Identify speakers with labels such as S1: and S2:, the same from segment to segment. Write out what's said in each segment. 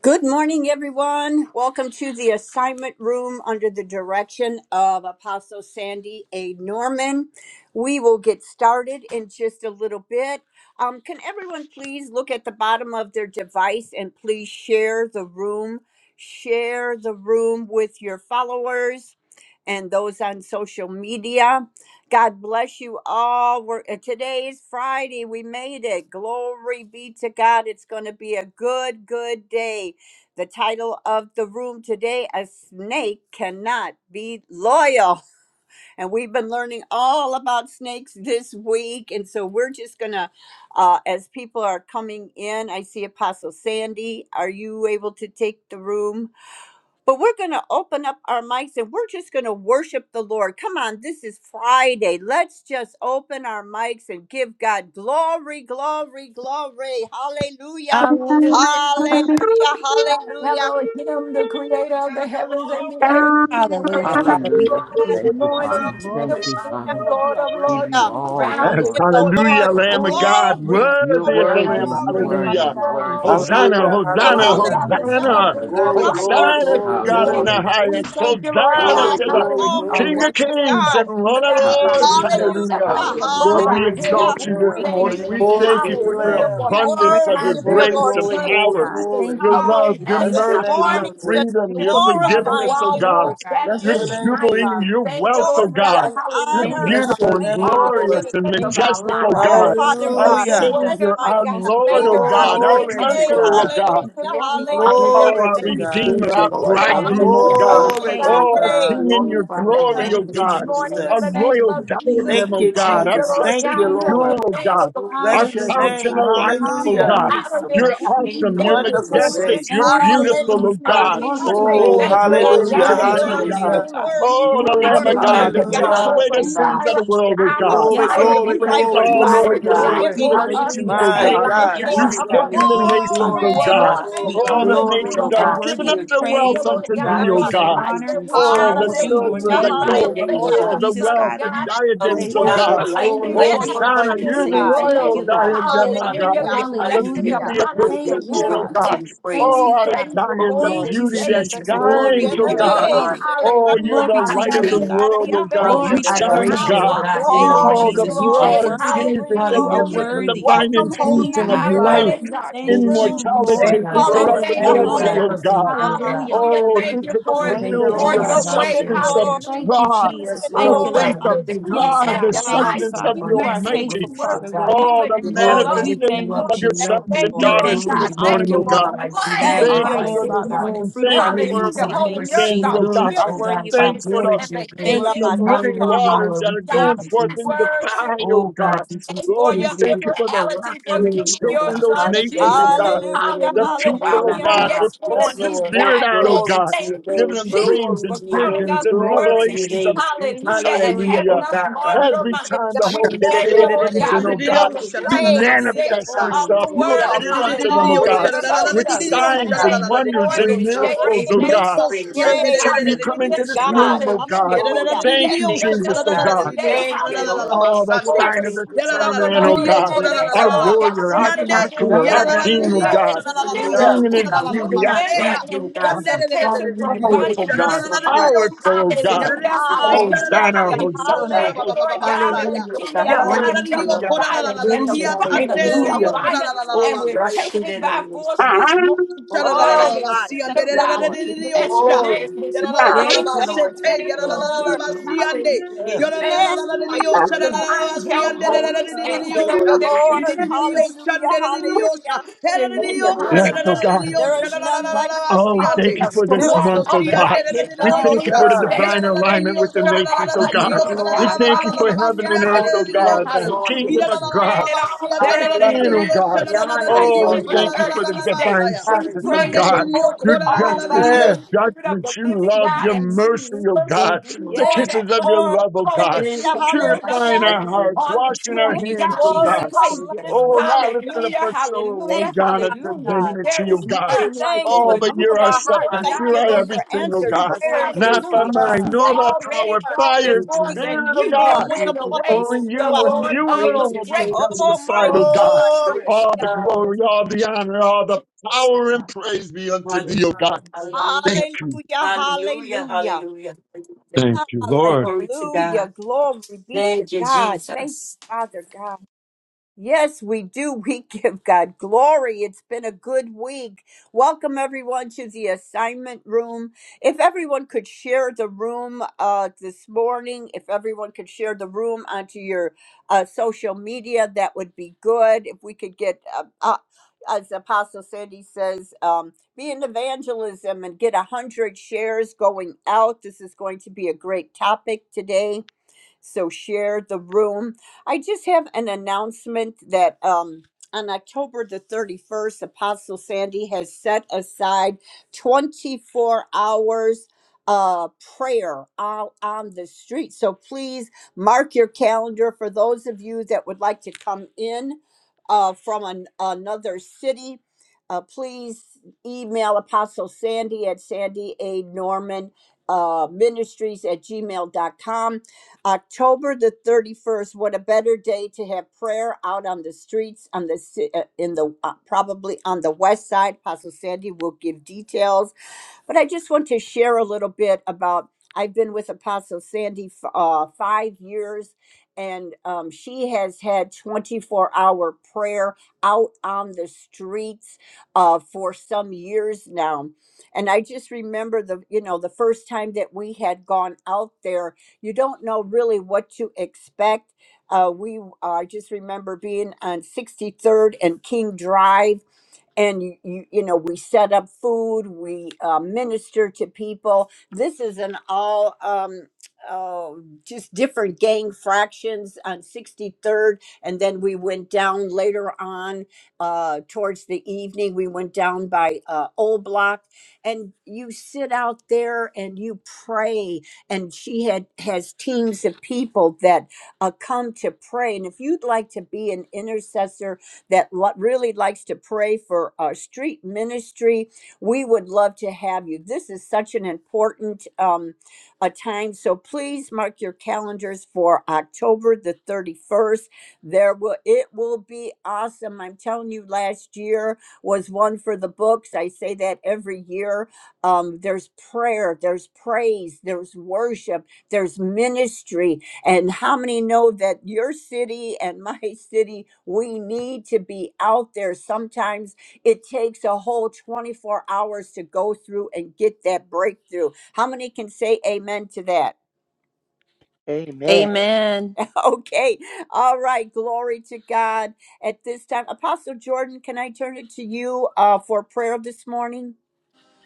S1: Good morning, everyone. Welcome to the assignment room under the direction of Apostle Sandy A. Norman. We will get started in just a little bit. Um, can everyone please look at the bottom of their device and please share the room? Share the room with your followers and those on social media. God bless you all. We're, uh, today is Friday. We made it. Glory be to God. It's going to be a good, good day. The title of the room today A Snake Cannot Be Loyal. And we've been learning all about snakes this week. And so we're just going to, uh, as people are coming in, I see Apostle Sandy. Are you able to take the room? But we're going to open up our mics and we're just going to worship the Lord. Come on, this is Friday. Let's just open our mics and give God glory, glory, glory. Hallelujah.
S2: Thank
S3: Hallelujah.
S1: Hallelujah. Hallelujah.
S3: Hello, him, the creator
S1: Give
S3: of the
S1: God
S3: heavens and the
S1: glory.
S3: earth. We worship
S4: Hallelujah, Father.
S3: you
S4: We
S5: Hallelujah.
S3: on
S4: thank you,
S3: this
S1: Yes.
S5: Thank
S4: Lord
S5: you,
S4: God. We
S5: Father.
S3: morning,
S1: Hallelujah.
S3: King
S5: Thank
S3: of
S5: you,
S2: you.
S4: glorify
S3: Kings
S4: you,
S3: and
S5: Father.
S4: Lord. You
S3: Lord
S4: are
S3: of
S4: worthy to
S5: Give
S3: Lords.
S5: you
S3: We
S4: be
S5: all the
S3: bow
S2: Yes,
S4: praised.
S1: Give
S5: glory,
S1: the
S3: before
S5: all
S3: you
S5: the
S2: hallelujah,
S1: Lord
S3: this
S4: God, I
S5: praise.
S2: Lamb of
S4: lift
S3: morning.
S2: God.
S4: my
S1: glory.
S3: We
S5: You're
S2: Worthy is the Lamb.
S3: worship
S5: worthy.
S4: eyes
S5: You're
S4: to
S3: you
S1: Glory.
S4: you,
S3: and
S5: worthy.
S4: Father
S2: Hallelujah.
S3: you
S5: You're
S4: God. We
S5: worthy.
S3: alone.
S4: focus
S3: We
S1: Hallelujah.
S4: on
S2: Hosanna,
S3: thank
S6: Hallelujah,
S3: you
S4: you
S3: for
S2: Hosanna,
S6: hallelujah.
S4: on this
S5: Hallelujah.
S3: establishing
S1: Hallelujah.
S3: us
S4: morning,
S2: Hosanna.
S4: Lord
S3: in
S1: We
S5: Hallelujah.
S4: God.
S3: your
S4: We
S6: Glory,
S1: come
S4: lift
S6: glory,
S4: up
S2: Hosanna
S3: righteousness
S1: worship,
S4: your
S2: to
S6: glory,
S3: this
S4: name. You
S2: God
S3: day.
S2: in
S4: are
S2: the
S6: glory.
S5: Hallelujah.
S4: worthy
S3: We
S2: highest.
S4: to be
S3: thank you, Lord
S2: Hosanna
S1: Lord.
S4: praised.
S6: Glory,
S3: God.
S2: to
S5: Hallelujah.
S2: the
S6: glory,
S4: You
S3: Hallelujah.
S4: are
S1: Glory
S2: King
S1: be
S6: glory.
S2: of
S4: worthy
S1: to
S3: Nothing
S4: to
S3: that
S4: be
S3: we
S2: Kings and
S1: God.
S4: praised,
S2: Lord
S3: have
S2: of
S3: done
S6: Thank
S4: Heavenly
S6: you,
S2: Lords.
S4: Father.
S5: Hallelujah.
S4: We
S6: Jesus.
S2: Hallelujah.
S1: Hallelujah.
S3: ever
S4: glorify
S3: be
S4: you. We
S5: Hallelujah.
S3: above
S2: Lord,
S4: honor
S3: our
S2: we
S6: Glory to
S3: heads.
S1: Hallelujah.
S4: you.
S2: exalt
S6: the
S3: We
S2: you this
S4: Great
S6: Lamb.
S3: thank
S5: Like,
S4: is
S2: morning.
S3: you.
S5: do
S4: your
S5: you
S2: We
S6: Glory
S5: just
S2: thank
S6: to
S2: you
S5: do
S6: the
S4: faithfulness,
S2: for
S5: this?
S2: your
S3: Hallelujah
S4: Lord.
S6: Lamb.
S3: for
S1: We
S3: the
S4: Great
S2: abundance of your
S4: is
S1: worship
S4: your
S1: you,
S6: Glory,
S3: anti-venomous
S2: grace
S1: Lord
S2: and
S6: glory,
S1: Jesus,
S3: blood
S4: faithfulness,
S3: of
S6: glory,
S2: power,
S4: God.
S3: Jesus
S6: glory.
S4: Thank you
S2: your
S4: for
S2: love,
S3: covering
S4: being
S2: your
S3: us
S4: faithful.
S6: Bless
S3: and
S1: this
S6: your
S3: our
S2: mercy,
S6: name,
S3: families
S2: your
S1: morning,
S4: Father,
S6: Jesus.
S4: Lord.
S1: just
S2: freedom,
S3: you
S4: Thank
S2: your
S3: for
S4: you,
S3: keeping
S4: Father,
S3: the
S4: for
S2: forgiveness,
S1: glorifying
S2: oh
S4: being
S3: wild
S1: you,
S4: the
S2: God,
S1: Lord.
S4: great
S3: wolves
S4: I
S3: back
S4: am.
S6: Bless
S2: your
S3: in
S6: your
S3: the
S4: Thank
S6: name,
S4: you,
S3: night.
S2: jubilee,
S3: We
S6: Jesus.
S4: Father,
S2: your
S4: for
S3: Thank
S4: being
S3: you,
S4: our
S2: wealth, oh
S3: Lord
S1: Glory
S2: God.
S4: restorer.
S3: God.
S1: and
S2: You're
S4: Thank
S3: Hallelujah.
S1: honor
S4: you,
S6: Bless
S4: Father,
S2: beautiful
S4: for
S6: your
S3: You
S2: and
S1: and
S4: being
S6: name,
S4: good.
S3: are the
S2: glorious
S6: Lord.
S1: thanksgiving.
S2: and
S3: strength
S4: Thank
S3: of
S4: you,
S3: our
S2: majestic, O
S3: life.
S4: Lord,
S1: Oh,
S3: You're
S2: God.
S3: the
S4: for
S1: Father
S2: Our
S1: God,
S4: everything
S3: miracle
S6: Hallelujah.
S4: you've done,
S1: yes,
S2: Savior,
S3: worker,
S1: my
S4: Father.
S2: our
S4: Most
S1: God,
S2: Lord,
S1: we
S4: important,
S2: O
S3: maker,
S1: love
S4: thank
S3: our
S1: you
S2: God,
S4: you for
S2: our
S3: way
S6: Glory
S4: who you
S6: to
S1: today.
S3: maker.
S2: Conqueror, O
S4: are.
S6: God.
S3: We
S2: God.
S4: We
S3: thank you
S1: Hallelujah,
S3: this
S4: glorify
S3: morning
S4: you.
S3: in
S7: Hallelujah.
S3: the
S1: hallelujah.
S2: Oh,
S6: Glory
S2: our
S3: name
S6: to
S3: of
S4: Thank
S7: We
S4: you,
S6: God.
S2: Redeemer,
S7: thank
S4: Jesus.
S7: you,
S3: the
S2: our
S7: Lord.
S1: Give
S3: glory and
S1: God
S4: Thank
S2: Bridegroom,
S4: you
S3: the
S4: for
S2: oh
S7: Hallelujah.
S3: lifter
S2: God.
S3: up of
S6: Glory
S7: Hallelujah.
S4: today.
S3: our
S6: to
S2: Oh,
S4: Thank
S2: our
S4: you
S3: head.
S7: We
S4: for
S6: God.
S2: King
S1: glory.
S2: in
S4: keeping
S3: We
S2: your
S4: us
S7: glorify
S4: and
S7: you,
S3: bless
S2: glory,
S6: Thank
S4: covering
S2: oh
S4: us,
S3: you
S6: you,
S7: magnify
S3: this
S4: oh
S2: God.
S4: Lord.
S7: your
S3: morning
S7: name.
S3: in
S2: Our
S3: the
S6: Jesus.
S3: name
S4: Thank
S7: We
S2: royal
S7: lift
S3: of
S4: you,
S7: you up
S4: Jesus.
S3: Jesus.
S2: diadem,
S6: Thank
S2: oh
S3: We
S6: you,
S7: and
S4: Thank
S7: high
S3: thank
S2: God.
S4: you,
S2: Our
S3: you,
S7: on
S6: Jesus.
S4: Father.
S3: Lord
S7: this
S6: Thank
S2: precious
S3: God.
S6: you,
S7: evening,
S3: You
S4: Thank
S7: oh
S3: have
S4: you.
S6: Lord.
S2: jewel,
S7: God.
S2: oh
S3: commanded the
S2: God.
S3: morning
S7: Oh, Lord,
S2: Our
S6: Bless
S7: we
S6: your
S7: just
S4: Hallelujah,
S2: fountain
S6: name.
S7: thank
S2: of
S3: and
S7: you, oh
S2: life,
S4: God.
S7: God,
S2: oh
S7: for
S3: people
S6: Hallelujah.
S2: God.
S4: Hallelujah,
S7: grace.
S3: out
S4: Father.
S3: of
S7: So,
S3: it
S2: You're
S7: God,
S4: Thank
S7: we
S4: you,
S7: thank
S3: we
S7: you,
S2: awesome.
S7: oh
S4: Jesus.
S2: You're
S3: thank
S7: God,
S3: you
S7: for
S6: Wonderful
S7: your
S3: for it
S2: majestic.
S3: this
S7: mercy
S2: You're
S6: Savior.
S7: on
S4: Thank
S3: morning in
S4: you,
S3: the
S7: today.
S2: beautiful, oh
S3: name
S4: Jesus.
S3: of
S1: Hallelujah,
S2: God.
S4: Glory
S7: Hallelujah.
S3: Jesus.
S4: to your name.
S6: Oh,
S2: Oh,
S7: Hallelujah.
S3: Thank you,
S1: hallelujah.
S7: Great
S3: Lord
S7: is
S2: glory
S7: your
S2: to
S1: We
S6: hallelujah.
S3: God,
S2: the
S3: in
S4: Glory
S3: the
S4: to
S2: Lamb of
S4: your
S3: mighty
S7: faithfulness.
S4: name,
S2: God.
S1: worship,
S4: oh
S6: Hallelujah.
S3: name of
S4: God.
S2: Oh,
S1: worship,
S3: Jesus.
S2: the
S4: Glory
S7: Thank
S2: Lamb
S4: to
S7: you,
S2: of
S4: your
S7: oh
S2: God
S7: God,
S4: name,
S1: worship
S7: for
S3: Hallelujah,
S2: that
S7: your
S4: Heavenly
S1: God.
S2: takes
S6: Hallelujah.
S4: Father.
S7: love,
S2: away
S3: Jehovah
S2: the
S7: oh
S4: Thank you,
S2: sins
S7: God.
S2: of the
S3: Jireh.
S4: Jesus.
S2: world, oh
S3: I
S1: Come
S2: God.
S6: Glory,
S4: Yes,
S7: Hallelujah.
S1: for
S4: Lord,
S3: provided,
S1: your
S4: we
S6: glory,
S3: you
S7: For
S3: have
S7: your
S4: worship you
S6: glory,
S1: presence
S4: in
S2: Oh,
S1: with
S7: peace,
S4: spirit
S6: glory,
S2: Lord,
S7: oh
S4: and
S3: provided
S4: in
S2: you're
S7: God.
S4: truth.
S3: life
S6: glory.
S4: We
S2: rocking
S3: for
S2: the
S1: thanksgiving.
S4: worship
S3: us
S4: you
S2: nations,
S4: in
S7: Hallelujah.
S2: oh
S3: and
S1: Give
S6: My
S4: spirit
S2: God.
S3: life
S4: and
S6: God.
S4: in
S1: praise.
S7: Hallelujah.
S6: Yes,
S2: You've
S3: more
S4: truth,
S6: God.
S4: God. We
S1: Glory,
S7: Hallelujah.
S2: shaken the
S3: abundantly. We
S4: glorify
S2: nations,
S4: your
S7: Glory
S2: oh
S7: to
S4: name.
S2: God.
S7: God.
S3: worship
S6: Oh,
S4: We
S2: Oh,
S6: God.
S4: honor
S3: you
S2: the
S4: you,
S3: and
S7: Glory,
S3: you
S4: Lord.
S2: nations
S7: oh
S4: You
S2: are
S4: are
S7: God, to
S3: alone.
S2: giving
S4: worthy of
S2: up
S3: We
S7: your
S4: the
S2: their
S3: thank
S2: wealth
S3: you,
S4: praise.
S7: name,
S3: Lord
S2: unto
S7: oh
S4: You are
S3: God,
S2: thee,
S7: God. We
S2: oh
S4: worthy
S3: for
S1: hallelujah,
S4: of
S3: the
S4: the
S2: God.
S7: thank
S3: life
S7: you,
S4: honor.
S3: that we
S7: Jesus, for
S3: now
S4: Honor
S2: Oh, the
S4: is
S7: all
S3: live.
S7: that
S4: due
S1: hallelujah,
S3: We
S4: your
S7: you're
S2: silver, the
S6: Yes,
S4: name
S3: live
S7: doing
S4: in
S3: by
S4: the
S3: the
S6: Lord.
S2: gold, the
S7: today,
S4: name
S3: faith
S7: oh
S4: of
S3: in
S1: hallelujah.
S2: oil,
S3: the
S7: God.
S2: the
S4: Jesus,
S3: Son
S7: We
S3: of
S2: wealth,
S4: God.
S2: the
S7: thank
S3: God.
S4: We
S7: you, oh
S3: We
S6: Yes,
S2: diadems,
S4: say,
S2: oh
S4: we
S7: God,
S6: Lord.
S4: say
S7: for
S2: God.
S6: Yes,
S3: worship
S7: life
S4: thank
S7: and
S4: you,
S3: you
S7: life
S3: for
S1: Yes,
S4: Jesus.
S7: more
S3: your
S2: Hosanna,
S4: We
S3: spirit
S2: you're
S7: abundantly
S4: say
S2: the
S7: oh,
S3: this
S1: God,
S7: today,
S3: day.
S4: thank
S2: royal
S7: oh
S4: you, Lord.
S7: God.
S2: diadem, oh
S3: Hallelujah.
S2: God.
S1: hallelujah,
S7: Hallelujah.
S3: That's
S2: The
S3: resting
S4: Hallelujah,
S7: Hallelujah.
S1: hallelujah.
S2: beauty
S4: God.
S2: of
S3: upon
S7: You are
S3: us, the
S7: great
S4: Thank you,
S7: and
S2: perfection,
S3: will
S6: Lord.
S2: oh
S7: greatly
S4: Father.
S7: to
S2: God.
S3: possess.
S7: be
S4: Thank
S3: We
S7: praised.
S2: Oh,
S4: you,
S2: out of
S4: Father.
S3: praise you
S7: Oh
S2: Zion,
S3: for
S2: the
S3: it
S7: Lord,
S4: Thank
S7: we
S3: this
S4: you,
S2: beauty
S7: just
S3: day
S7: give
S3: in
S2: that
S7: you
S3: the
S4: Jesus.
S7: the
S3: name of
S4: Glory,
S7: glory.
S2: shines,
S7: We
S2: oh
S7: give
S4: glory,
S7: you
S3: Jesus.
S7: the
S2: God.
S1: Yeleme,
S7: honor
S4: glory.
S2: Oh,
S1: shelema,
S2: you're
S3: Hallelujah.
S4: Glory
S2: the
S4: to
S2: light
S4: your
S2: of
S1: sakalabaya,
S2: the
S4: name,
S3: Hallelujah.
S4: God.
S2: world,
S3: We
S1: daraya,
S7: with
S2: oh
S3: thank
S2: God.
S3: you
S7: all
S2: You
S3: for
S7: the
S4: Glory
S3: being
S4: to your
S2: shine, oh
S3: our
S4: name,
S7: adoration, oh
S2: God.
S3: rock
S4: Father.
S7: God,
S3: of
S7: in the
S4: Thank you,
S7: mighty
S2: Oh,
S1: Glory,
S3: defense
S2: the
S7: name
S4: Jesus.
S3: this
S7: of
S4: You are
S2: blood
S1: glory,
S3: day.
S2: of
S7: Jesus.
S4: worthy.
S1: glory,
S2: Jesus that
S4: You are
S2: gives
S7: Hallelujah.
S3: Hallelujah.
S2: us
S1: glory.
S2: the
S7: Great
S4: worthy.
S7: is your
S2: divine
S1: Welcome,
S7: faithfulness,
S1: Holy
S4: Thank
S7: great
S2: infusion of
S4: you,
S7: is
S3: Our
S7: your
S3: light
S1: Spirit,
S4: Father.
S7: love,
S2: life,
S3: in
S1: into the
S3: darkness.
S7: great
S4: Thank
S7: is your
S1: room.
S4: you,
S7: peace, oh
S4: Lord.
S2: immortality,
S6: Thank you,
S7: God.
S3: We
S6: Lord.
S3: thank
S1: Hallelujah,
S3: you,
S6: Thank
S7: Oh
S6: you,
S3: Lord
S2: incorruptibility,
S4: Hallelujah.
S7: God,
S2: oh
S7: we
S3: God.
S6: Lord.
S7: thank
S2: God.
S7: you, oh
S1: hallelujah.
S7: God.
S4: Hallelujah.
S3: Hallelujah.
S2: Oh,
S3: Thank
S4: Hallelujah.
S3: you for
S7: We
S3: it,
S6: Thank
S7: thank
S6: you,
S4: Hallelujah.
S7: you,
S2: incorruptibility,
S7: oh
S3: for
S2: the
S4: Thank you,
S3: your
S6: Lord.
S7: God.
S3: way.
S1: Magnificent
S4: Jesus.
S2: substance of
S1: Lord,
S3: Hallelujah.
S4: Thank
S7: Our
S4: you,
S2: God,
S3: You
S4: Jesus.
S6: Yes,
S1: magnificent
S3: are
S2: the
S3: the
S4: Thank
S6: Lord.
S7: Oh
S4: you,
S1: Lord,
S3: way,
S2: faith
S4: Lord.
S7: God, we
S2: of
S3: the
S7: thank
S3: truth,
S7: you,
S4: Yes,
S2: God,
S3: and
S7: God,
S4: God.
S2: the
S3: the
S7: for
S4: Thank you,
S1: hallelujah.
S3: life.
S7: grace
S2: substance
S7: and
S4: Father.
S2: of
S3: We
S2: the
S4: You are
S3: thank
S7: abundance
S3: you.
S7: of
S3: We
S2: Almighty.
S4: faithful,
S7: mercy, oh
S4: Father,
S3: worship
S4: Lord.
S7: God.
S4: We
S3: you
S2: Oh,
S4: thank
S2: the
S3: and you
S4: you.
S1: Oh,
S7: Lord,
S3: alone
S7: we
S4: We
S7: lift
S3: this
S1: Jesus,
S7: you
S4: thank
S2: manifestations
S7: up
S4: you,
S2: of
S7: and
S3: morning.
S2: your
S4: Jesus.
S7: we
S1: thank
S7: love
S1: you,
S2: sons
S7: you.
S3: Thank
S2: and
S4: We
S1: Lord.
S3: you,
S7: We
S3: Lord
S2: daughters
S4: thank
S7: adore
S2: here
S4: you and
S3: God.
S2: this
S7: you. We
S4: honor
S3: Thank
S2: morning,
S3: you
S2: oh
S4: you,
S3: for
S4: Lord.
S2: God.
S7: glorify
S3: the
S7: you. We
S3: mind
S4: We
S3: of
S1: Thank
S2: Thank
S4: honor
S1: you,
S2: you
S7: magnify
S4: you,
S3: Christ
S1: Lord.
S2: for
S3: this
S7: you,
S2: this
S7: oh
S4: Father.
S7: God.
S4: From
S3: morning.
S4: the
S2: room.
S4: fruit of
S2: Thank
S4: our
S1: Thank
S2: you
S1: you,
S4: lips,
S2: for
S7: Hallelujah.
S4: we
S3: Hallelujah.
S4: say
S1: Lord.
S7: You
S2: Apostle
S3: Holding
S7: are
S4: thank you,
S3: your
S7: so
S2: Sandy,
S4: Jesus.
S2: oh
S3: thoughts,
S2: God.
S4: You
S7: good,
S4: are
S7: oh
S3: feelings, and
S4: worthy
S7: God.
S4: of
S7: You're
S4: all
S2: Thanks
S4: praise.
S2: for
S3: purposes
S2: the
S7: good.
S3: and
S7: You're
S3: the
S7: good.
S2: li-
S1: Yela
S4: Thank you,
S2: the
S3: intent
S4: Lord.
S3: of
S2: living
S1: masata
S3: your
S7: Hallelujah,
S1: ba.
S3: heart.
S2: waters
S7: Lord.
S2: that
S7: We
S2: are
S3: God,
S7: thank
S2: going
S7: you,
S3: we
S2: forth in
S7: Jesus.
S2: the
S3: worship
S2: valley,
S7: Oh
S2: oh
S3: you
S2: God.
S7: God, we
S3: this day
S7: just
S3: for
S2: Lord, we
S7: give
S3: your
S7: you
S2: thank
S7: the
S2: you for the
S3: liberality,
S2: rocking
S3: for
S2: and
S7: Praise
S3: giving
S7: the
S3: your
S2: shaking
S7: God.
S2: those
S3: son
S6: Yes,
S2: nations, oh
S3: Jesus.
S2: God
S1: Hallelujah,
S2: the
S7: Hallelujah.
S3: Hallelujah. While
S2: people of
S3: we were
S1: hallelujah.
S2: God,
S3: yet
S2: for
S6: Yes,
S3: sinners,
S2: pouring your
S3: he
S6: Lord.
S7: Oh,
S2: spirit
S3: died
S2: out, oh
S3: for us.
S7: glory
S2: God,
S7: to
S3: Thank
S7: your
S3: you,
S7: name,
S2: giving them
S3: Jesus,
S2: dreams
S7: glory
S2: and
S3: for
S7: to your
S3: counting
S2: visions
S3: us
S7: name,
S2: and
S7: glory to
S3: worthy.
S7: your
S2: revelations of
S7: name.
S2: Jesus.
S3: Hallelujah. And
S7: Hallelujah,
S3: having
S7: oh
S2: Hallelujah.
S3: us on your
S2: Every
S7: God.
S3: mind.
S1: Give
S2: time the
S1: God
S3: We
S8: Sunday,
S2: Holy
S6: Yes,
S3: thank
S1: glory
S3: you,
S2: Spirit
S6: Lord.
S3: Lord
S2: comes
S1: today.
S3: God,
S2: in,
S7: God,
S1: We
S2: oh
S1: give
S2: God,
S3: before
S1: him
S7: thank
S3: the
S7: you,
S2: you
S1: praise
S7: Jesus.
S1: this
S2: manifest
S3: foundation of
S1: morning.
S2: yourself.
S3: the
S7: Hallelujah.
S2: You
S3: world.
S2: appear
S7: Hallelujah.
S1: Let
S2: unto them, oh
S3: Hallelujah.
S1: all the
S7: Great
S2: God,
S3: You
S7: is your
S1: earth
S3: chose
S2: with
S3: us. And
S7: faithfulness, O
S3: we
S1: and
S2: signs
S7: God.
S2: and
S3: thank you
S1: everything
S3: for
S2: wonders
S1: in it
S6: Thank
S3: it
S7: Great
S2: and
S6: you,
S3: this
S7: is your
S3: day
S6: Lord.
S3: in the
S2: miracles,
S1: praise,
S2: oh
S3: name
S7: faithfulness,
S2: God.
S3: of
S7: great is your
S2: Every
S3: Jesus.
S1: praise
S2: time you
S7: faithfulness,
S2: come
S3: Hallelujah.
S7: great
S2: into
S1: to
S7: is
S2: this
S7: your love.
S1: God.
S2: room, oh
S3: Hallelujah.
S2: God,
S3: We
S7: Oh Lord,
S1: Hallelujah.
S7: we
S2: thank
S3: bless
S2: you,
S3: your
S7: thank you,
S2: Jesus,
S7: O
S2: oh
S3: name
S7: God.
S3: this
S2: God.
S7: We
S3: day.
S7: thank you, Lord.
S3: Hallelujah.
S2: Oh,
S7: We
S2: the
S3: For
S7: cannot
S2: sign
S3: the
S2: of
S7: thank
S2: the
S7: you
S3: Spirit
S2: Son
S7: enough,
S2: of
S3: of the
S7: O
S2: Man, oh
S7: God,
S3: Lord,
S7: for your
S2: God,
S3: we
S1: Yes,
S3: thank
S7: goodness,
S3: you,
S2: our
S7: O
S3: Lord
S7: God.
S1: God.
S3: God,
S2: warrior,
S7: We
S3: where
S2: our
S3: the
S7: cannot
S3: Spirit
S7: thank
S3: of
S2: conqueror,
S7: you
S3: the
S2: our
S7: enough,
S3: Lord
S2: king,
S7: O
S3: is,
S2: oh
S7: God,
S3: there is
S2: God,
S7: for your
S6: Hallelujah.
S2: king
S7: love,
S2: in
S7: O
S2: his
S3: liberty.
S7: God. We
S3: We
S2: beauty, our
S7: cannot
S3: thank you
S7: thank
S2: in
S3: and
S7: you, O
S2: His
S7: God.
S2: God,
S3: emancipation
S7: Hallelujah,
S3: from
S7: for your
S2: powerful
S3: bondage
S2: God,
S7: peace,
S3: to
S7: O
S3: fear.
S7: God.
S2: powerful, oh
S7: Peace and
S2: God,
S3: Hallelujah,
S7: passes
S6: Thank
S7: all
S6: you.
S1: Hallelujah,
S3: hallelujah,
S2: Hosanna,
S3: hallelujah.
S7: understanding, O
S2: Hosanna,
S7: God.
S3: Thank
S1: hallelujah,
S3: you, Lord
S2: Hosanna,
S3: God, that the
S7: Hallelujah, oh
S3: kingdom
S7: God.
S1: hallelujah.
S3: of
S7: Great
S3: God
S7: is your
S8: Yerararaririyo
S3: suffers
S2: hallelujah,
S7: love.
S3: violence
S7: Great
S3: and the
S7: is your
S8: korarararaririya
S2: hallelujah,
S6: Thank you,
S3: violent.
S7: faithfulness,
S3: We
S7: oh
S3: are
S6: Lord.
S8: kandereriyo
S2: hallelujah,
S7: God.
S3: violent and
S7: Oh,
S3: we're
S8: korararararabasaya.
S7: rush
S3: taking
S7: it
S3: it
S7: in
S3: by
S7: and release
S3: force
S7: it.
S3: this morning
S7: Oh,
S3: by
S1: Oh,
S7: Lord.
S3: the
S1: God, thank
S3: Spirit of
S7: Thank
S1: you,
S3: God.
S1: Lord.
S3: We
S7: you,
S3: bless
S7: Jesus.
S3: your
S8: Yosha,
S3: name
S6: Glory.
S3: this morning
S1: We
S7: Thank
S1: give
S7: you,
S1: thanks
S7: Lord.
S1: to
S7: Thank
S3: name
S7: you,
S1: the
S3: of
S7: Lord.
S1: Lord.
S7: Thank
S3: Jesus.
S7: you, Lord.
S3: Hallelujah.
S6: Yeah.
S7: Thank you,
S3: Thank you
S1: Yes,
S7: Jesus.
S1: my
S3: for
S7: Thank you, Lord.
S1: God.
S3: divine health,
S7: Thank you,
S6: Yes,
S7: Lord.
S3: wholeness, and
S6: God.
S7: Thank you,
S1: Thank
S3: healing
S7: Lord.
S1: you,
S3: that
S7: Thank you,
S3: you have
S1: Lord.
S3: given.
S7: Jesus.
S1: Hallelujah, hallelujah.
S3: Hallelujah.
S2: Yeah,
S6: Yes,
S3: Hallelujah.
S2: so
S6: God.
S7: Thank
S2: God.
S7: you,
S1: There is none
S7: Lord.
S1: like you.
S2: Oh, we thank
S3: causing
S2: you
S7: Jesus,
S3: us
S2: for
S3: to
S1: There
S2: this
S1: is
S3: walk
S7: we
S2: month, oh
S7: bless
S2: God.
S3: upright
S7: you,
S1: one
S2: We
S7: God.
S3: before
S6: You
S1: all.
S2: thank
S3: you
S2: you for
S3: this
S2: the
S7: We
S3: day.
S6: God.
S7: bless
S2: divine
S7: you.
S3: Thank
S2: alignment
S3: you
S2: with
S3: for
S2: the
S3: a heart
S2: nations, oh
S7: You
S3: like
S7: give the
S2: God.
S3: yours,
S7: glory,
S2: We
S3: God.
S2: thank you
S7: God.
S2: for heaven
S3: Hallelujah,
S2: and earth,
S7: All the
S2: oh
S3: hallelujah,
S7: glory
S2: God,
S7: is
S2: the
S7: all
S3: hallelujah.
S2: kingdom of
S7: yours, oh God.
S3: Laying
S2: God.
S3: it all
S2: Christ
S3: down and
S7: Hallelujah,
S2: in,
S7: oh
S2: oh
S7: God.
S2: God.
S7: The
S3: manifesting
S7: honor is
S3: Christ
S2: Oh,
S7: all
S3: in
S2: we
S3: the
S2: thank
S7: yours,
S2: you
S7: O
S3: earth
S2: for the
S7: God.
S3: this day.
S2: divine
S3: We
S2: justice, oh
S7: Hallelujah,
S8: Father,
S3: praise you
S2: God.
S7: Lord.
S3: for it
S2: Your
S3: all
S7: Hallelujah.
S3: by
S2: justice, your
S3: the
S6: Yeah.
S3: Spirit of
S2: judgment,
S3: the
S2: your
S3: living
S2: love,
S3: God,
S2: your
S3: and
S7: Yes.
S3: we
S2: mercy, oh
S3: worship
S2: God.
S7: Thank you,
S3: you
S2: The
S7: Lord.
S3: for
S1: Yes,
S7: Thank
S3: that
S2: kisses of
S7: you.
S2: your
S1: Lord.
S2: love, oh
S3: overflow
S1: Hallelujah.
S2: God.
S3: that
S7: Thank
S3: you have
S7: you for
S3: filled
S7: our
S3: us
S2: Purifying
S1: Hallelujah.
S7: share,
S2: our
S3: with
S7: Lord.
S2: hearts,
S3: on this
S2: washing
S1: We
S2: our
S1: give
S3: morning.
S1: you
S7: Thank
S2: hands,
S7: you,
S3: God,
S2: oh
S3: we
S1: glory.
S2: God.
S7: Jesus.
S3: praise
S1: Come,
S7: Thank
S3: you.
S1: let us
S7: you.
S2: Oh, now lifting
S1: worship.
S2: up
S3: Hallelujah,
S2: our soul, oh
S3: hallelujah,
S1: Thank you,
S2: God,
S1: Father
S2: unto
S3: hallelujah.
S2: the
S1: God.
S3: There
S2: unity,
S7: Oh,
S1: We
S2: oh
S3: is
S7: we
S1: will
S2: God.
S1: give
S3: none
S7: praise you,
S3: like
S1: thanks
S7: oh
S3: you.
S2: Oh,
S1: with
S3: And
S2: but
S3: we
S7: God.
S1: all
S2: you're
S1: of
S2: our
S1: our
S3: thank you,
S1: heart.
S3: Lord
S2: substance.
S1: Thank
S3: God,
S2: You
S1: you,
S3: in
S7: Hallelujah.
S3: the
S2: are
S1: Lord, for
S3: name
S2: everything,
S3: of
S2: oh
S1: answered
S2: God.
S3: Jesus.
S6: Lord.
S1: prayers
S2: Not
S1: this
S7: Thank
S2: by
S7: you,
S3: Hallelujah.
S1: week.
S7: Jesus.
S2: might,
S6: Ah.
S3: You've
S2: nor
S1: Thank
S2: by
S1: you,
S3: already
S2: power,
S1: Lord.
S2: by
S3: gone
S2: your
S3: before
S1: We
S3: us
S1: come
S3: and
S2: spirit,
S1: to
S2: oh
S3: you
S1: the
S3: have
S1: room
S2: God.
S1: with the
S7: with
S3: made a
S1: blood of
S3: way,
S7: his
S6: Oh,
S2: Only
S3: the
S2: you
S1: God.
S2: and
S6: glory.
S3: Lord
S2: you
S3: of
S7: Great
S3: the
S2: alone will
S7: is
S2: be
S3: great.
S7: faithfulness of
S2: justified, oh
S1: Almighty
S7: God.
S2: God.
S1: God,
S7: Great
S6: Glory.
S7: is
S1: mighty
S2: All the
S7: love of
S2: glory, all
S7: his
S2: the honor, all the
S7: faithfulness, oh
S2: power and
S7: God.
S2: praise be unto thee, oh
S7: Hallelujah,
S2: God.
S6: Hallelujah.
S1: God.
S2: Thank
S7: hallelujah,
S2: you.
S1: Hallelujah.
S7: hallelujah,
S1: Hallelujah.
S7: hallelujah. hallelujah.
S2: Thank you, Lord.
S7: Glory to
S1: Hallelujah.
S7: God.
S1: Glory be to
S7: Thank you,
S1: God. Thank you,
S7: Jesus.
S1: Father God. Yes, we do. We give God glory. It's been a good week. Welcome everyone to the assignment room. If everyone could share the room uh, this morning, if everyone could share the room onto your uh, social media, that would be good. If we could get, uh, uh, as Apostle Sandy says, um, be in evangelism and get a hundred shares going out. This is going to be a great topic today. So share the room. I just have an announcement that um, on October the 31st, Apostle Sandy has set aside 24 hours uh prayer out on the street so please mark your calendar for those of you that would like to come in uh from an, another city uh please email apostle sandy at sandy a norman uh ministries at Gmail dot com. October the 31st, what a better day to have prayer out on the streets on the ci- uh, in the uh, probably on the west side. Pastor Sandy will give details but I just want to share a little bit about I've been with Apostle Sandy for uh, five years, and um, she has had 24 hour prayer out on the streets uh, for some years now. And I just remember the you know the first time that we had gone out there, you don't know really what to expect. Uh, we uh, I just remember being on 63rd and King Drive and you, you you know we set up food we uh, minister to people this is an all um oh, just different gang fractions on 63rd and then we went down later on uh towards the evening we went down by uh old block and you sit out there and you pray and she had has teams of people that uh, come to pray and if you'd like to be an intercessor that lo- really likes to pray for our street ministry. We would love to have you. This is such an important um, a time. So please mark your calendars for October the 31st. There will it will be awesome. I'm telling you, last year was one for the books. I say that every year. Um, there's prayer, there's praise, there's worship, there's ministry, and how many know that your city and my city, we need to be out there. Sometimes it takes a whole 24 hours to go through and get that breakthrough. How many can say amen to that?
S6: Amen.
S4: Amen.
S1: Okay. All right. Glory to God. At this time, Apostle Jordan, can I turn it to you uh, for prayer this morning?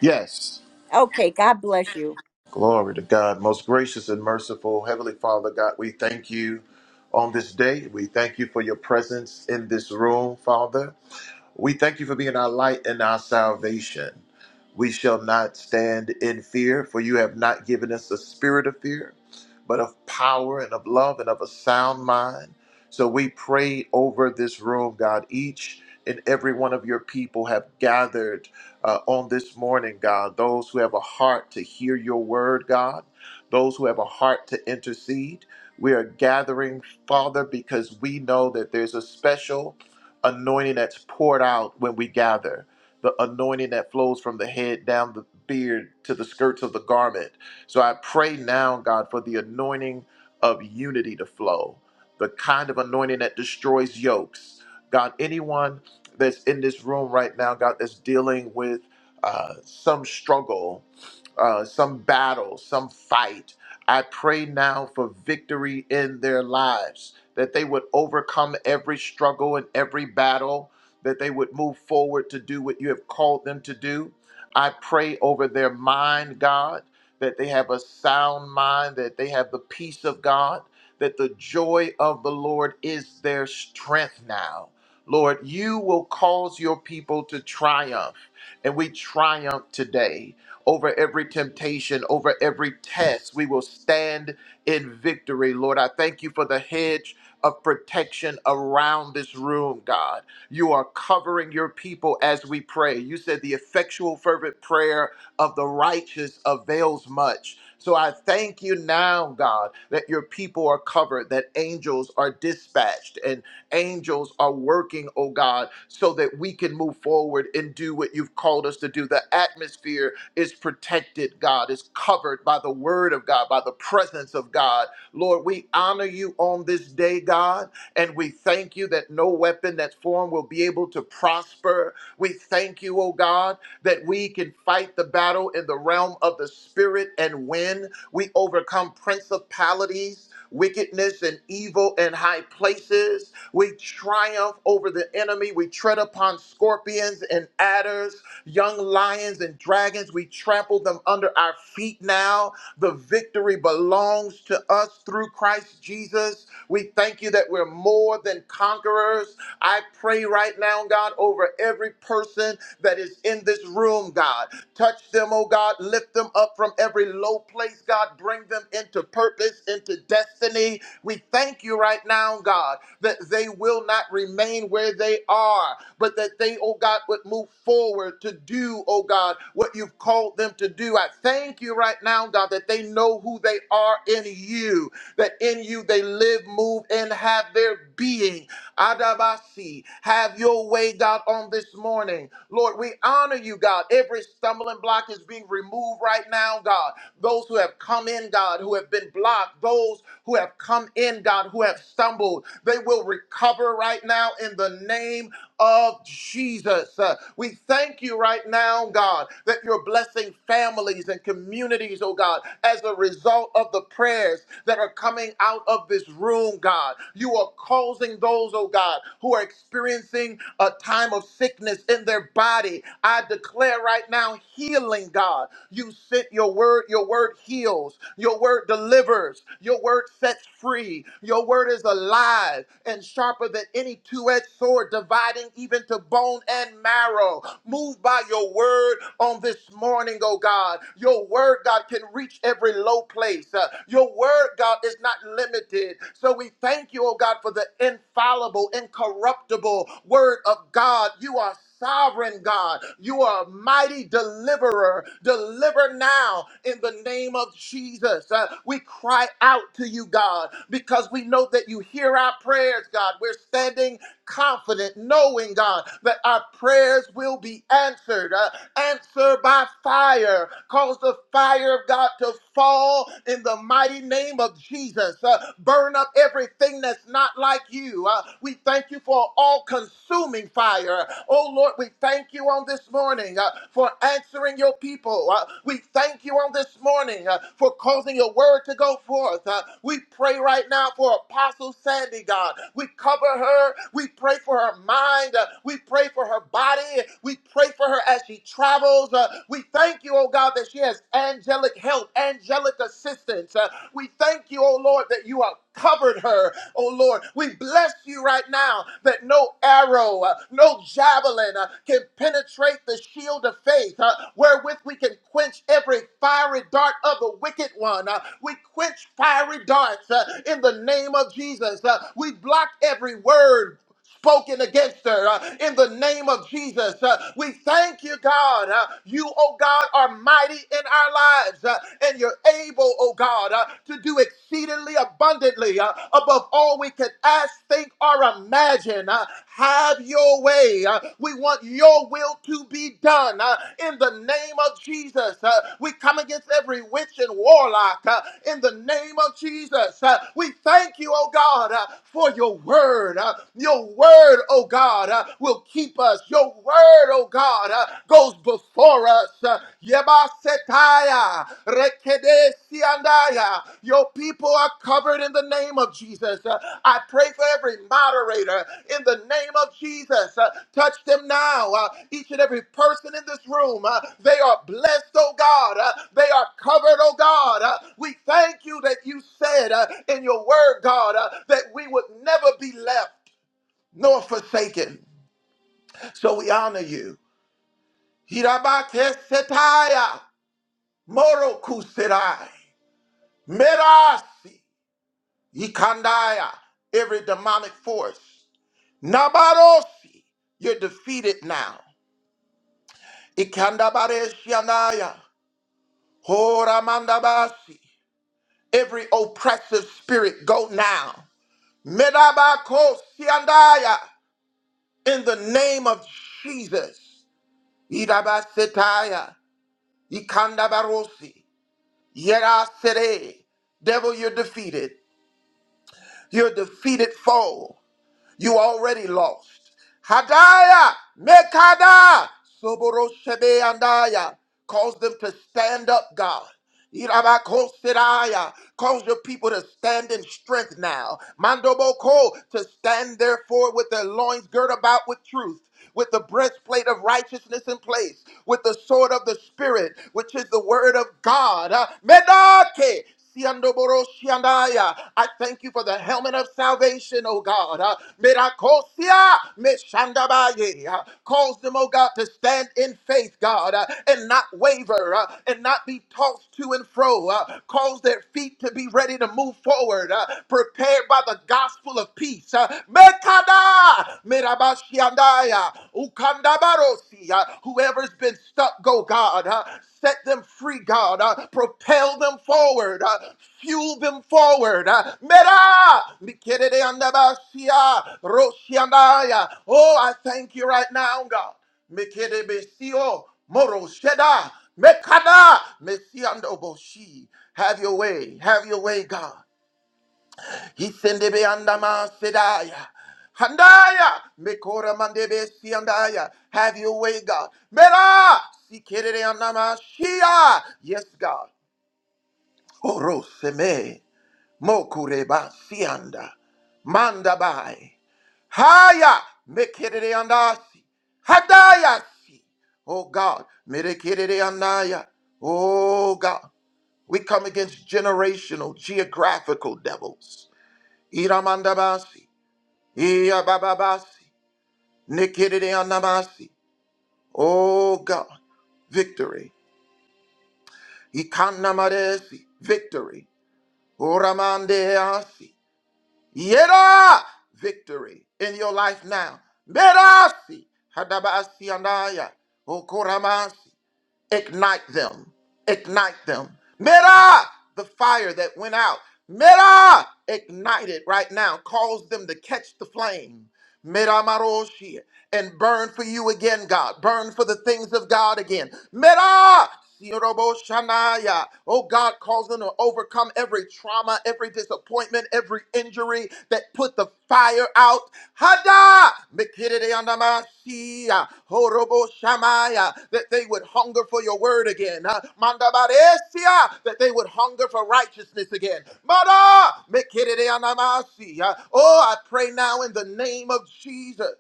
S9: Yes.
S1: Okay. God bless you.
S9: Glory to God. Most gracious and merciful Heavenly Father, God, we thank you on this day. We thank you for your presence in this room, Father. We thank you for being our light and our salvation. We shall not stand in fear, for you have not given us a spirit of fear, but of power and of love and of a sound mind. So we pray over this room, God. Each and every one of your people have gathered uh, on this morning, God. Those who have a heart to hear your word, God. Those who have a heart to intercede. We are gathering, Father, because we know that there's a special anointing that's poured out when we gather the anointing that flows from the head down the beard to the skirts of the garment. So I pray now, God, for the anointing of unity to flow, the kind of anointing that destroys yokes. God, anyone that's in this room right now, God, that's dealing with uh, some struggle, uh, some battle, some fight, I pray now for victory in their lives, that they would overcome every struggle and every battle that they would move forward to do what you have called them to do. I pray over their mind, God, that they have a sound mind, that they have the peace of God, that the joy of the Lord is their strength now. Lord, you will cause your people to triumph, and we triumph today over every temptation, over every test. We will stand in victory, Lord. I thank you for the hedge of protection around this room, God. You are covering your people as we pray. You said the effectual, fervent prayer of the righteous avails much. So I thank you now, God, that your people are covered, that angels are dispatched, and angels are working, oh God, so that we can move forward and do what you've called us to do. The atmosphere is protected, God, is covered by the word of God, by the presence of God. Lord, we honor you on this day, God. And we thank you that no weapon that's formed will be able to prosper. We thank you, oh God, that we can fight the battle in the realm of the spirit and win. We overcome principalities, wickedness, and evil in high places. We triumph over the enemy. We tread upon scorpions and adders, young lions and dragons. We trample them under our feet now. The victory belongs to us through Christ Jesus. We thank you that we're more than conquerors. I pray right now, God, over every person that is in this room, God. Touch them, oh God. Lift them up from every low place, God. Bring them into purpose, into destiny. We thank you right now, God, that they will not remain where they are, but that they, oh God, would move forward to do, oh God, what you've called them to do. I thank you right now, God, that they know who they are in you, that in you they live, move, and have their being. Adabasi, have your way, God, on this morning. Lord, we honor you, God. Every stumbling block is being removed right now, God Those who those who have come in, God, who have been blocked, those who have come in, God, who have stumbled. They will recover right now in the name of Jesus. Uh, we thank you right now, God, that you're blessing families and communities, oh God, as a result of the prayers that are coming out of this room, God. You are causing those, oh God, who are experiencing a time of sickness in their body. I declare right right now healing, God. You sent your word, your word heals, your word delivers, your word sets free, your word is alive and sharper than any two edged sword, dividing even to bone and marrow. Move by your word on this morning, oh God. Your word, God, can reach every low place. Uh, your word, God, is not limited. So we thank you, oh God, for the infallible, incorruptible word of uh, God. You are sovereign God. You are a mighty deliverer. Deliver now in the name of Jesus. Uh, we cry out to you, God, because we know that you hear our prayers, God. We're standing confident, knowing, God, that our prayers will be answered. Uh, answer by fire. Cause the fire of God to fall in the mighty name of Jesus. Uh, burn up everything that's not like you. Uh, we thank you for all consuming fire. Oh Lord, we thank you on this morning uh, for answering your people. Uh, we thank you on this morning uh, for causing your word to go forth. Uh, we pray right now for Apostle Sandy, God. We cover her. We pray for her mind. Uh, we pray for her body. We pray for her as she travels. Uh, we thank you, oh God, that she has angelic help, angelic assistance. Uh, we thank you, oh Lord, that you are covered her. Oh Lord, we bless you right now that no arrow, uh, no javelin uh, can penetrate the shield of faith uh, wherewith we can quench every fiery dart of the wicked one. Uh, we quench fiery darts uh, in the name of Jesus. Uh, we block every word spoken against her uh, in the name of Jesus. Uh, we thank you, God. Uh, you, oh God, are mighty in our lives, uh, and you're able, oh God, uh, to do exceedingly abundantly uh, above all we could ask, think, or imagine. Uh, have your way. Uh, we want your will to be done uh, in the name of Jesus. Uh, we come against every witch and warlock uh, in the name of Jesus. Uh, we thank you, oh God, uh, for your word. Uh, your word, oh God, uh, will keep us. Your word, oh God, uh, goes before us. Uh, Yebasetaya, rekedesiandaya. Your people are covered in the name of Jesus. Uh, I pray for every moderator in the name of Jesus. Uh, touch them now. Uh, each and every person in this room, uh, they are blessed, oh God. Uh, they are covered, oh God. Uh, we thank you that you said uh, in your word, God, uh, that we would never be left nor forsaken. So we honor you. Hirabate setaya, moroku serai, merasi, ikandaya, every demonic force. Nabarosi, you're defeated now. Ikandabare shianaya, horamandabasi, every oppressive spirit go now. Medabako siandaya, in the name of Jesus. Irabasetaya. Ikanda barosi. Yera sere. Devil, you're defeated. You're a defeated foe. You already lost. Hadaya mekada soboroshebe andaya. Cause them to stand up, God. Irabakosidaya. Cause your people to stand in strength now. Mandoboko to stand therefore with their loins girt about with truth with the breastplate of righteousness in place, with the sword of the Spirit, which is the word of God. Uh, Menake, Siandoboroshiandaya. I thank you for the helmet of salvation, oh God. Uh, Miracosia, Meshandabaye. Uh, Cause them, oh God, to stand in faith, God, uh, and not waver uh, and not be tossed to and fro. Uh, Cause their feet to be ready to move forward, uh, prepared by the gospel of peace. Uh, Mekada Mirabashiandaya Ukandabarosia. Whoever's been stuck, go God. uh, Set them free, God. uh, Propel them forward. uh, Fuel them forward. uh, Mera Mikeredeandabasia Roshiandaya. Oh, I thank you right now, God. Mikerebesio Moro Sheda Mekada Mesiando Boshi. Have your way. Have your way, God. Isendebe andama sedaya. Handaya. Mekora mandebe siandaya. Have your way, God. Mera. Sikerere andama shia. Yes, God. Oroseme. Mokureba sianda. Mandabai. Haya. Mekerere andasi. Hadaya si. Oh God. Merekerere andaya. Oh God. We come against generational, geographical devils. Iramandabasi. Iyabababasi, Nikidide anamasi. Oh God, victory. Ikanamadesi, victory. Oramandeasi, Yeda, victory in your life now. Medasi, hadabasi andaya. Okoramasi. Ignite them. Ignite them. Meda, the fire that went out. Meda, ignite it right now. Cause them to catch the flame. Meda and burn for you again, God. Burn for the things of God again. Mera! Yorobo Shanaya. Oh God, cause them to overcome every trauma, every disappointment, every injury that put the fire out. Hada! Mikireandamashia. Horobo Shamaya. That they would hunger for your word again. Uh, Mandabaresia. That they would hunger for righteousness again. Mada! Mikireandamashia. Oh, I pray now in the name of Jesus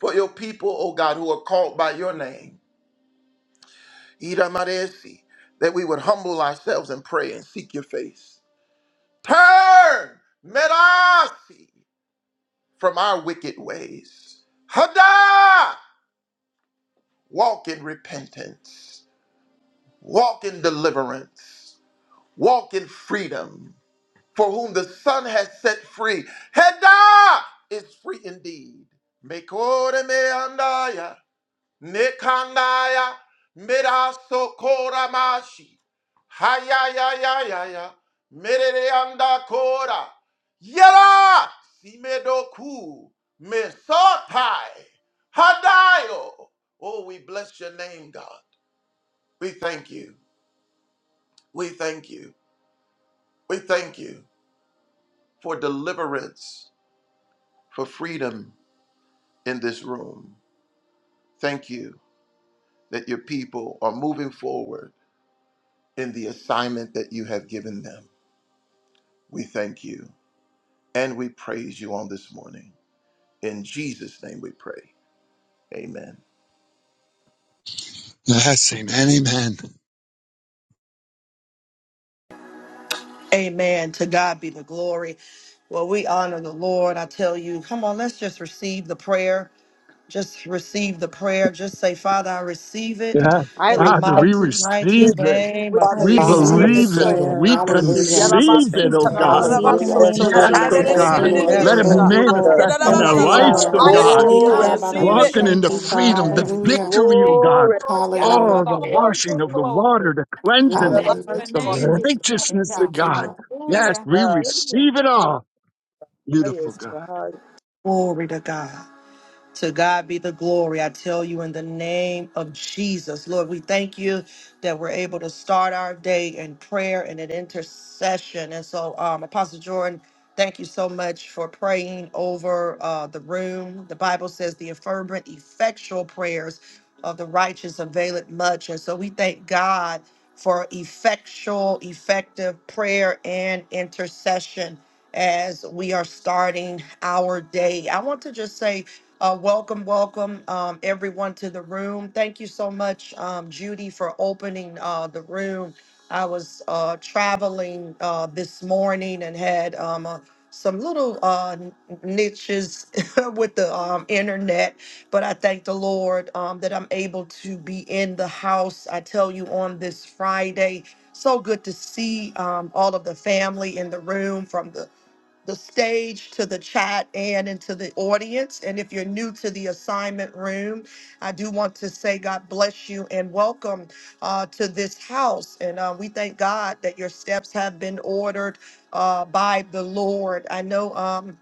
S9: for your people, O God, who are called by your name, Iramaresi, that we would humble ourselves and pray and seek your face. Turn, Merasi, from our wicked ways. Hada, walk in repentance, walk in deliverance, walk in freedom. For whom the Son has set free, Hada is free indeed. Mekore me Nekandaya Miraso Koramashi. Hayayayaya. Mereanda Kora. Yera Simedoku. Mesotai. Hadayo. Oh, we bless your name, God. We thank you. We thank you. We thank you for deliverance, for freedom in this room. Thank you that your people are moving forward in the assignment that you have given them. We thank you and we praise you on this morning. In Jesus' name we pray. Amen.
S2: Yes, amen, amen.
S10: Amen. To God be the glory. Well, we honor the Lord. I tell you, come on, let's just receive the prayer. Just receive the prayer. Just say, Father, I receive it
S2: Yeah,
S1: I
S10: in the
S1: receive.
S2: Father, we
S10: mighty,
S2: receive
S10: mighty
S6: Hallelujah.
S2: it.
S10: name
S1: We
S10: of
S4: I
S2: We
S8: we
S11: Father, I
S4: receive
S8: receive
S4: the
S8: this
S10: Jesus.
S2: believe it.
S11: receive
S8: prayer.
S11: it.
S2: We
S4: prayer. Thank you,
S8: We
S11: Hallelujah.
S4: Jesus,
S2: conceive
S4: for
S2: it,
S4: this
S2: oh
S4: prayer. I
S2: God.
S4: receive
S1: pour
S4: it in the
S11: Hallelujah.
S6: Yes,
S4: name of
S6: Lord.
S2: Yes,
S3: I
S2: oh
S3: receive
S4: Jesus.
S11: Thank you,
S2: God.
S4: Thank
S6: Yes,
S4: you,
S3: it.
S11: Lord.
S2: Let
S10: Yes,
S2: it
S4: Lord.
S3: in
S11: Thank
S3: the
S11: you,
S10: Lord.
S1: out
S3: name
S11: Lord.
S6: God.
S3: of-
S2: manifest
S1: the
S2: in
S3: Jesus.
S1: Holy
S4: Thank
S2: our
S11: Thank
S4: you,
S11: you,
S3: Thank
S1: Ghost
S4: Father.
S2: lives,
S3: you,
S4: I
S11: Lord.
S2: oh
S1: fire,
S3: Lord God.
S2: God.
S4: receive
S6: Glory
S4: that
S6: to
S8: receive
S4: prayer.
S8: it,
S2: Walking
S3: Hallelujah.
S2: in
S4: Thank
S2: the
S4: you,
S11: Ikarabababashita.
S2: freedom,
S4: Father.
S2: the
S3: Hallelujah.
S11: Hallelujah.
S2: victory, oh
S3: Thank you,
S2: God.
S6: glory,
S3: Lord God, for
S11: Hallelujah.
S2: Oh, the
S3: the
S6: Lord.
S1: Lord.
S2: washing of the
S3: overflow.
S2: water, the
S6: Yes,
S2: cleansing,
S3: Bless
S1: Bless
S11: Hallelujah.
S3: your
S2: the
S1: you, Lord.
S3: name this morning,
S2: righteousness
S3: God.
S2: of
S11: Thank you,
S2: God.
S11: Lord.
S2: Yes,
S3: Hallelujah.
S2: we
S6: God.
S3: Hallelujah.
S2: receive it all. Beautiful
S6: Yes,
S2: God.
S6: God.
S10: Glory to God. To God be the glory. I tell you in the name of Jesus. Lord, we thank you that we're able to start our day in prayer and in intercession. And so, um, Apostle Jordan, thank you so much for praying over uh, the room. The Bible says the fervent, effectual prayers of the righteous availeth much. And so we thank God for effectual, effective prayer and intercession as we are starting our day. I want to just say, uh, welcome, welcome, um, everyone to the room. Thank you so much, um, Judy, for opening uh, the room. I was uh, traveling uh, this morning and had um, uh, some little uh, n- niches with the um, internet, but I thank the Lord um, that I'm able to be in the house. I tell you, on this Friday, so good to see um, all of the family in the room from the the stage to the chat and into the audience. And if you're new to the assignment room, I do want to say God bless you and welcome uh, to this house. And uh, we thank God that your steps have been ordered uh, by the Lord. I know. Um,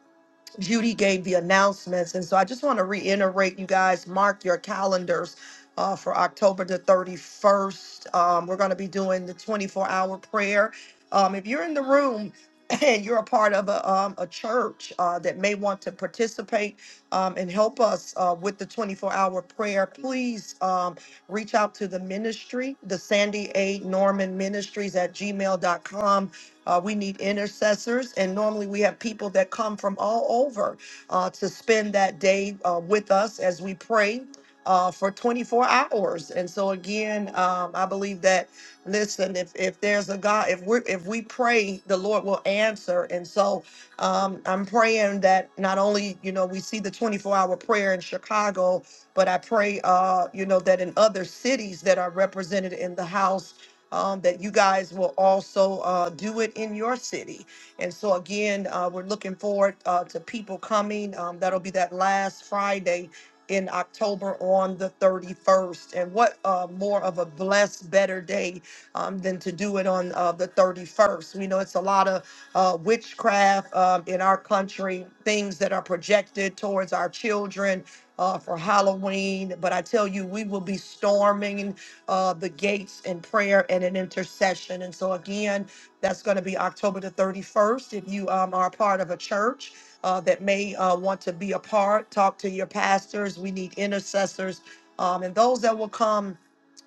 S10: Judy gave the announcements. And so I just want to reiterate, you guys, mark your calendars uh, for October the 31st. Um, we're going to be doing the 24 hour prayer. Um, if you're in the room, and you're a part of a, um, a church uh, that may want to participate um, and help us uh, with the 24 hour prayer. Please um, reach out to the ministry, the Sandy A. Norman Ministries at gmail.com uh, we need intercessors, and normally we have people that come from all over uh, to spend that day uh, with us as we pray uh, for 24 hours. And so again, um, I believe that listen, if if there's a God, if we if we pray, the Lord will answer. And so um, I'm praying that not only you know we see the 24 hour prayer in Chicago, but I pray uh, you know that in other cities that are represented in the house um, that you guys will also uh, do it in your city. And so, again, uh, we're looking forward uh, to people coming. Um, that'll be that last Friday in October on the 31st. And what uh, more of a blessed, better day um, than to do it on uh, the 31st? We know it's a lot of uh, witchcraft um, in our country, things that are projected towards our children uh, for Halloween. But I tell you, we will be storming uh, the gates in prayer and in intercession. And so, again, that's going to be October the 31st. If you um, are a part of a church uh, that may uh, want to be a part, talk to your pastors. We need intercessors. Um, and those that will come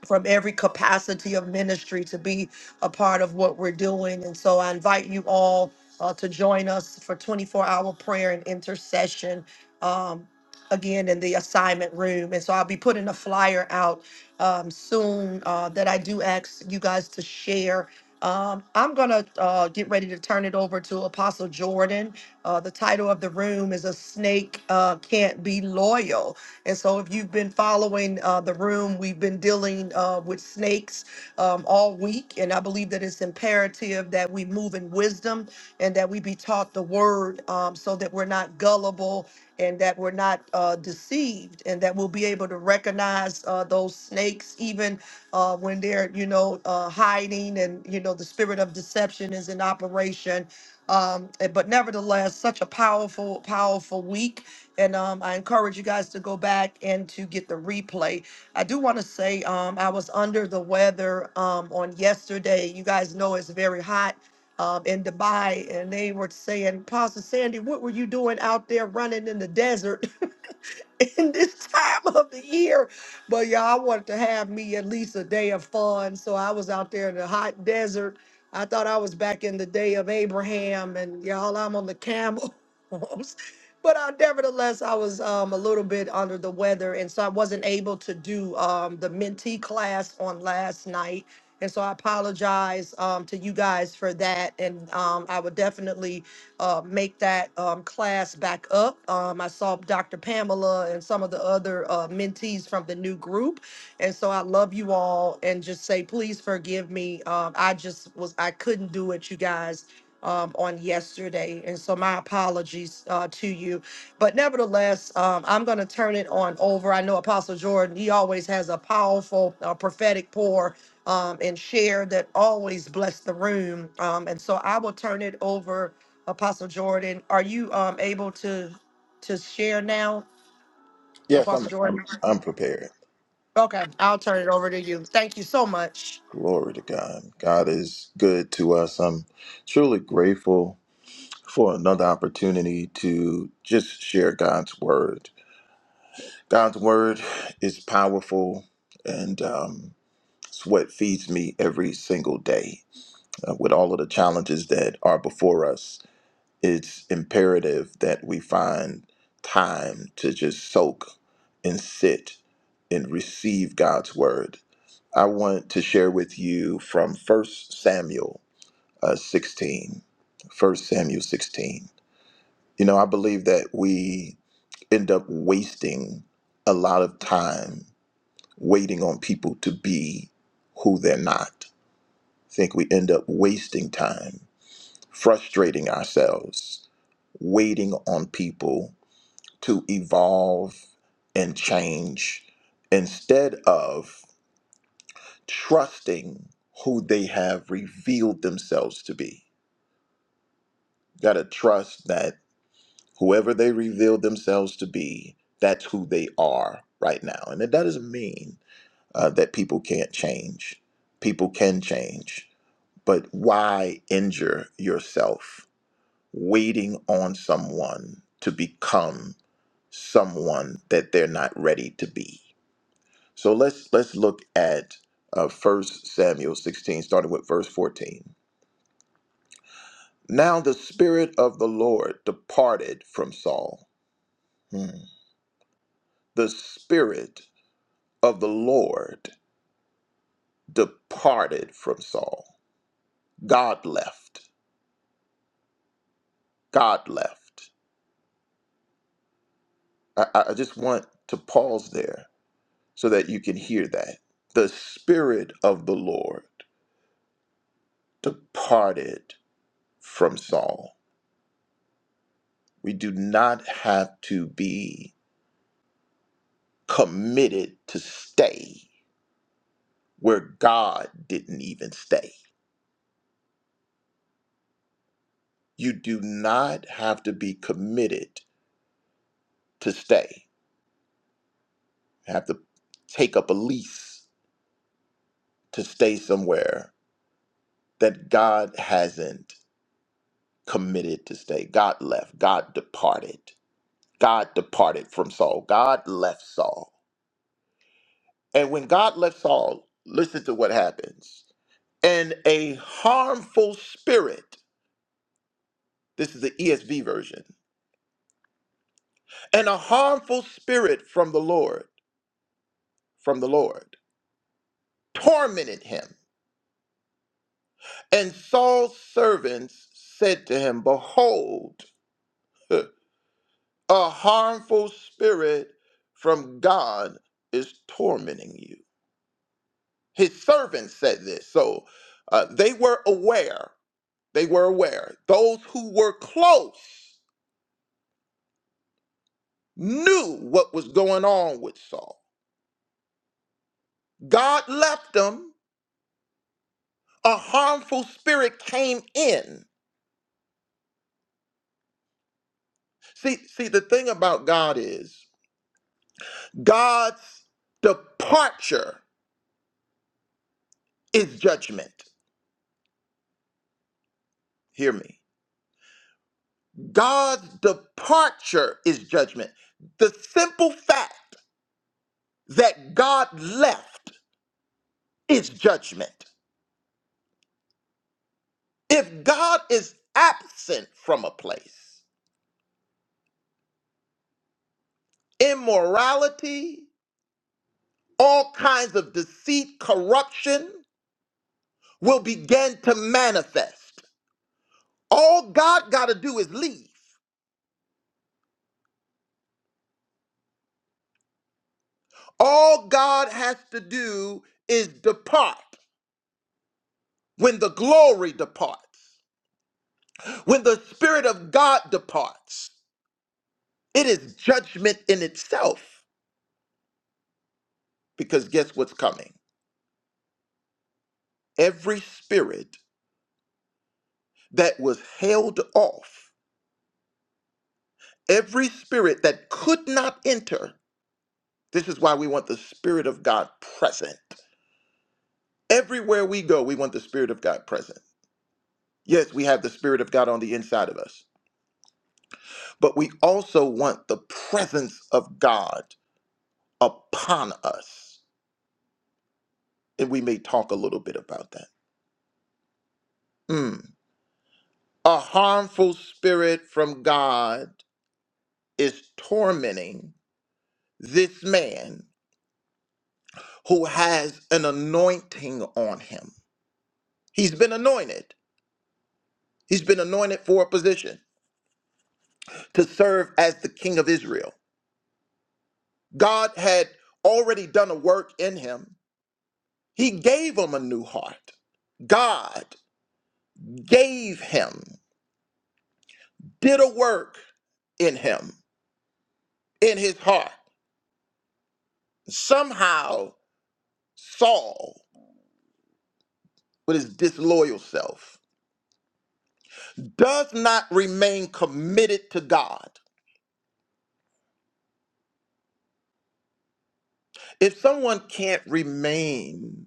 S10: from every capacity of ministry to be a part of what we're doing. And so I invite you all uh, to join us for 24 hour prayer and intercession. Um, Again, in the assignment room. And so I'll be putting a flyer out um, soon uh, that I do ask you guys to share. Um, I'm going to uh, get ready to turn it over to Apostle Jordan. Uh, the title of the room is A Snake uh, Can't Be Loyal. And so, if you've been following uh, the room, we've been dealing uh, with snakes um, all week. And I believe that it's imperative that we move in wisdom and that we be taught the word um, so that we're not gullible and that we're not uh, deceived and that we'll be able to recognize uh, those snakes even uh, when they're, you know, uh, hiding and, you know, the spirit of deception is in operation um, eh, but nevertheless, such a powerful, powerful week. And um, I encourage you guys to go back and to get the replay. I do want to say um, I was under the weather um, on yesterday. You guys know it's very hot um, in Dubai, and they were saying, Pastor Sandy, what were you doing out there running in the desert? in this time of the year. But y'all, I wanted to have me at least a day of fun. So I was out there in the hot desert. I thought I was back in the day of Abraham, and y'all, I'm on the camel. but I, nevertheless, I was um, a little bit under the weather, and so I wasn't able to do um, the mentee class on last night. And so I apologize um, to you guys for that. And um, I would definitely uh, make that um, class back up. Um, I saw Dr. Pamela and some of the other uh, mentees from the new group. And so I love you all and just say, please forgive me. Um, I just was, I couldn't do it, you guys. Um, on yesterday, and so my apologies uh, to you. But nevertheless, um, I'm going to turn it on over. I know Apostle Jordan, he always has a powerful uh, prophetic pour um, and share that always bless the room. Um, and so I will turn it over, Apostle Jordan. Are you um, able to to share now,
S9: Yes, I'm
S10: Apostle
S9: I'm,
S10: Jordan?
S9: I'm prepared.
S10: Okay, I'll turn it over to you. Thank you so much.
S9: Glory to God. God is good to us. I'm truly grateful for another opportunity to just share God's word. God's word is powerful and um, it's what feeds me every single day uh, with all of the challenges that are before us. it's imperative that we find time to just soak and sit and receive God's word. I want to share with you from First Samuel uh, 16. First Samuel 16. You know, I believe that we end up wasting a lot of time waiting on people to be who they're not. I think we end up wasting time, frustrating ourselves, waiting on people to evolve and change instead of trusting who they have revealed themselves to be. Got to trust that whoever they revealed themselves to be, that's who they are right now. And that doesn't mean uh, that people can't change. People can change. But why injure yourself waiting on someone to become someone that they're not ready to be? So let's let's look at uh, 1 Samuel 16, starting with verse 14. Now the spirit of the Lord departed from Saul. Hmm. The spirit of the Lord departed from Saul. God left. God left. I, I I just want to pause there so that you can hear that. The spirit of the Lord departed from Saul. We do not have to be committed to stay where God didn't even stay. You do not have to be committed to stay. You have to take up a lease to stay somewhere that God hasn't committed to stay. God left, God departed. God departed from Saul. God left Saul. And when God left Saul, listen to what happens. And a harmful spirit, this is the ESV version and a harmful spirit from the Lord, from the Lord, tormented him. And Saul's servants said to him, Behold, a harmful spirit from God is tormenting you. His servants said this. So uh, they were aware. They were aware. Those who were close knew what was going on with Saul. God left him. A harmful spirit came in See, see, the thing about God is God's departure is judgment. Hear me. God's departure is judgment. The simple fact that God left is judgment. If God is absent from a place, immorality, all kinds of deceit, corruption will begin to manifest. All God got to do is leave. All God has to do is depart when the glory departs, when the Spirit of God departs. It is judgment in itself, because guess what's coming? Every spirit that was held off, every spirit that could not enter, this is why we want the Spirit of God present. Everywhere we go, we want the Spirit of God present. Yes, we have the Spirit of God on the inside of us, but we also want the presence of God upon us. And we may talk a little bit about that. Mm. A harmful spirit from God is tormenting this man who has an anointing on him. He's been anointed. He's been anointed for a position to serve as the king of Israel. God had already done a work in him. He gave him a new heart. God gave him, did a work in him, in his heart. Somehow, Saul, with his disloyal self, does not remain committed to God. If someone can't remain,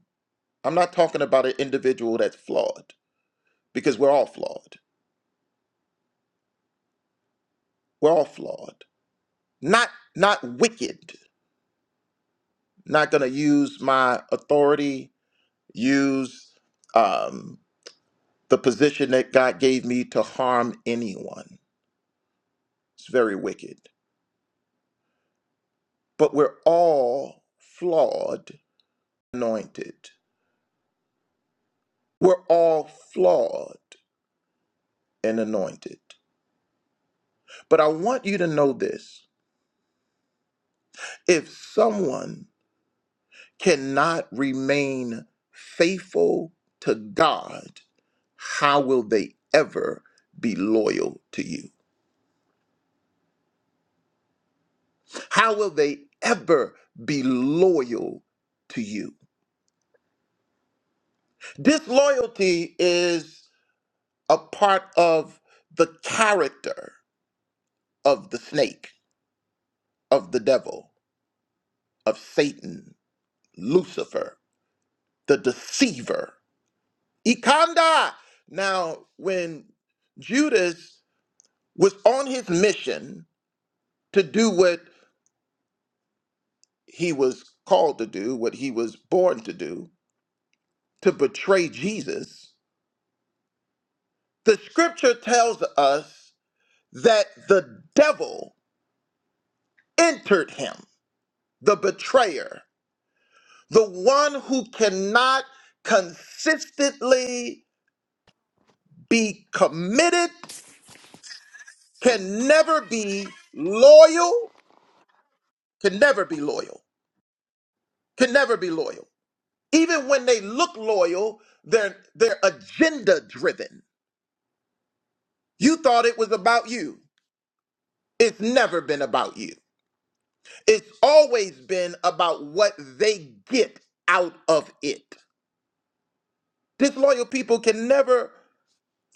S9: I'm not talking about an individual that's flawed, because we're all flawed. We're all flawed. Not not wicked. Not gonna use my authority, use um, the position that God gave me to harm anyone. It's very wicked. But we're all flawed anointed. We're all flawed and anointed. But I want you to know this if someone cannot remain faithful to God, how will they ever be loyal to you? How will they ever be loyal to you? Disloyalty is a part of the character of the snake, of the devil, of Satan, Lucifer. the deceiver. Ikanda. Now, when Judas was on his mission to do what he was called to do, what he was born to do, to betray Jesus, the scripture tells us that the devil entered him, the betrayer, the one who cannot consistently be committed, can never be loyal, can never be loyal can never be loyal. Even when they look loyal, they're they're agenda driven. You thought it was about you. It's never been about you. It's always been about what they get out of it. Disloyal people can never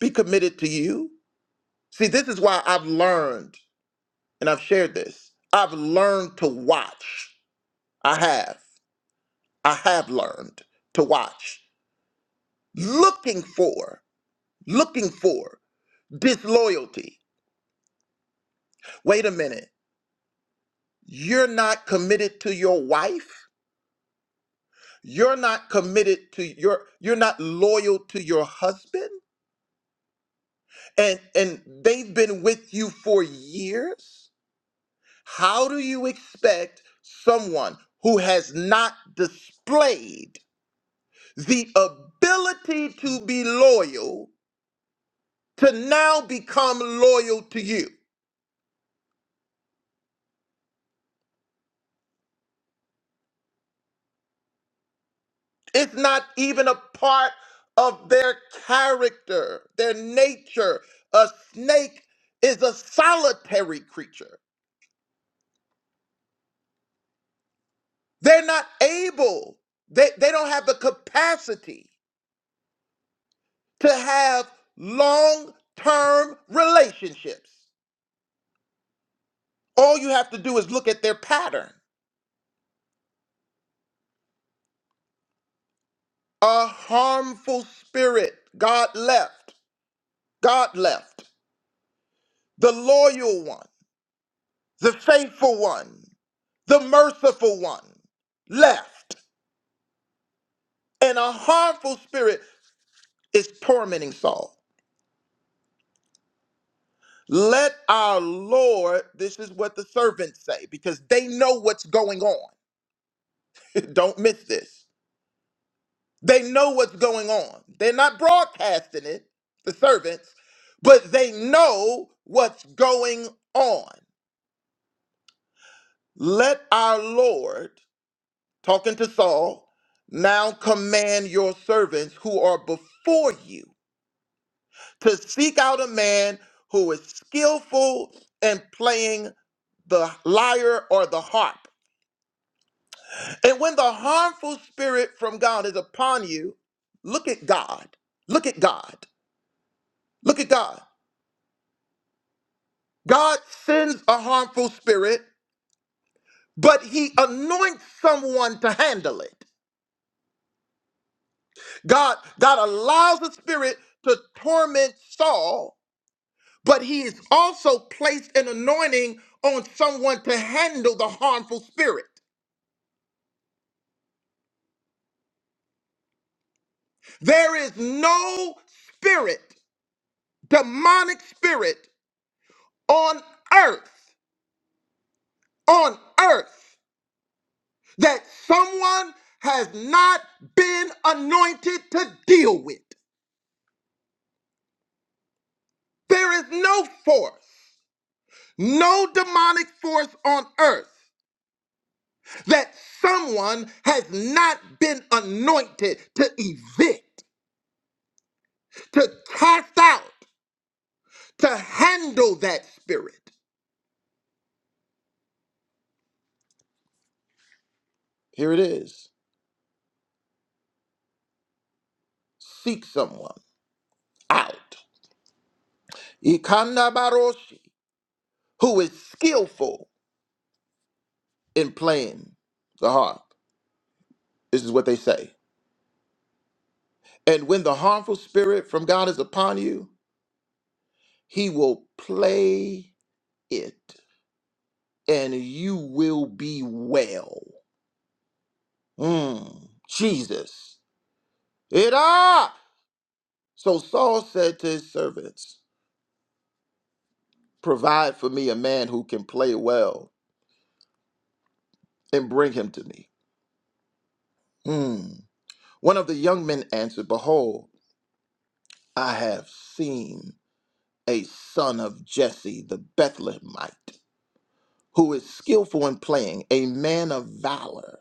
S9: be committed to you. See, this is why I've learned, and I've shared this. I've learned to watch. I have. I have learned to watch. Looking for, looking for disloyalty Wait a minute. You're not committed to your wife. You're not committed to your you're not loyal to your husband and and they've been with you for years. How do you expect someone who has not displayed the ability to be loyal to now become loyal to you? It's not even a part of their character, their nature. A snake is a solitary creature. They're not able, they, they don't have the capacity to have long term relationships. All you have to do is look at their pattern. A harmful spirit, God left, God left. The loyal one, the faithful one, the merciful one left. and a harmful spirit is tormenting Saul. Let our Lord, this is what the servants say, because they know what's going on. Don't miss this. They know what's going on. They're not broadcasting it, the servants, but they know what's going on. Let our Lord, talking to Saul, now command your servants who are before you. to seek out a man who is skillful in playing the lyre or the harp. And when the harmful spirit from God is upon you, look at God. Look at God. Look at God. God sends a harmful spirit, but he anoints someone to handle it. God, God allows the spirit to torment Saul, but he is also placed an anointing on someone to handle the harmful spirit. There is no spirit, demonic spirit on earth, on earth, that someone has not been anointed to deal with. There is no force, no demonic force on earth that someone has not been anointed to evict, to cast out, to handle that spirit. Here it is. Seek someone out. Ikanda Baroshi, who is skillful in playing the harp. This is what they say. And when the harmful spirit from God is upon you, he will play it, and you will be well. Mm, Jesus. It ah! So Saul said to his servants, Provide for me a man who can play well, and bring him to me. Mm. One of the young men answered, Behold, I have seen. a son of Jesse the Bethlehemite, who is skillful in playing, a man of valor,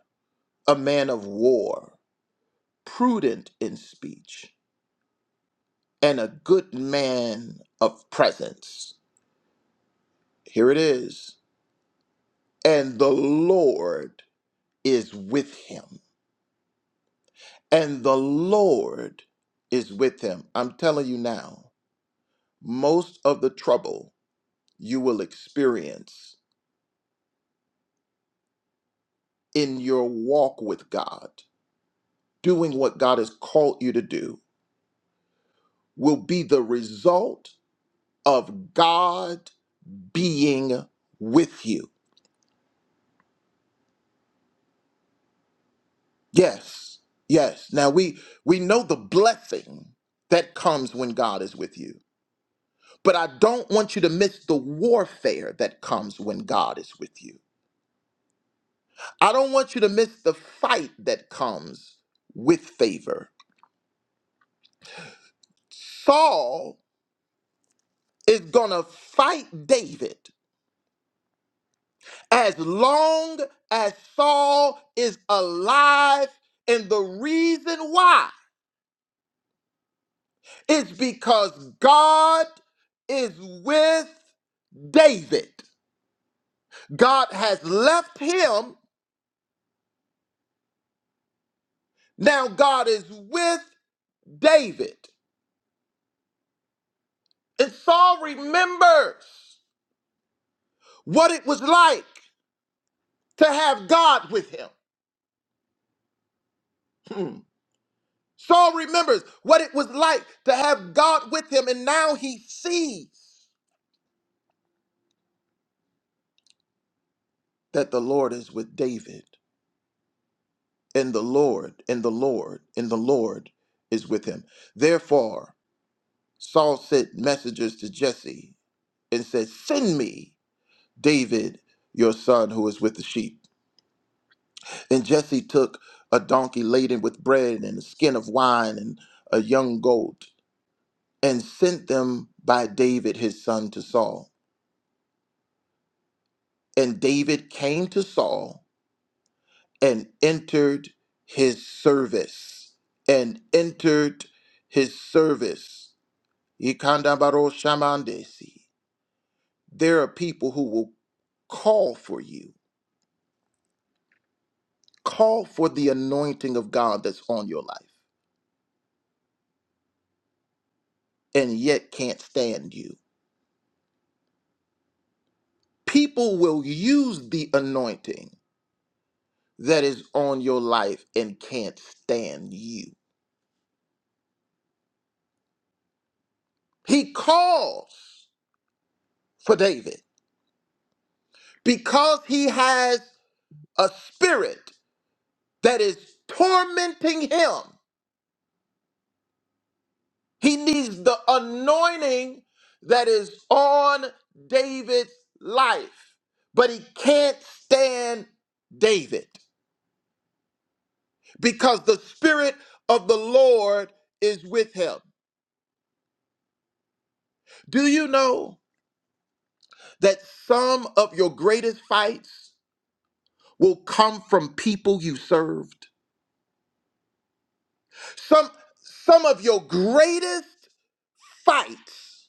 S9: a man of war, prudent in speech, and a good man of presence. Here it is. And the Lord is with him. And the Lord is with him. I'm telling you now, most of the trouble you will experience in your walk with God doing what God has called you to do will be the result of God being with you. Yes. Yes. Now we we know the blessing that comes when God is with you. But I don't want you to miss the warfare that comes when God is with you. I don't want you to miss the fight that comes with favor. Saul is going to fight David as long as Saul is alive. And the reason why is because God is with David. God has left him. Now God is with David. And Saul remembers what it was like to have God with him. Hmm. Saul remembers what it was like to have God with him. And now he sees that the Lord is with David. and the Lord, and the Lord, and the Lord is with him. Therefore, Saul sent messengers to Jesse and said, Send me David, your son, who is with the sheep. And Jesse took a donkey laden with bread and a skin of wine and a young goat and sent them by David, his son, to Saul. And David came to Saul and entered his service, and entered his service. Ikandabaro shamandesi. There are people who will call for you, call for the anointing of God that's on your life, and yet can't stand you. People will use the anointing that is on your life and can't stand you. He calls for David because he has a spirit that is tormenting him He needs the anointing that is on David's life, but he can't stand David because the Spirit of the Lord is with him. Do you know that some of your greatest fights will come from people you served? Some, some of your greatest fights.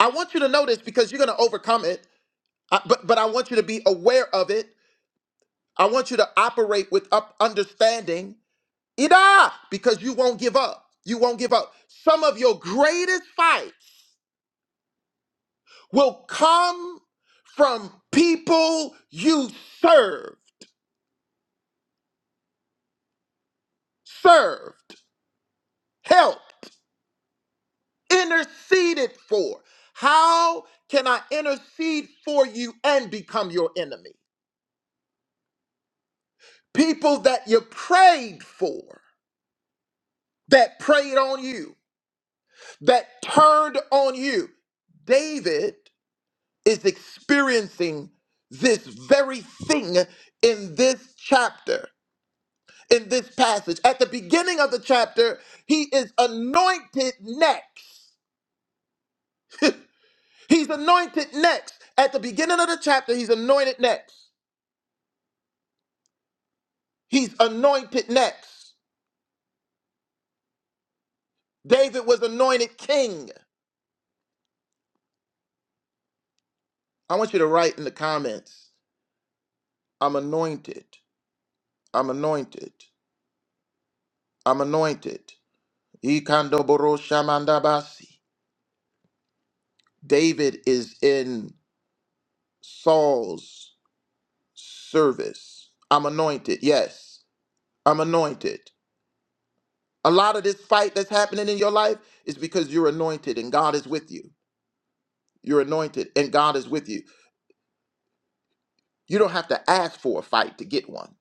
S9: I want you to know this because you're going to overcome it, uh, but, but I want you to be aware of it I want you to operate with up understanding, Ida, because you won't give up. You won't give up. Some of your greatest fights will come from people you served, served, helped, interceded for. How can I intercede for you and become your enemy? People that you prayed for, that prayed on you, that turned on you. David is experiencing this very thing in this chapter, in this passage. At the beginning of the chapter, he is anointed next. He's anointed next. At the beginning of the chapter, he's anointed next. He's anointed next. David was anointed king. I want you to write in the comments I'm anointed. I'm anointed. I'm anointed. Ikandoboro shamandabasi. David is in. Saul's service. I'm anointed. Yes, I'm anointed. A lot of this fight that's happening in your life is because you're anointed and God is with you. You're anointed and God is with you. You don't have to ask for a fight to get one.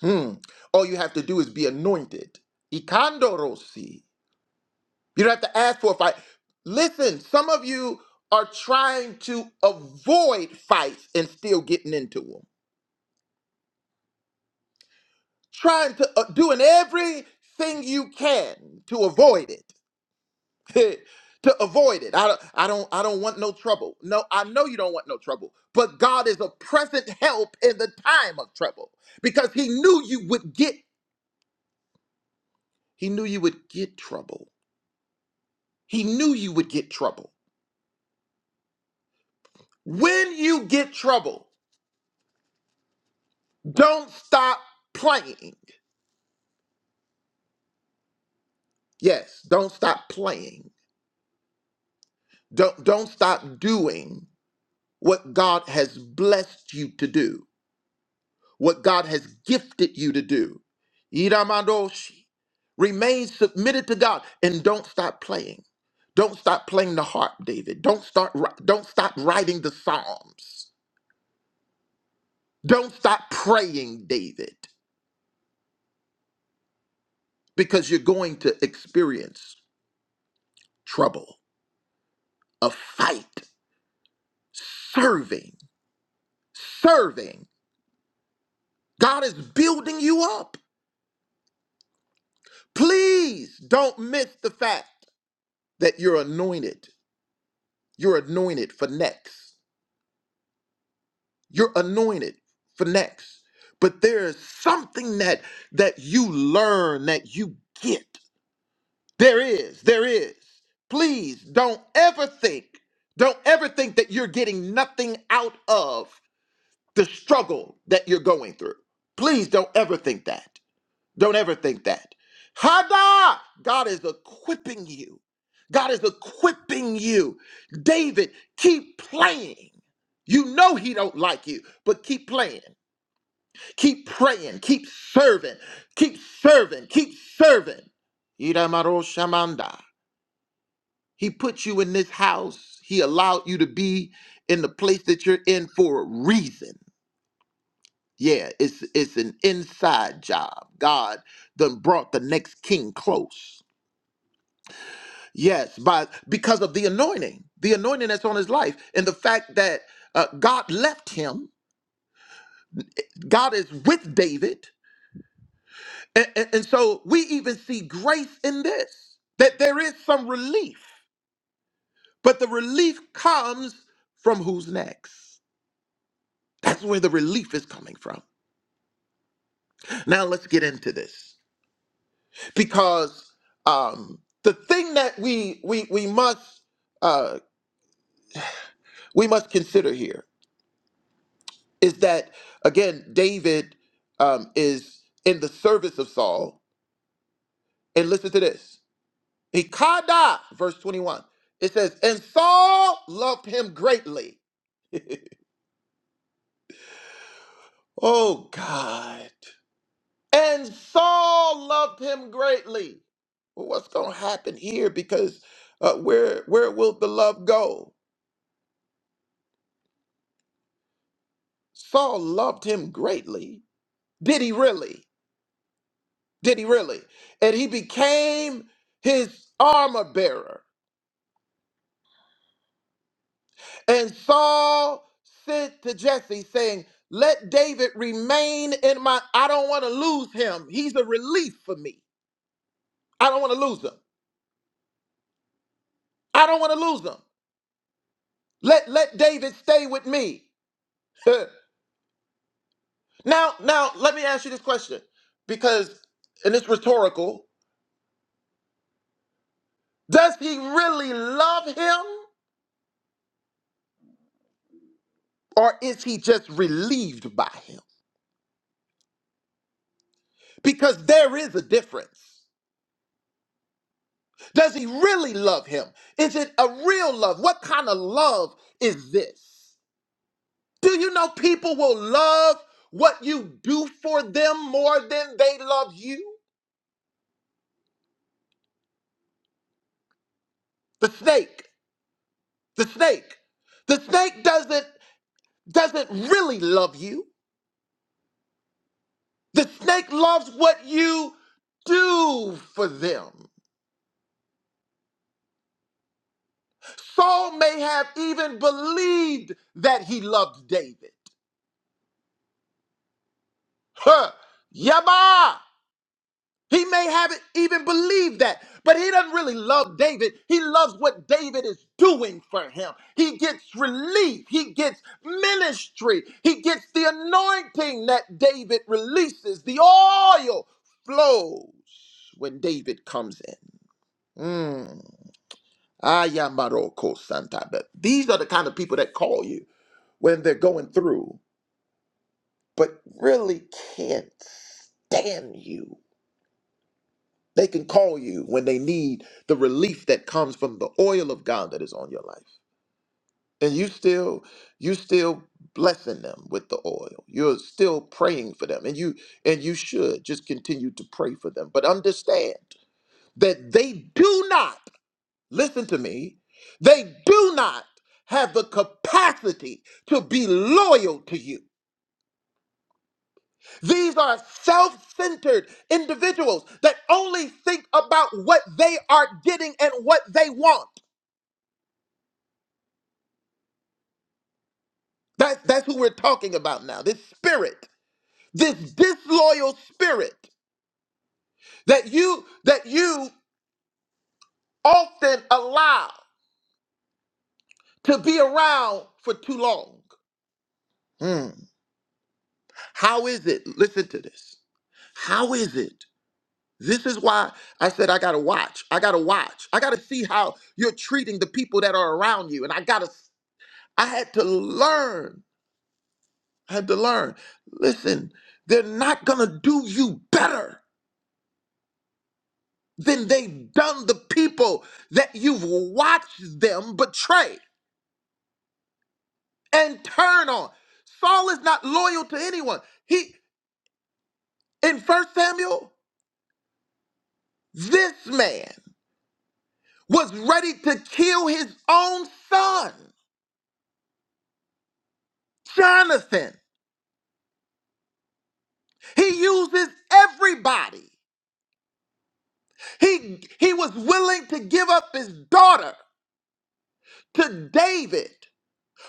S9: Hmm. All you have to do is be anointed. Ikandorosi. You don't have to ask for a fight. Listen, some of you are trying to avoid fights and still getting into them. trying to uh, doing everything you can to avoid it to avoid it I don't, I don't i don't want no trouble no i know you don't want no trouble but god is a present help in the time of trouble because he knew you would get he knew you would get trouble he knew you would get trouble when you get trouble don't stop playing yes don't stop playing don't don't stop doing what god has blessed you to do what God has gifted you to do. iramandoshi, Remain submitted to God and don't stop playing. Don't stop playing the harp, David. Don't start ri- don't stop writing the psalms. Don't stop praying, David, because you're going to experience trouble, a fight, serving, serving. God is building you up. Please don't miss the fact that you're anointed. You're anointed for next. You're anointed for next. But there is something that that you learn that you get. There is. There is. Please don't ever think. Don't ever think that you're getting nothing out of the struggle that you're going through. Please don't ever think that. Don't ever think that. Hada! God is equipping you. God is equipping you. David, keep playing. You know he don't like you, but keep playing. Keep praying. Keep serving. Keep serving. Keep serving. Iramaro Shamanda. He put you in this house. He allowed you to be in the place that you're in for a reason. Yeah, it's it's an inside job. God done brought the next king close. Yes, by because of the anointing, the anointing that's on his life, and the fact that uh, God left him. God is with David. And, and, and so we even see grace in this, that there is some relief, but the relief comes from who's next. That's where the relief is coming from. Now let's get into this because um, the thing that we we we must uh, we must consider here is that again David um, is in the service of Saul, and listen to this. Ikada, verse 21. It says, And Saul loved him greatly. oh, God. And Saul loved him greatly. Well, what's going to happen here? Because uh, where, where will the love go? Saul loved him greatly. Did he really? Did he really? And he became his armor bearer. And Saul sent to Jesse, saying, Let David remain in my. I don't want to lose him. He's a relief for me. I don't want to lose him. I don't want to lose him. Let let David stay with me. now, now let me ask you this question. Because, and it's rhetorical, does he really love him? Or is he just relieved by him? Because there is a difference. Does he really love him? Is it a real love? What kind of love is this? Do you know people will love what you do for them more than they love you? The snake, the snake, the snake doesn't doesn't really love you. The snake loves what you do for them. Saul may have even believed that he loved David. Huh. Yabba! He may haven't even believed that, but he doesn't really love David. He loves what David is doing for him. He gets relief, he gets ministry, he gets the anointing that David releases. The oil flows when David comes in. Mm. Ayamaroko Santa. But these are the kind of people that call you when they're going through, but really can't stand you They can call you when they need the relief that comes from the oil of God that is on your life. And you still, you still blessing them with the oil. You're still praying for them. And you and you should just continue to pray for them. But understand that they do not, listen to me, they do not have the capacity to be loyal to you. These are self centered individuals that only think about what they are getting and what they want. That, that's who we're talking about now. This spirit, this disloyal spirit that you that you often allow to be around for too long. Hmm. How is it? Listen to this. How is it? This is why I said I gotta watch. I gotta watch. I gotta see how you're treating the people that are around you, and I gotta I had to learn. I had to learn. Listen, they're not going to do you better than they've done the people that you've watched them betray and turn on. Saul is not loyal to anyone. He in First Samuel, this man was ready to kill his own son, Jonathan. He uses everybody. He he was willing to give up his daughter to David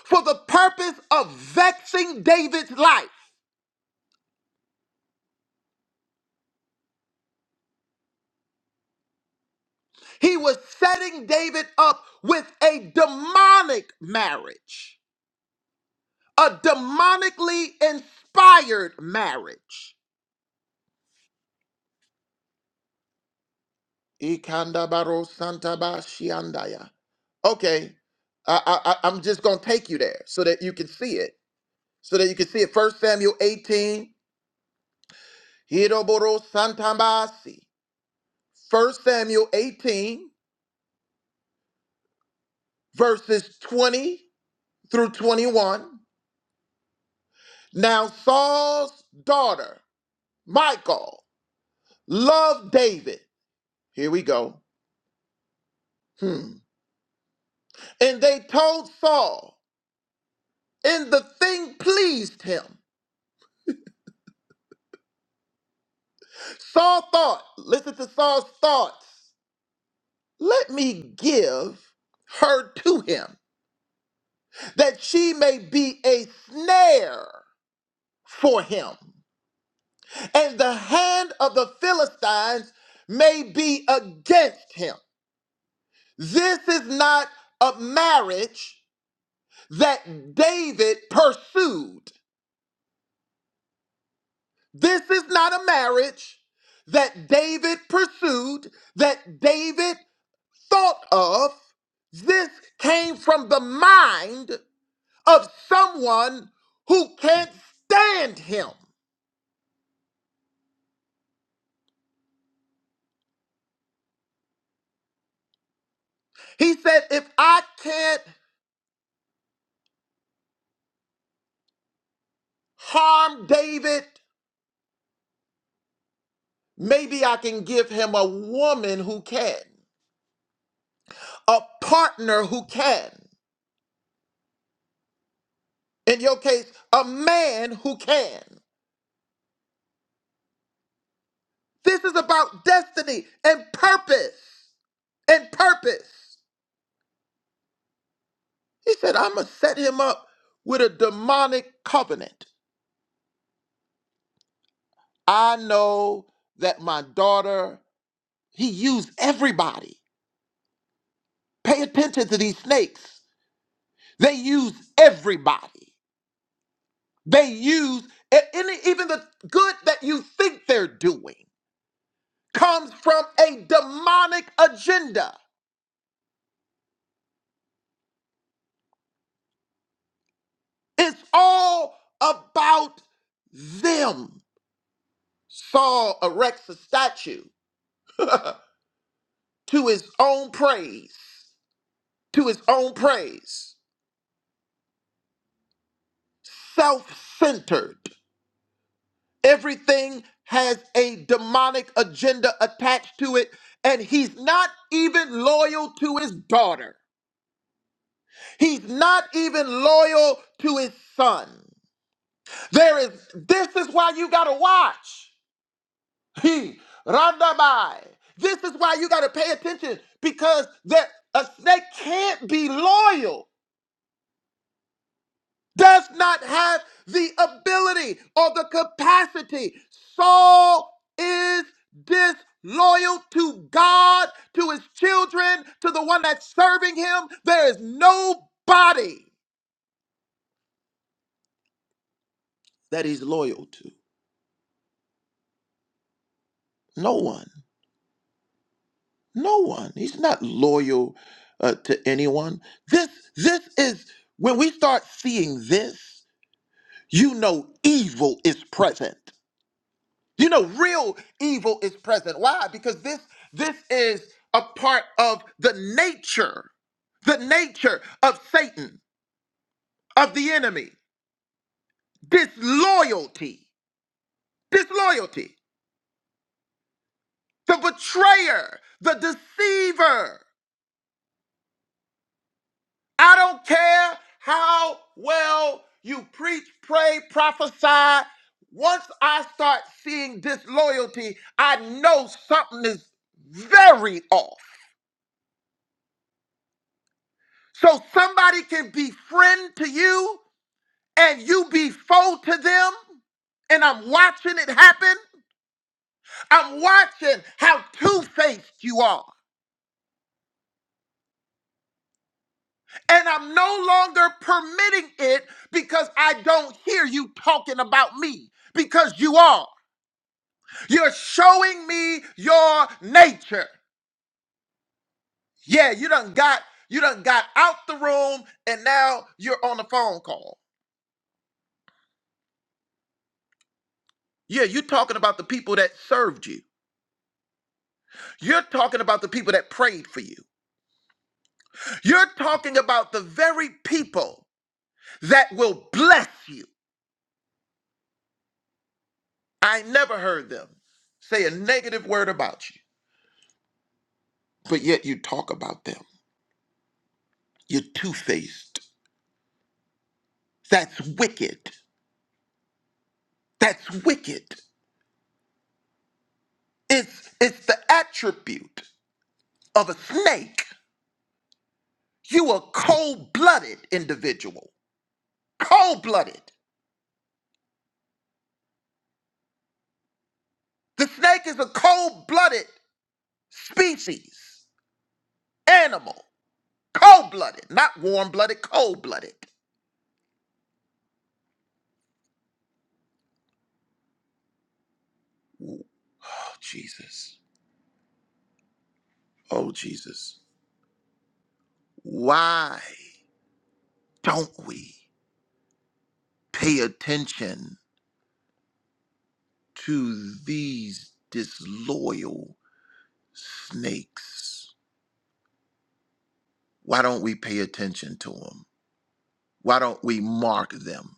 S9: for the purpose of vexing David's life. He was setting David up with a demonic marriage, a demonically inspired marriage. Ikandabaro santaba shiandaya. Okay, I, I, I- I'm just going to take you there so that you can see it. So that you can see it. First Samuel 18. Hiroboro santabasi. 1 Samuel 18, verses 20 through 21. Now Saul's daughter, Michal, loved David. Here we go. Hmm. And they told Saul, and the thing pleased him. Saul thought, listen to Saul's thoughts, let me give her to him, that she may be a snare for him, and the hand of the Philistines may be against him. This is not a marriage that David pursued. This is not a marriage that David pursued, that David thought of. This came from the mind of someone who can't stand him. He said, If I can't harm David, maybe I can give him a woman who can, a partner who can. In your case, a man who can. This is about destiny and purpose. And purpose. He said, I'm going to set him up with a demonic covenant. I know that my daughter, he used everybody. Pay attention to these snakes. They use everybody. They use a- any, even the good that you think they're doing comes from a demonic agenda. It's all about them. Saul erects a statue to his own praise, to his own praise, self centered. Everything has a demonic agenda attached to it, and he's not even loyal to his daughter. He's not even loyal to his son. There is, this is why you gotta watch. He Randabai. This is why you gotta pay attention because that a snake can't be loyal, does not have the ability or the capacity. Saul is disloyal to God, to his children, to the one that's serving him. There is nobody that he's loyal to. No one. No one. He's not loyal uh, to anyone. This this is when we start seeing this, you know evil is present. You know real evil is present. Why? Because this this is a part of the nature, the nature of Satan, of the enemy. Disloyalty. Disloyalty. The betrayer, the deceiver. I don't care how well you preach, pray, prophesy. Once I start seeing disloyalty, I know something is very off. So somebody can be friend to you and you be foe to them, and I'm watching it happen. I'm watching how two faced you are. And I'm no longer permitting it because I don't hear you talking about me because you are. You're showing me your nature. Yeah, you done got you done got out the room and now you're on the phone call. Yeah, you're talking about the people that served you. You're talking about the people that prayed for you. You're talking about the very people that will bless you. I never heard them say a negative word about you, but yet you talk about them. You're two-faced. That's wicked. That's wicked. It's it's the attribute. of a snake, you a cold blooded individual. Cold blooded. The snake is a cold blooded species, animal. Cold blooded, not warm blooded, cold blooded. Oh, Jesus. Oh, Jesus. Why don't we pay attention to these disloyal snakes? Why don't we pay attention to them? Why don't we mark them?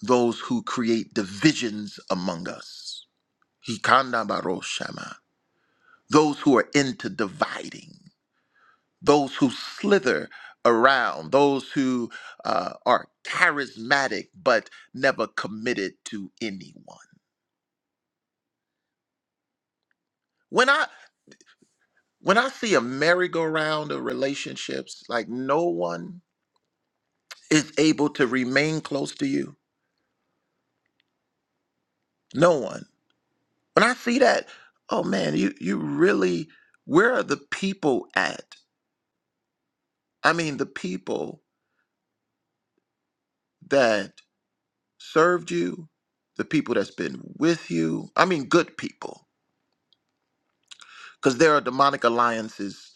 S9: those who create divisions among us. Hikanda baroshama. Those who are into dividing, those who slither around, those who uh, are charismatic but never committed to anyone. When I when I see a merry-go-round of relationships, like no one is able to remain close to you. No one. When I see that, oh man, you you really where are the people at? I mean, the people that served you, the people that's been with you, I mean, good people, because there are demonic alliances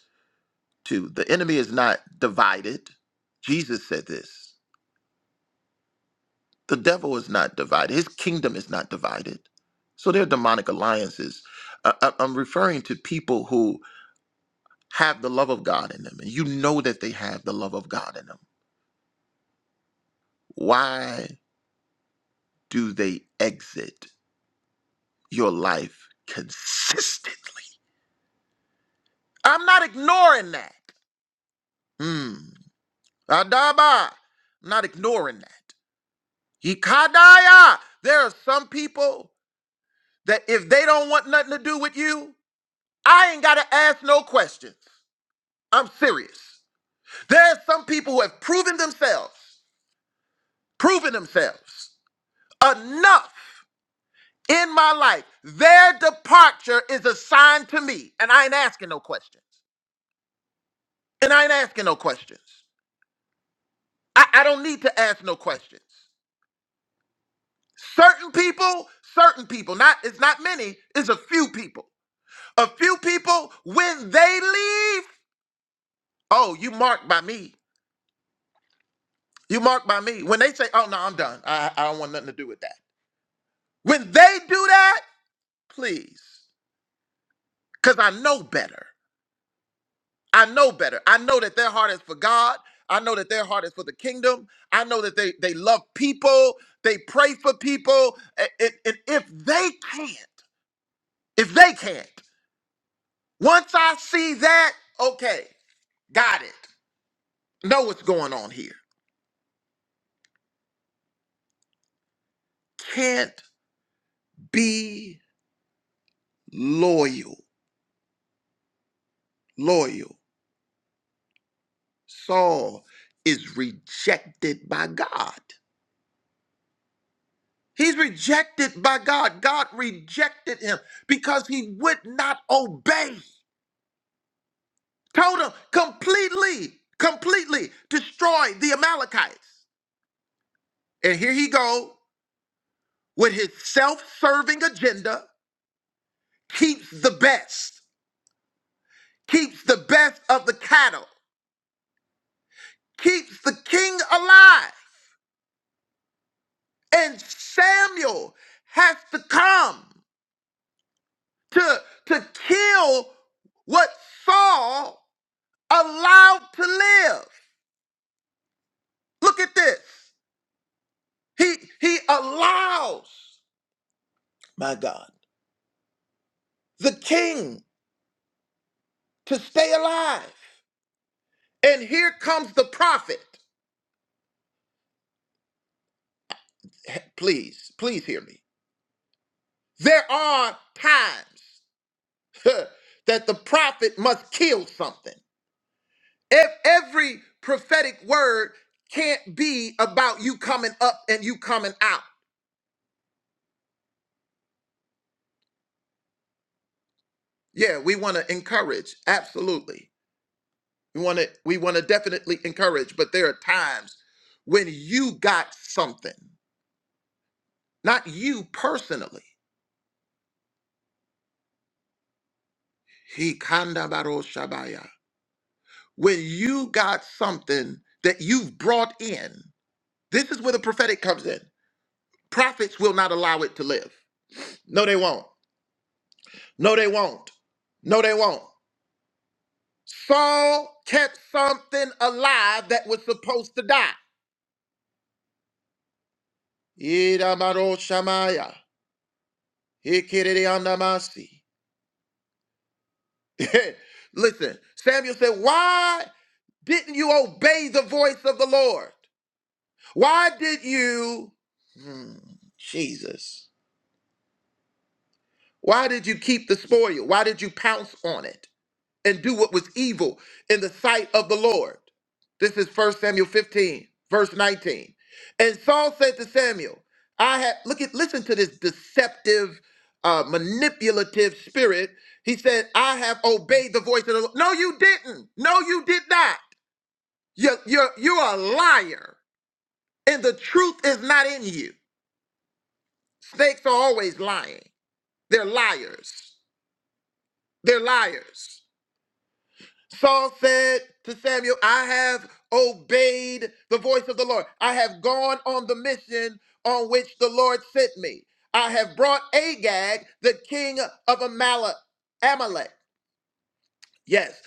S9: too. The enemy is not divided. Jesus said this. The devil is not divided, his kingdom is not divided. So there are demonic alliances. I- I- I'm referring to people who have the love of God in them, and you know that they have the love of God in them. Why do they exit your life consistently? I'm not ignoring that. Hmm. Adaba. I'm not ignoring that. Ikadaya. There are some people that if they don't want nothing to do with you, I ain't gotta ask no questions. I'm serious. There are some people who have proven themselves, proven themselves enough in my life. Their departure is a sign to me, and I ain't asking no questions. And I ain't asking no questions. I, I don't need to ask no questions. Certain people, certain people, not it's not many, it's a few people. A few people, when they leave, oh, you marked by me. You marked by me. When they say, oh no, I'm done. I, I don't want nothing to do with that. When they do that, please. Because I know better. I know better. I know that their heart is for God. I know that their heart is for the kingdom. I know that they, they love people. They pray for people. A- And, and if they can't, if they can't Once I see that, okay, got it. Know what's going on here. Can't be loyal. Loyal. Saul is rejected by God. He's rejected by God. God rejected him because he would not obey. Told him completely, completely destroy the Amalekites. And here he go with his self-serving agenda, keeps the best. keeps the best of the cattle, keeps the king alive. And Samuel has to come to, to kill what Saul allowed to live. Look at this. He he allows, my God, the king to stay alive. And here comes the prophet. Please, please hear me. There are times that the prophet must kill something. Ev- Every prophetic word can't be about you coming up and you coming out. Yeah, we want to encourage, absolutely. We want to we want to definitely encourage, but there are times when you got something, not you personally. He kanda baro shabaya. When you got something that you've brought in, this is where the prophetic comes in. Prophets will not allow it to live. No, they won't. No, they won't. No, they won't. Saul kept something alive that was supposed to die. Idamaro shamaya, ikiriandamasi. Listen, Samuel said, Why didn't you obey the voice of the Lord? Why did you, Hmm, Jesus, why did you keep the spoil? Why did you pounce on it? and do what was evil in the sight of the Lord. This is 1 Samuel 15, verse 19. And Saul said to Samuel, I have look at listen to this deceptive, uh, manipulative spirit. He said, I have obeyed the voice of the Lord. No, you didn't. No, you did not. You're, you're, you're a liar. And the truth is not in you. Snakes are always lying. They're liars. They're liars. Saul said to Samuel, I have obeyed the voice of the Lord. I have gone on the mission on which the Lord sent me. I have brought Agag, the king of Amalek. Amalek. Yes,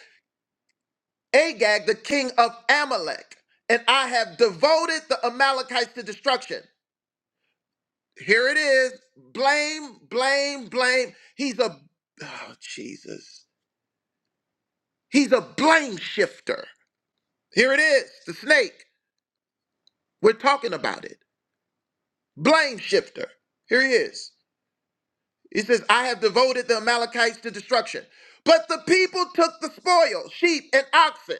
S9: Agag, the king of Amalek. And I have devoted the Amalekites to destruction. Here it is. Blame, blame, blame. He's a, oh, Jesus. He's a blame shifter. Here it is, the snake. We're talking about it. blame shifter. Here he is. He says, I have devoted the Amalekites to destruction. But the people took the spoil, sheep and oxen.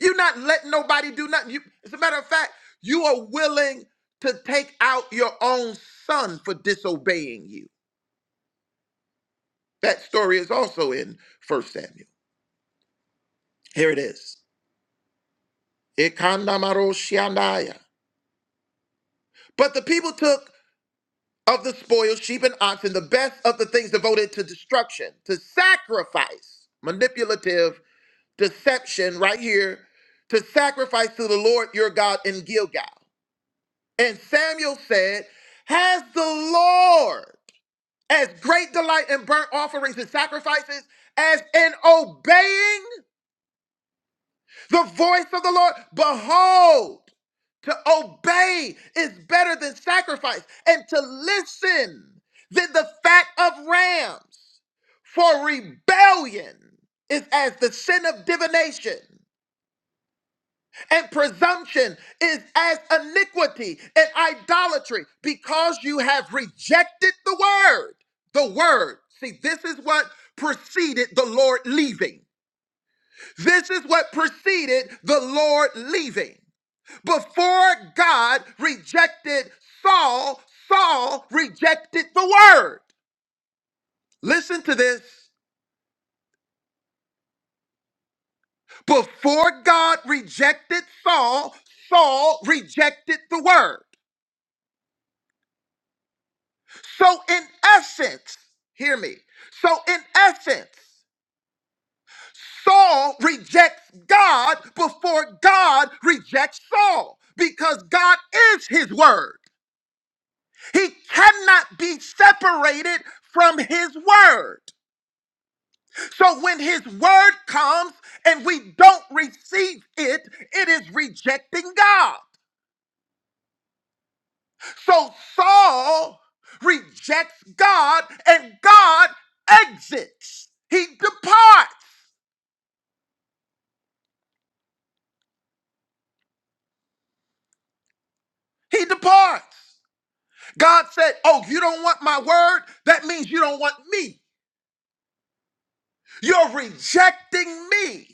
S9: You're not letting nobody do nothing. You, as a matter of fact, you are willing to take out your own son for disobeying you. That story is also in First Samuel. Here it is. Ikandamaroshianaya. But the people took of the spoil, sheep and oxen, the best of the things devoted to destruction, to sacrifice, manipulative deception right here to sacrifice to the Lord your God in Gilgal. And Samuel said, Has the Lord as great delight in burnt offerings and sacrifices as in obeying the voice of the Lord? Behold, to obey is better than sacrifice, and to listen than the fat of rams. For rebellion is as the sin of divination, And presumption is as iniquity and idolatry because you have rejected the word. The word. See, this is what preceded the Lord leaving. This is what preceded the Lord leaving. Before God rejected Saul, Saul rejected the word. Listen to this. Before God rejected Saul, Saul rejected the word. So, in essence, hear me. So, in essence, Saul rejects God before God rejects Saul because God is his word. He cannot be separated from his word. So, when his word comes and we don't receive it, it is rejecting God. So, Saul rejects God and God exits, he departs. He departs. God said, Oh, you don't want my word? That means you don't want me. You're rejecting me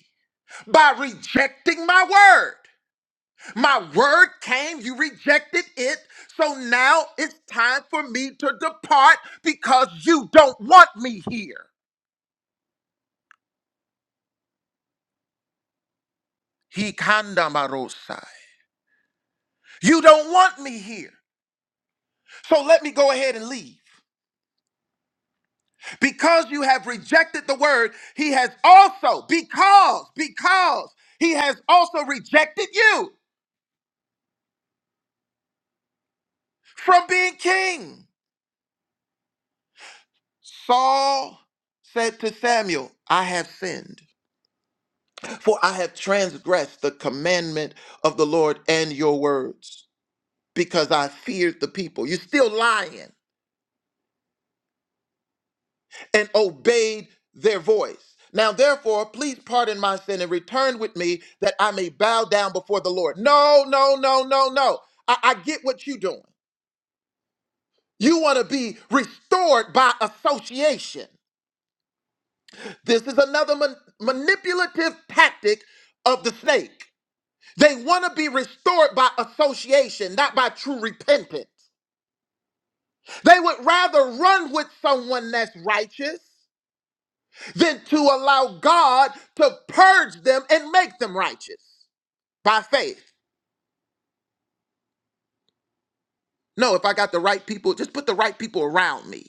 S9: by rejecting my word. My word came, you rejected it. So now it's time for me to depart because you don't want me here. He kandamarosai. You don't want me here. So let me go ahead and leave. Because you have rejected the word, he has also, because, because he has also rejected you from being king. Saul said to Samuel, I have sinned, for I have transgressed the commandment of the Lord and your words, because I feared the people. You're still lying. and obeyed their voice. Now, therefore, please pardon my sin and return with me that I may bow down before the Lord. No, no, no, no, no. I, I get what you're doing. You want to be restored by association. This is another man- manipulative tactic of the snake. They want to be restored by association, not by true repentance. They would rather run with someone that's righteous than to allow God to purge them and make them righteous by faith. No, if I got the right people, just put the right people around me.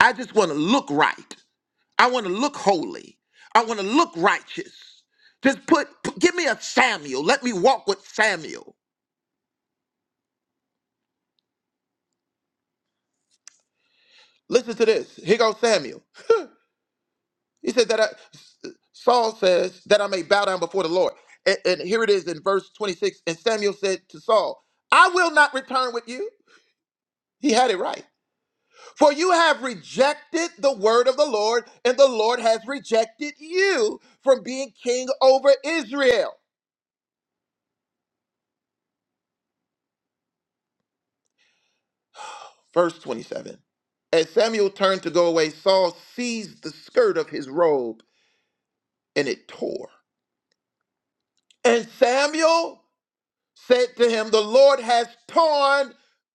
S9: I just want to look right. I want to look holy. I want to look righteous. Just put, put, give me a Samuel. Let me walk with Samuel. Listen to this. Here goes Samuel. He said that I, Saul says that I may bow down before the Lord. And, and here it is in verse 26. And Samuel said to Saul, I will not return with you. He had it right. For you have rejected the word of the Lord, and the Lord has rejected you from being king over Israel. Verse 27. As Samuel turned to go away, Saul seized the skirt of his robe and it tore. And Samuel said to him, The Lord has torn.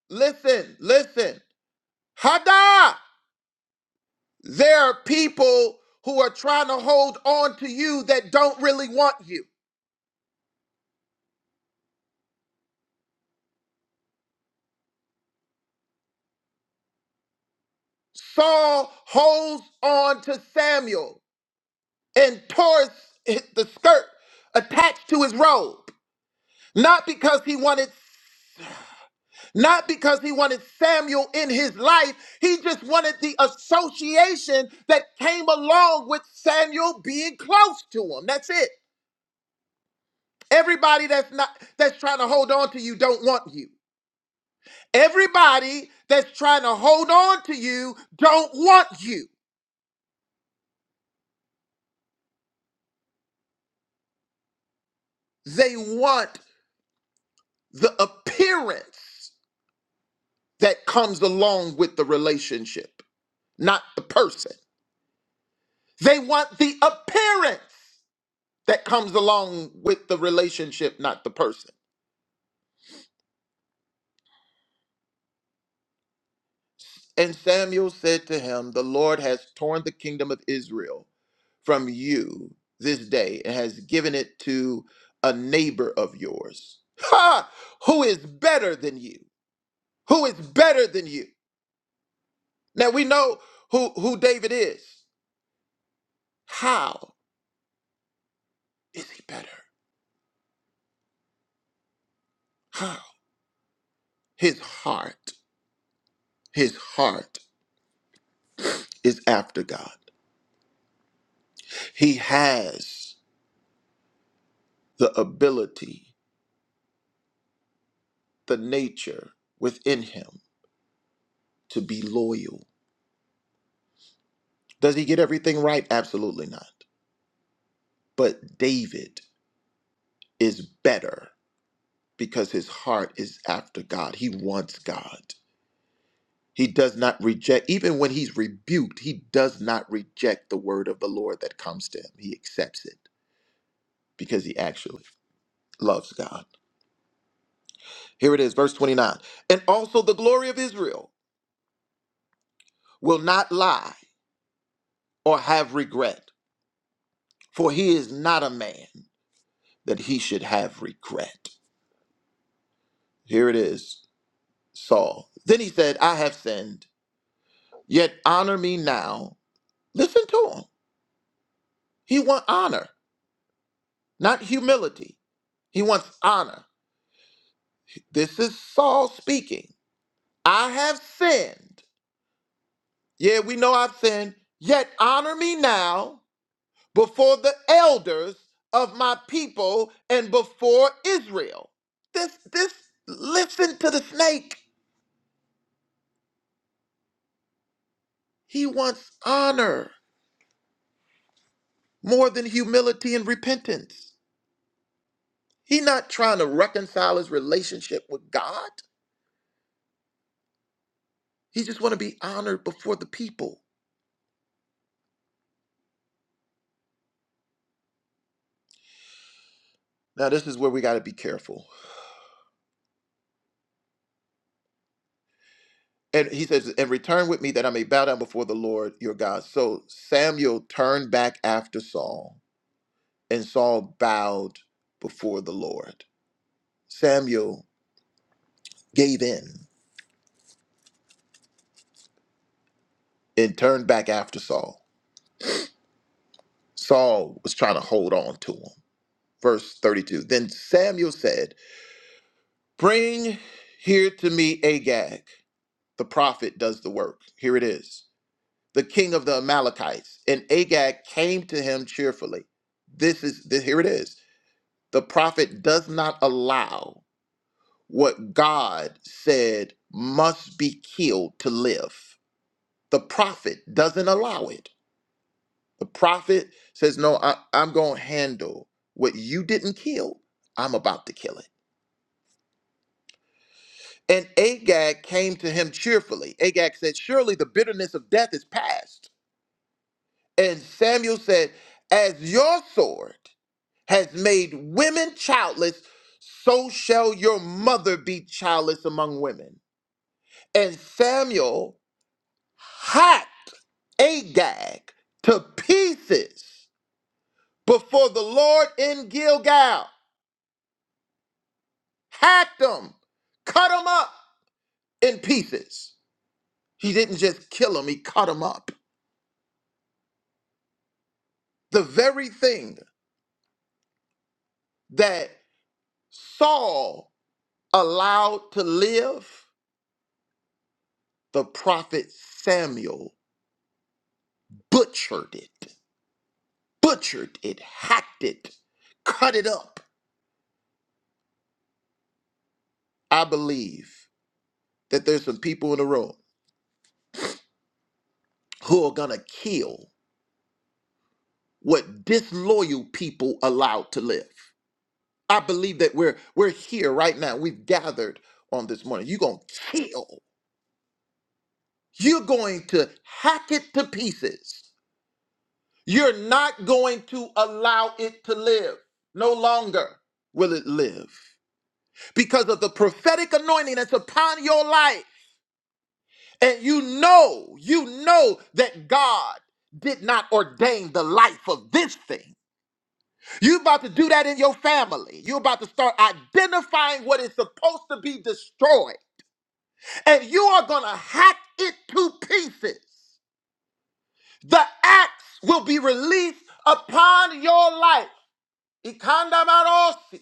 S9: Listen, listen. Hada! There are people who are trying to hold on to you that don't really want you. Saul holds on to Samuel and tore his- the skirt attached to his robe. Not because he wanted not because he wanted Samuel in his life, he just wanted the association that came along with Samuel being close to him. That's it. Everybody that's not that's trying to hold on to you don't want you. Everybody that's trying to hold on to you don't want you. They want the appearance that comes along with the relationship, not the person. They want the appearance that comes along with the relationship, not the person. And Samuel said to him, The Lord has torn the kingdom of Israel from you this day and has given it to a neighbor of yours. Ha! Who is better than you? Who is better than you? Now we know who, who David is. How is he better? How? His heart. His heart is after God. He has the ability, the nature within him to be loyal. Does he get everything right? Absolutely not. But David is better because his heart is after God. He wants God. He does not reject, even when he's rebuked, he does not reject the word of the Lord that comes to him. He accepts it because he actually loves God. Here it is, verse 29. And also the glory of Israel. will not lie or have regret, for he is not a man that he should have regret. Here it is, Saul. Then he said, I have sinned, yet honor me now. Listen to him. He wants honor, not humility. He wants honor. This is Saul speaking. I have sinned. Yeah, we know I've sinned, yet honor me now. before the elders of my people and before Israel. This this listen to the snake. He wants honor more than humility and repentance. He's not trying to reconcile his relationship with God. He just want to be honored before the people. Now this is where we got to be careful. And he says, "And return with me that I may bow down before the Lord your God." So Samuel turned back after Saul, and Saul bowed before the Lord. Samuel gave in and turned back after Saul. Saul was trying to hold on to him. Verse 32 Then Samuel said, Bring here to me Agag. The prophet does the work. Here it is the king of the Amalekites. And Agag came to him cheerfully. This is, this, here it is. The prophet does not allow what God said must be killed to live. The prophet doesn't allow it. The prophet says, No, I, I'm going to handle what you didn't kill. I'm about to kill it. And Agag came to him cheerfully. Agag said, Surely the bitterness of death is past. And Samuel said, As your sword has made women childless, so shall your mother be childless among women. And Samuel hacked Agag to pieces before the Lord in Gilgal. hacked him, cut him up in pieces. He didn't just kill him, he cut him up. The very thing that Saul allowed to live, the prophet Samuel butchered it, butchered it, hacked it, cut it up. I believe that there's some people in the room who are gonna kill what disloyal people allowed to live. I believe that we're we're here right now. We've gathered on this morning. You're gonna kill. You're going to hack it to pieces. You're not going to allow it to live. No longer will it live. Because of the prophetic anointing that's upon your life. And you know, you know that God did not ordain the life of this thing. You're about to do that in your family. You're about to start identifying what is supposed to be destroyed and you are going to hack it to pieces. The axe will be released upon your life. Ikandamarosi.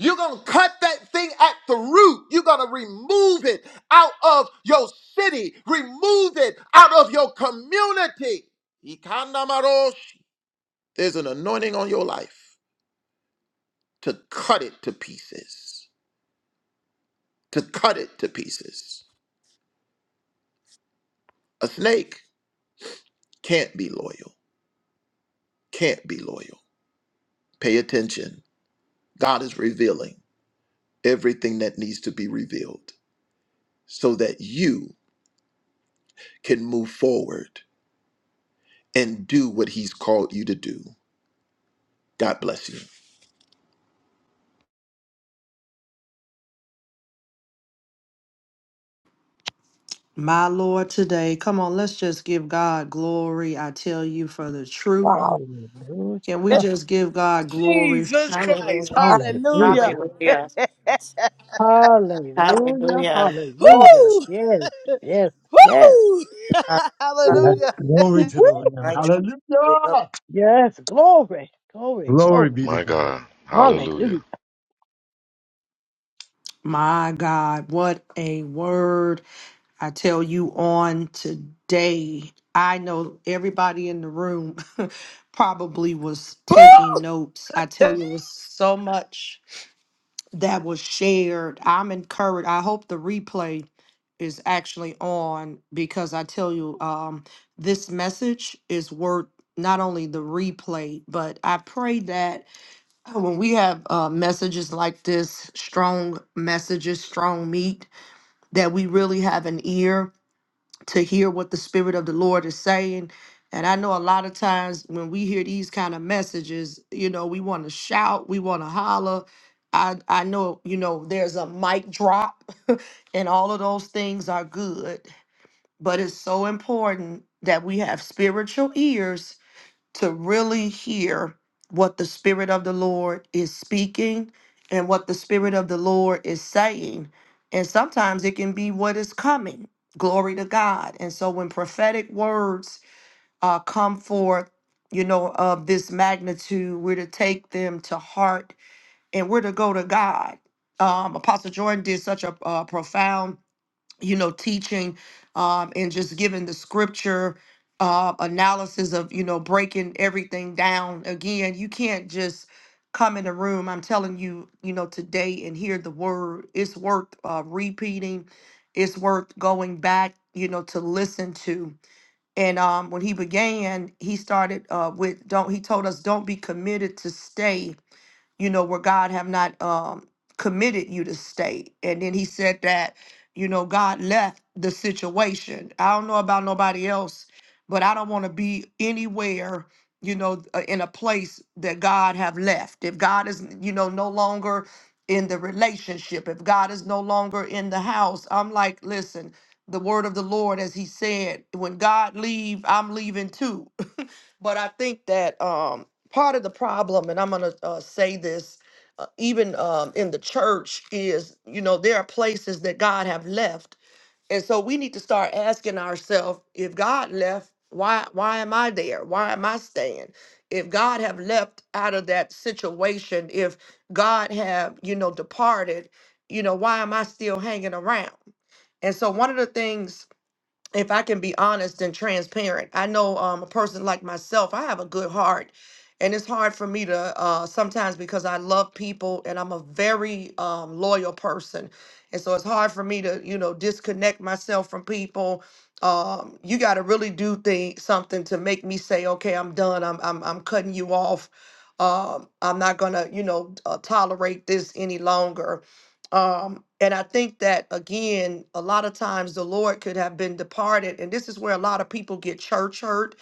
S9: You're going to cut that thing at the root. You're going to remove it out of your city, remove it out of your community. Ikandamaroshi. There's an anointing on your life to cut it to pieces, to cut it to pieces. A snake can't be loyal, can't be loyal. Pay attention God is revealing everything that needs to be revealed so that you can move forward and do what He's called you to do. God bless you.
S10: My Lord, today, come on, let's just give God glory. I tell you for the truth.
S1: Wow.
S12: Hallelujah.
S10: Can we just give God glory
S8: Jesus Christ.
S11: Hallelujah.
S1: Ah,
S8: Hallelujah!
S12: Hallelujah.
S11: Hallelujah.
S12: Hallelujah.
S11: Hallelujah.
S1: God.
S12: Hallelujah. Yes. Yes. Yes.
S2: Yes,
S8: Hallelujah!
S2: glory to the
S12: Woo-wee.
S2: Lamb.
S6: I try.
S2: Hallelujah.
S12: Yes. Glory. Glory.
S2: Glory
S12: Glory.
S2: be to
S13: My
S2: God.
S13: God. Hallelujah.
S12: Hallelujah.
S10: My God, what a word. I tell you on today. I know everybody in the room probably was taking notes. I tell you, it was so much that was shared. I'm encouraged. I hope the replay is actually on because I tell you, um, this message is worth not only the replay, but I pray that Oh, when we have uh, messages like this, strong messages, strong meat, that we really have an ear to hear what the Spirit of the Lord is saying. And I know a lot of times when we hear these kind of messages, you know, we want to shout, we want to holler. I, I know, you know, there's a mic drop, and all of those things are good. But it's so important that we have spiritual ears to really hear what the Spirit of the Lord is speaking and what the Spirit of the Lord is saying. And sometimes it can be what is coming. Glory to God. And so when prophetic words uh, come forth, you know, of this magnitude, we're to take them to heart and we're to go to God. Um, Apostle Jordan did such a, a profound you know, teaching um, and just giving the scripture uh, analysis of, you know, breaking everything down. Again, you can't just come in a room, I'm telling you, you know, today and hear the word. It's worth uh, repeating, it's worth going back, you know, to listen to. And um, when he began, he started uh, with don't, he told us, don't be committed to stay you know, where God have not um, committed you to stay. And then he said that, you know, God left the situation. I don't know about nobody else, but I don't want to be anywhere, you know, uh, in a place that God have left. If God is, you know, no longer in the relationship, if God is no longer in the house, I'm like, listen, the word of the Lord, as he said, when God leave, I'm leaving too. But I think that um, part of the problem, and I'm going to uh, say this, uh, even um, in the church, is you know there are places that God have left, and so we need to start asking ourselves: If God left, why why am I there? Why am I staying? If God have left out of that situation, if God have you know departed, you know why am I still hanging around? And so one of the things if I can be honest and transparent, I know um, a person like myself, I have a good heart. And it's hard for me to uh, sometimes because I love people and I'm a very um, loyal person. And so it's hard for me to, you know, disconnect myself from people. Um, you got to really do thing, something to make me say, okay, I'm done. I'm, I'm, I'm cutting you off. Um, I'm not going to, you know, uh, tolerate this any longer. Um, and I think that again, a lot of times the Lord could have been departed, and this is where a lot of people get church hurt.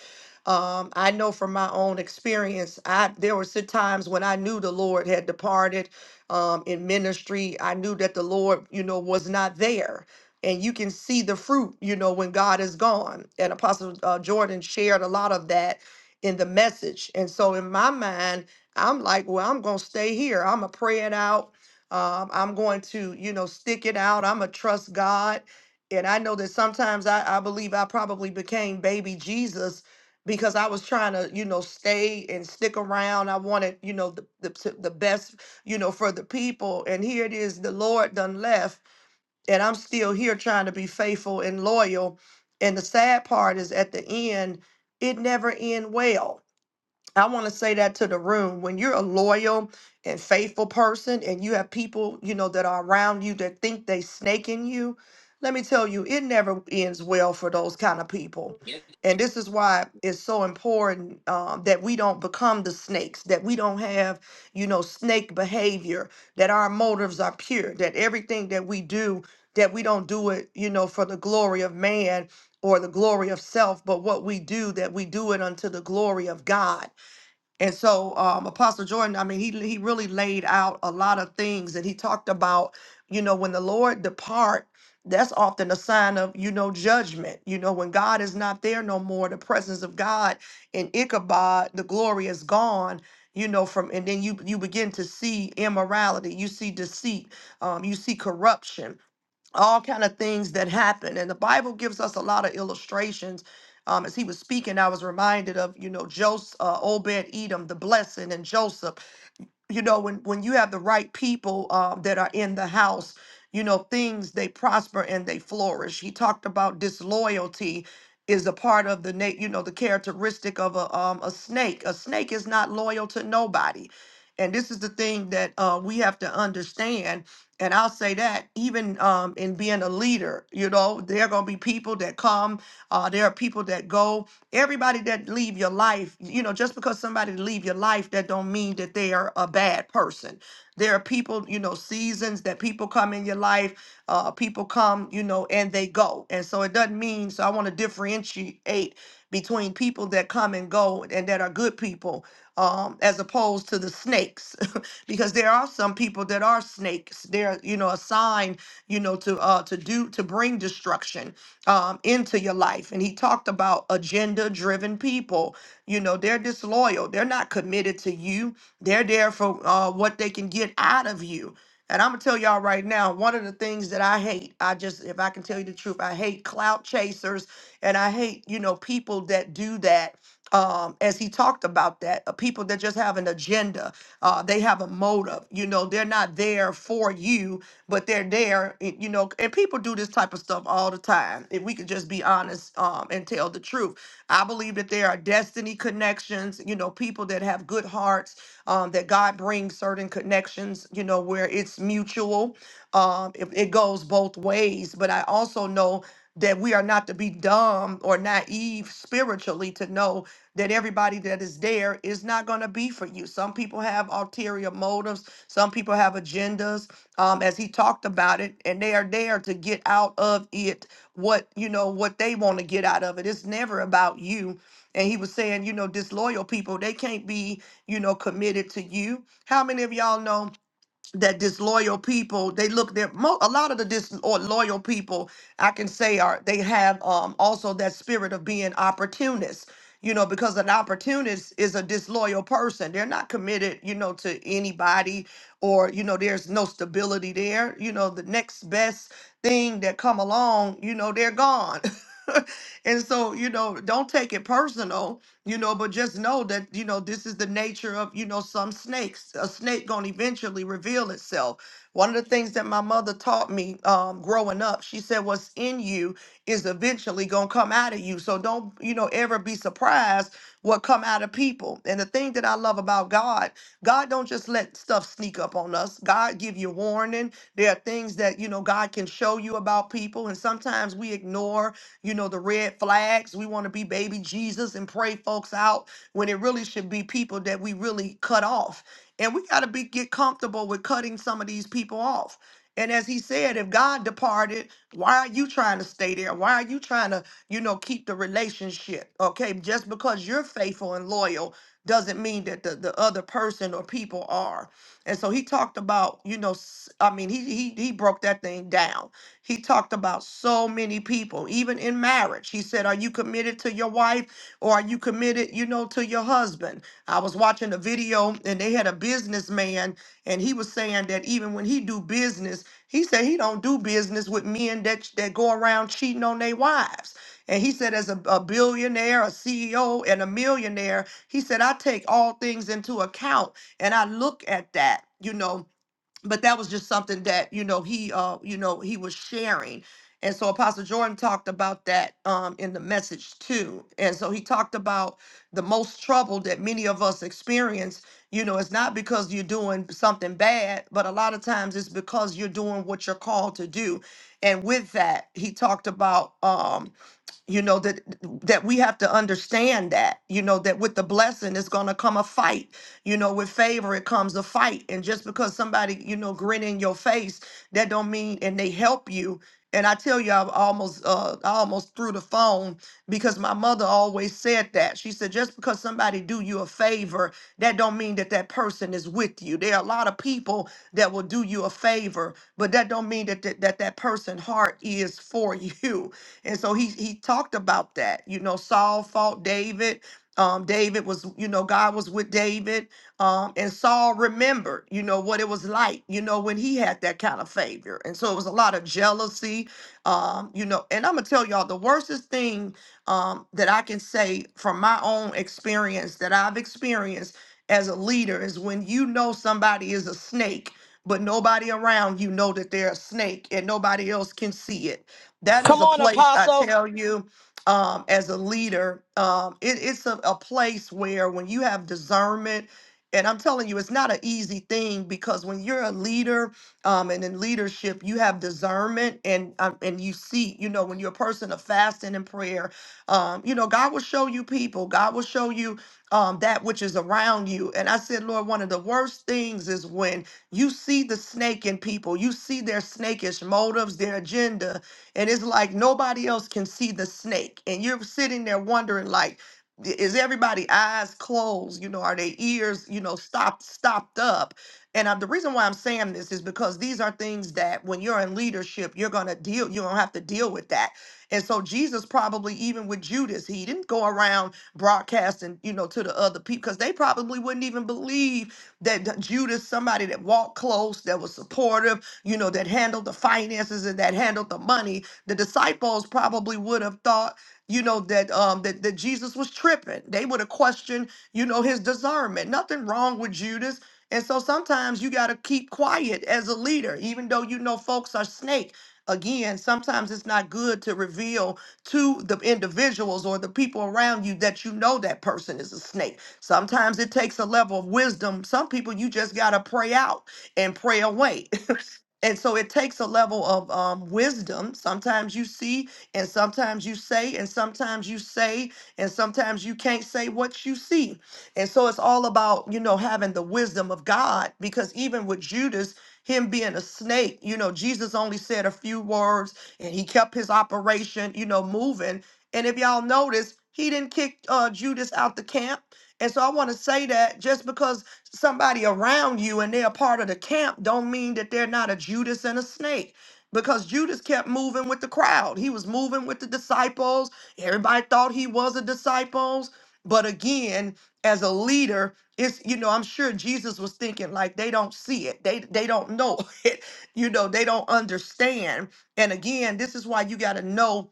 S10: Um, I know from my own experience, I there were some times when I knew the Lord had departed um, in ministry. I knew that the Lord, you know, was not there. And you can see the fruit, you know, when God is gone. And Apostle uh, Jordan shared a lot of that in the message. And so in my mind, I'm like, well, I'm going to stay here. I'm going to pray it out. Um, I'm going to, you know, stick it out. I'm going to trust God. And I know that sometimes I, I believe I probably became baby Jesus because I was trying to, you know, stay and stick around. I wanted, you know, the, the, to- the best, you know, for the people. And here it is, the Lord done left. And I'm still here trying to be faithful and loyal. And the sad part is at the end, it never end well I want to say that to the room. When you're a loyal and faithful person and you have people, you know, that are around you that think they snaking you, let me tell you, it never ends well for those kind of people.
S14: Yeah,
S10: And this is why it's so important um, that we don't become the snakes, that we don't have, you know, snake behavior, that our motives are pure, that everything that we do, that we don't do it, you know, for the glory of man or the glory of self, but what we do, that we do it unto the glory of God and so, um, Apostle Jordan, I mean, he he really laid out a lot of things, and he talked about, you know, when the Lord depart, that's often a sign of, you know, judgment. You know, when God is not there no more, the presence of God in Ichabod, the glory is gone. You know, from and then you you begin to see immorality, you see deceit, um, you see corruption all kind of things that happen and the bible gives us a lot of illustrations um, as he was speaking i was reminded of you know joseph uh, obed edom the blessing and joseph you know when when you have the right people um, that are in the house you know things they prosper and they flourish he talked about disloyalty is a part of the na- you know the characteristic of a um, a snake a snake is not loyal to nobody and this is the thing that uh, we have to understand and i'll say that even um, in being a leader you know there are going to be people that come uh, there are people that go Everybody that leave your life, you know, just because somebody leave your life, that don't mean that they are a bad person. There are people, you know, seasons that people come in your life, uh, people come, you know, and they go. And so it doesn't mean, so I want to differentiate between people that come and go and that are good people um, as opposed to the snakes, because there are some people that are snakes. They're, you know, a sign, you know, to uh, to do to bring destruction um, into your life. And he talked about agenda driven people. You know, they're disloyal, they're not committed to you, they're there for uh, what they can get out of you. And I'm gonna tell y'all right now, one of the things that I hate, I just, if I can tell you the truth, I hate clout chasers and I hate, you know, people that do that. Um, as he talked about that, uh, people that just have an agenda, uh, they have a motive, you know, they're not there for you, but they're there, y- you know, and people do this type of stuff all the time. If we could just be honest um, and tell the truth, I believe that there are destiny connections, you know, people that have good hearts, um, that God brings certain connections, you know, where it's mutual. Um, it, it goes both ways. But I also know that we are not to be dumb or naive spiritually to know that everybody that is there is not going to be for you. Some people have ulterior motives, some people have agendas um, as he talked about it, and they are there to get out of it what you know what they want to get out of it. It's never about you. And he was saying, you know, disloyal people, they can't be, you know, committed to you. How many of y'all know? that disloyal people they look their mo- a lot of the disloyal people i can say are they have um also that spirit of being opportunists you know because an opportunist is a disloyal person they're not committed you know to anybody or you know there's no stability there you know the next best thing that come along you know they're gone and so you know don't take it personal you know but just know that you know this is the nature of you know some snakes a snake gonna eventually reveal itself one of the things that my mother taught me um, growing up she said what's in you is eventually gonna come out of you so don't you know ever be surprised what come out of people and the thing that i love about god god don't just let stuff sneak up on us god give you warning there are things that you know god can show you about people and sometimes we ignore you know, the red flags. We want to be baby Jesus and pray folks out when it really should be people that we really cut off. And we got to be get comfortable with cutting some of these people off. And as he said, if God departed, why are you trying to stay there? Why are you trying to, you know, keep the relationship? Okay, just because you're faithful and loyal doesn't mean that the, the other person or people are. And so he talked about, you know, s- I mean, he he he broke that thing down he talked about so many people, even in marriage. He said, Are you committed to your wife or are you committed, you know, to your husband? I was watching a video and they had a businessman and he was saying that even when he do business, he said he don't do business with men that that go around cheating on their wives. And he said, as a, a billionaire, a CEO, and a millionaire, he said, I take all things into account and I look at that, you know but that was just something that you know he uh you know he was sharing and so apostle jordan talked about that um in the message too and so he talked about the most trouble that many of us experience you know it's not because you're doing something bad but a lot of times it's because you're doing what you're called to do and with that he talked about um you know that that we have to understand that you know that with the blessing is going to come a fight you know with favor it comes a fight and just because somebody you know grin in your face that don't mean and they help you and i tell you i almost uh i almost threw the phone because my mother always said that she said just because somebody do you a favor that don't mean that that person is with you there are a lot of people that will do you a favor but that don't mean that that, that, that person heart is for you and so he he talked about that. You know, Saul fought David. Um, David was, you know, God was with David. Um, and Saul remembered, you know, what it was like, you know, when he had that kind of favor. And so it was a lot of jealousy. Um, you know, and I'm gonna tell y'all the worstest thing um that I can say from my own experience that I've experienced as a leader is when you know somebody is a snake but nobody around you know that they're a snake and nobody else can see it that
S8: Come
S10: is a
S8: on,
S10: place I
S8: Apostle.
S10: tell you, um, as a leader, um, it, it's a, a place where when you have discernment, and I'm telling you, it's not an easy thing because when you're a leader um, and in leadership, you have discernment and um, and you see, you know, when you're a person of fasting and prayer, um, you know, God will show you people. God will show you um, that which is around you. And I said, Lord, one of the worst things is when you see the snake in people, you see their snakish motives, their agenda, and it's like nobody else can see the snake and you're sitting there wondering like i- is everybody eyes closed you know are their ears you know stopped stopped up and i the reason why i'm saying this is because these are things that when you're in leadership you're going to deal you're going to have to deal with that and so jesus probably even with judas he didn't go around broadcasting you know to the other people because they probably wouldn't even believe that d- judas somebody that walked close that was supportive you know that handled the finances and that handled the money the disciples probably would have thought, you know, that um that, that Jesus was tripping. They would have questioned, you know, his discernment. Nothing wrong with Judas. And so sometimes you got to keep quiet as a leader, even though you know folks are snake. Again, sometimes it's not good to reveal to the individuals or the people around you that you know that person is a snake. Sometimes it takes a level of wisdom. Some people you just got to pray out and pray away. And so it takes a level of um, wisdom. Sometimes you see, and sometimes you say, and sometimes you say, and sometimes you can't say what you see. And so it's all about, you know, having the wisdom of God, because even with Judas, him being a snake, you know, Jesus only said a few words and he kept his operation, you know, moving. And if y'all notice, he didn't kick uh, Judas out the camp. And so I want to say that just because somebody around you and they're a part of the camp don't mean that they're not a Judas and a snake. Because Judas kept moving with the crowd. He was moving with the disciples. Everybody thought he was a disciples. But again, as a leader, it's you know, I'm sure Jesus was thinking like they don't see it. They they don't know it. You know, they don't understand. And again, this is why you got to know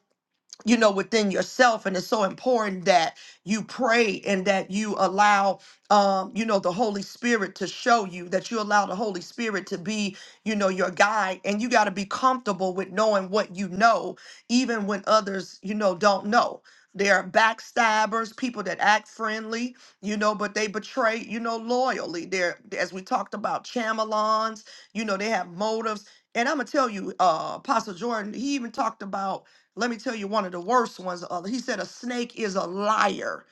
S10: you know within yourself and it's so important that you pray and that you allow um you know the holy spirit to show you that you allow the holy spirit to be you know your guide and you got to be comfortable with knowing what you know even when others you know don't know there are backstabbers people that act friendly you know but they betray you know loyally They're as we talked about chamalons you know they have motives and i'm gonna tell you uh apostle jordan he even talked about let me tell you one of the worst ones. uh, He said, A snake is a liar.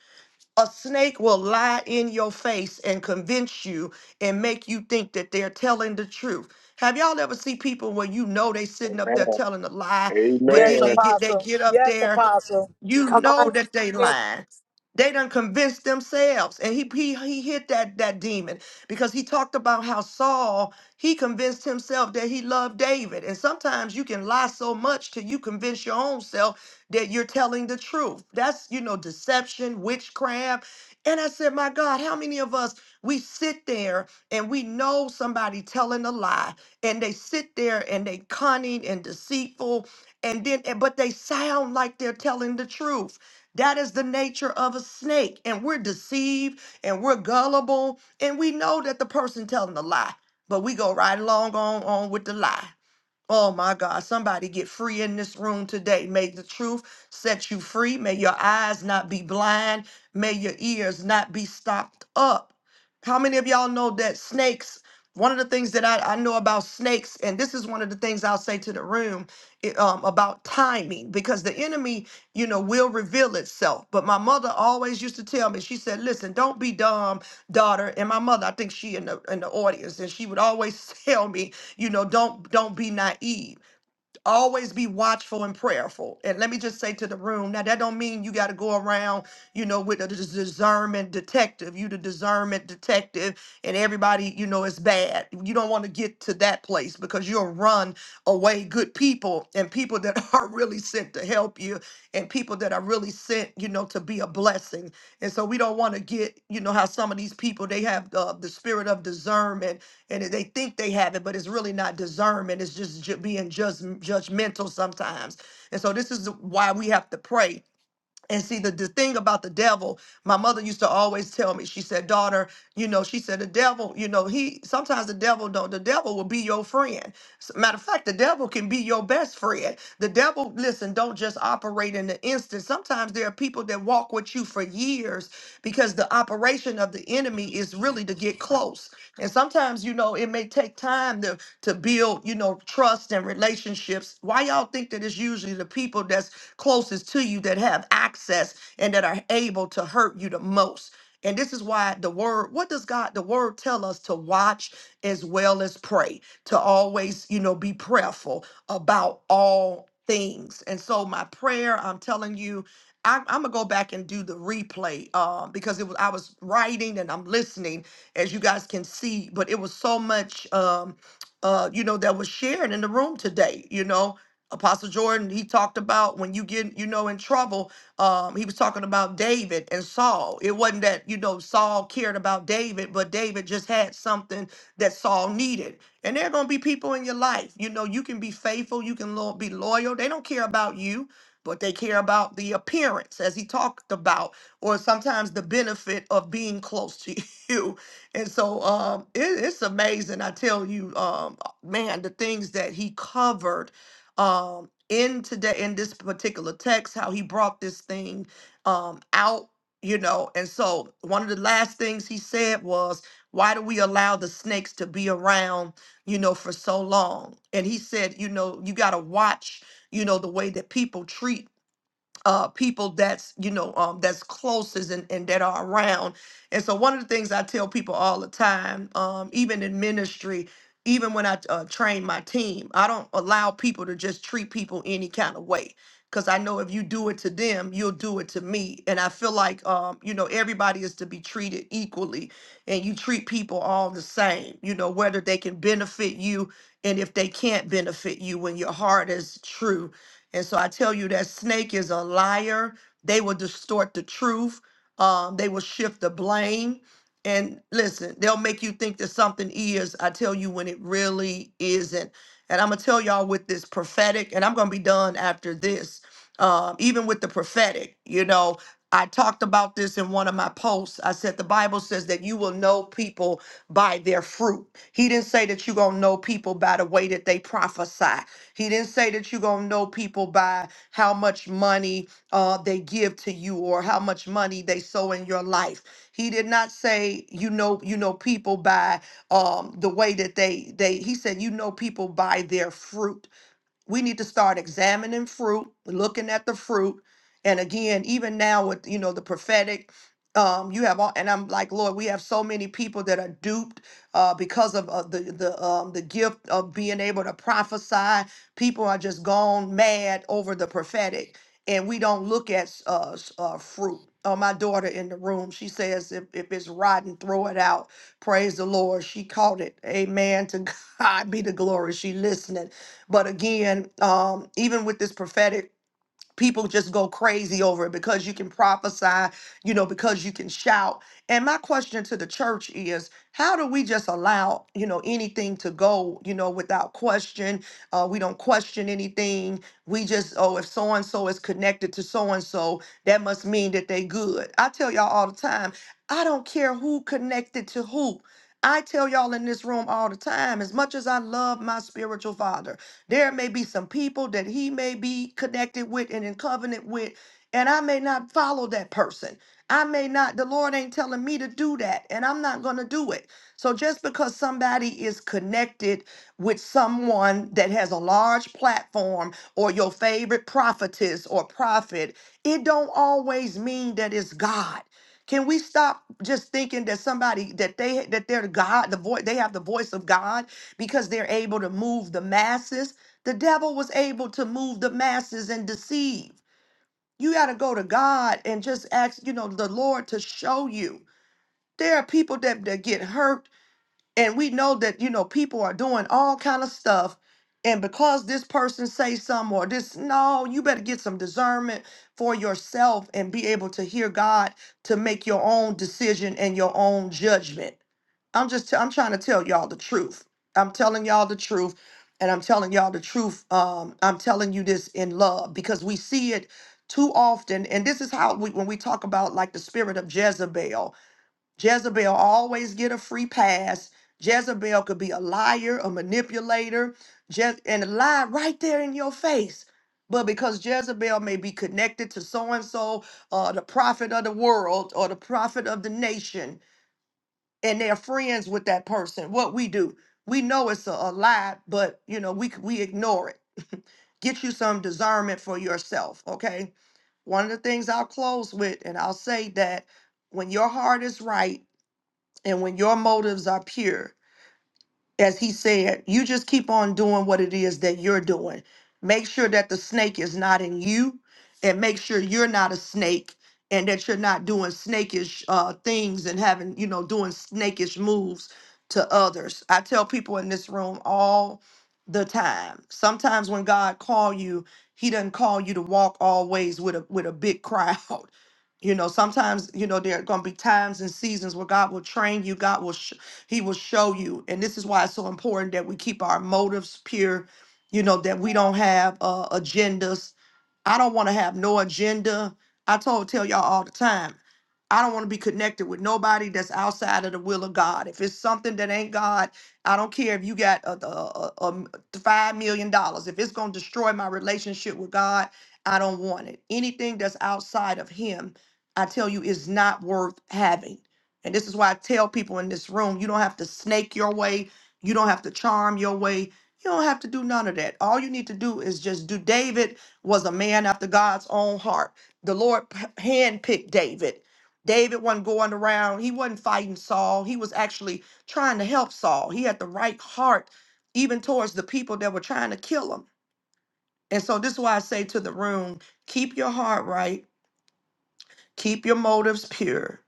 S10: A snake will lie in your face and convince you and make you think that they're telling the truth. Have y'all ever see people where you know they sitting up there
S15: Amen.
S10: telling a lie, but then
S15: Amen.
S10: they get they get up there you
S1: Come
S10: know
S1: on.
S10: that they
S1: Spirit.
S10: lying. They done convinced themselves. And he he he hit that that demon because he talked about how Saul, he convinced himself that he loved David. And sometimes you can lie so much till you convince your own self that you're telling the truth. That's, you know, deception, witchcraft. And I said, my God, how many of us we sit there and we know somebody telling a lie and they sit there and they cunning and deceitful and then and- but they sound like they're telling the truth that is the nature of a snake and we're deceived and we're gullible and we know that the person telling the lie but we go right along on on with the lie Oh my God, somebody get free in this room today. May the truth set you free. May your eyes not be blind. May your ears not be stopped up. How many of y'all know that snakes? One of the things that I, I know about snakes, and this is one of the things I'll say to the room it, um, about timing, because the enemy, you know, will reveal itself. But my mother always used to tell me, she said, "Listen, don't be dumb, daughter." And my mother, I think she in the in the audience, and she would always tell me, you know don't don't be naive always be watchful and prayerful and let me just say to the room now that don't mean you got to go around you know with a dis- discernment detective you the discernment detective and everybody you know is bad you don't want to get to that place because you'll run away good people and people that are really sent to help you and people that are really sent you know to be a blessing and so we don't want to get you know how some of these people they have uh, the spirit of discernment and they think they have it, but it's really not discernment. It's just ju- being just judgmental sometimes. And so this is why we have to pray and see, the, the thing about the devil, my mother used to always tell me, she said, daughter, you know, she said, the devil, you know, he sometimes the devil don't, the devil will be your friend. S- Matter of fact, the devil can be your best friend. The devil, listen, don't just operate in the instant. Sometimes there are people that walk with you for years because the operation of the enemy is really to get close. And sometimes, you know, it may take time to, to build, you know, trust and relationships. Why y'all think that it's usually the people that's closest to you that have access and that are able to hurt you the most. And this is why the word, what does God, the word tell us to watch as well as pray, to always, you know, be prayerful about all things. And so my prayer, I'm telling you, I'm, I'm gonna go back and do the replay um, because it was I was writing and I'm listening, as you guys can see, but it was so much um, uh, you know, that was shared in the room today, you know Apostle Jordan, he talked about when you get, you know, in trouble, um, he was talking about David and Saul. It wasn't that, you know, Saul cared about David, but David just had something that Saul needed. And there are going to be people in your life, you know, you can be faithful, you can lo- be loyal. They don't care about you, but they care about the appearance, as he talked about, or sometimes the benefit of being close to you. And so um, it, it's amazing, I tell you, um, man, the things that he covered um in today in this particular text how he brought this thing um out you know and so one of the last things he said was why do we allow the snakes to be around you know for so long and he said you know you got to watch you know the way that people treat uh people that's you know um that's closest and, and that are around and so one of the things i tell people all the time um even in ministry even when i uh, train my team i don't allow people to just treat people any kind of way because i know if you do it to them you'll do it to me and i feel like um you know everybody is to be treated equally and you treat people all the same you know whether they can benefit you and if they can't benefit you when your heart is true and so I tell you that snake is a liar. They will distort the truth. Um, they will shift the blame. And listen, they'll make you think that something is, I tell you, when it really isn't. And I'm going to tell y'all with this prophetic, and I'm going to be done after this. Um, even with the prophetic, you know, I talked about this in one of my posts. I said the Bible says that you will know people by their fruit. He didn't say that you're going to know people by the way that they prophesy. He didn't say that you're going to know people by how much money uh, they give to you or how much money they sow in your life. He did not say you know you know people by um, the way that they they. He said you know people by their fruit we need to start examining fruit, looking at the fruit. And again, even now with you know the prophetic, um, you have all, and I'm like, Lord, we have so many people that are duped uh, because of uh, the the um, the gift of being able to prophesy. People are just gone mad over the prophetic, and we don't look at s- uh, s- uh, fruit. Uh, my daughter in the room, she says, if, if it's rotten, throw it out. Praise the Lord. She caught it. Amen. To God be the glory. She listening but again, um, even with this prophetic, people just go crazy over it because you can prophesy, you know, because you can shout. And my question to the church is, how do we just allow, you know, anything to go, you know, without question? Uh, we don't question anything. We just, oh, if so and so is connected to so and so, that must mean that they good. I tell y'all all the time, I don't care who connected to who. I tell y'all in this room all the time, as much as I love my spiritual father. There may be some people that he may be connected with and in covenant with, and I may not follow that person. I may not, the Lord ain't telling me to do that, and I'm not going to do it. So just because somebody is connected with someone that has a large platform or your favorite prophetess or prophet, it don't always mean that it's God. Can we stop just thinking that somebody that they that they're God, the voice they have the voice of God because they're able to move the masses? The devil was able to move the masses and deceive. You got to go to God and just ask, you know, the Lord to show you. There are people that, that get hurt and we know that you know people are doing all kind of stuff and because this person say something or this no you better get some discernment for yourself and be able to hear god to make your own decision and your own judgment i'm just t- i'm trying to tell y'all the truth i'm telling y'all the truth and i'm telling y'all the truth um i'm telling you this in love because we see it too often and this is how we when we talk about like the spirit of jezebel Jezebel always get a free pass. Jezebel could be a liar, a manipulator, Je- and lie right there in your face. But because Jezebel may be connected to so and so, uh, the prophet of the world or the prophet of the nation, and they're friends with that person, what we do, we know it's a, a lie, but you know we c- we ignore it. Get you some discernment for yourself, okay? One of the things I'll close with, and I'll say that when your heart is right and when your motives are pure, as he said, you just keep on doing what it is that you're doing. Make sure that the snake is not in you, and make sure you're not a snake, and that you're not doing snakish uh, things and having, you know, doing snakish moves to others. I tell people in this room all the time. Sometimes when God call you, He doesn't call you to walk always with a with a big crowd. You know, sometimes you know there are going to be times and seasons where God will train you. God will show. He will show you. And this is why it's so important that we keep our motives pure, you know, that we don't have uh, agendas. I don't want to have no agenda. I told tell y'all all the time. I don't want to be connected with nobody that's outside of the will of God. If it's something that ain't God, I don't care if you got a a m- five million dollars. If it's gonna destroy my relationship with God, I don't want it. Anything that's outside of Him, I tell you, is not worth having. And this is why I tell people in this room: you don't have to snake your way, you don't have to charm your way, you don't have to do none of that. All you need to do is just do. David was a man after God's own heart. The Lord p- handpicked David David wasn't going around. He wasn't fighting Saul. He was actually trying to help Saul. He had the right heart, even towards the people that were trying to kill him. And so this is why I say to the room, keep your heart right, keep your motives pure.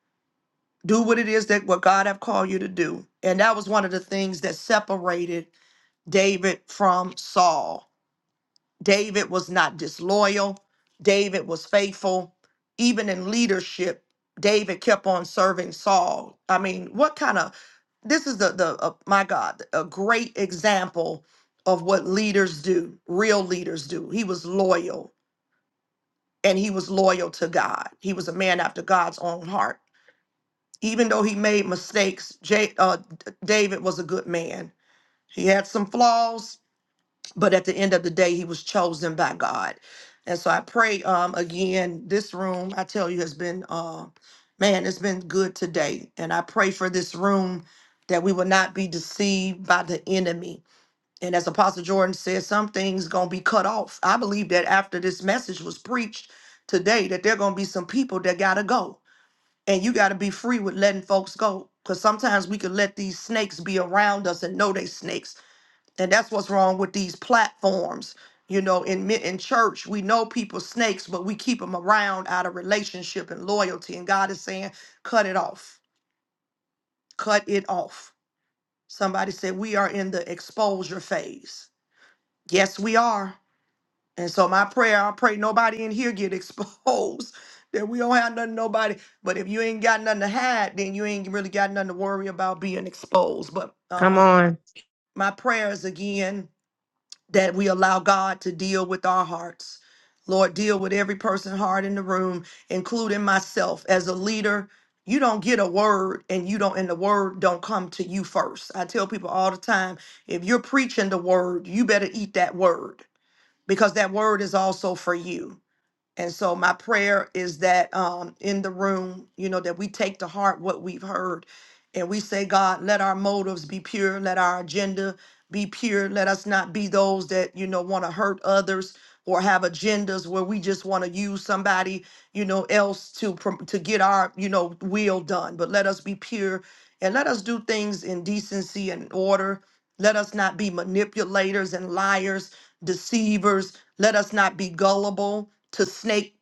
S10: Do what it is that what God have called you to do. And that was one of the things that separated David from Saul. David was not disloyal. David was faithful. Even in leadership, David kept on serving Saul. I mean, what kind of this is the the uh, my God, a great example of what leaders do, real leaders do. He was loyal and he was loyal to God. He was a man after God's own heart. Even though he made mistakes, J, uh, D- David was a good man. He had some flaws, but at the end of the day he was chosen by god and so i pray um again this room i tell you has been uh man it's been good today and i pray for this room that we will not be deceived by the enemy and as apostle jordan said some things gonna be cut off i believe that after this message was preached today that there gonna be some people that gotta go and you gotta be free with letting folks go because sometimes we can let these snakes be around us and know they snakes and that's what's wrong with these platforms you know in mi- in church we know people snakes but we keep them around out of relationship and loyalty and god is saying cut it off cut it off somebody said we are in the exposure phase yes we are and so my prayer i pray nobody in here get exposed that we don't have nothing nobody but if you ain't got nothing to hide then you ain't really got nothing to worry about being exposed but um my prayers again that we allow God to deal with our hearts. Lord, deal with every person heart in the room, including myself as a leader. You don't get a word and you don't and the word don't come to you first. I tell people all the time, if you're preaching the word, you better eat that word because that word is also for you. And so my prayer is that um, in the room, you know, that we take to heart what we've heard and we say, God, let our motives be pure, let our agenda be pure. Let us not be those that, you know, want to hurt others or have agendas where we just want to use somebody, you know, else to prom- to get our, you know, will done. But let us be pure and let us do things in decency and order. Let us not be manipulators and liars, deceivers. Let us not be gullible to snake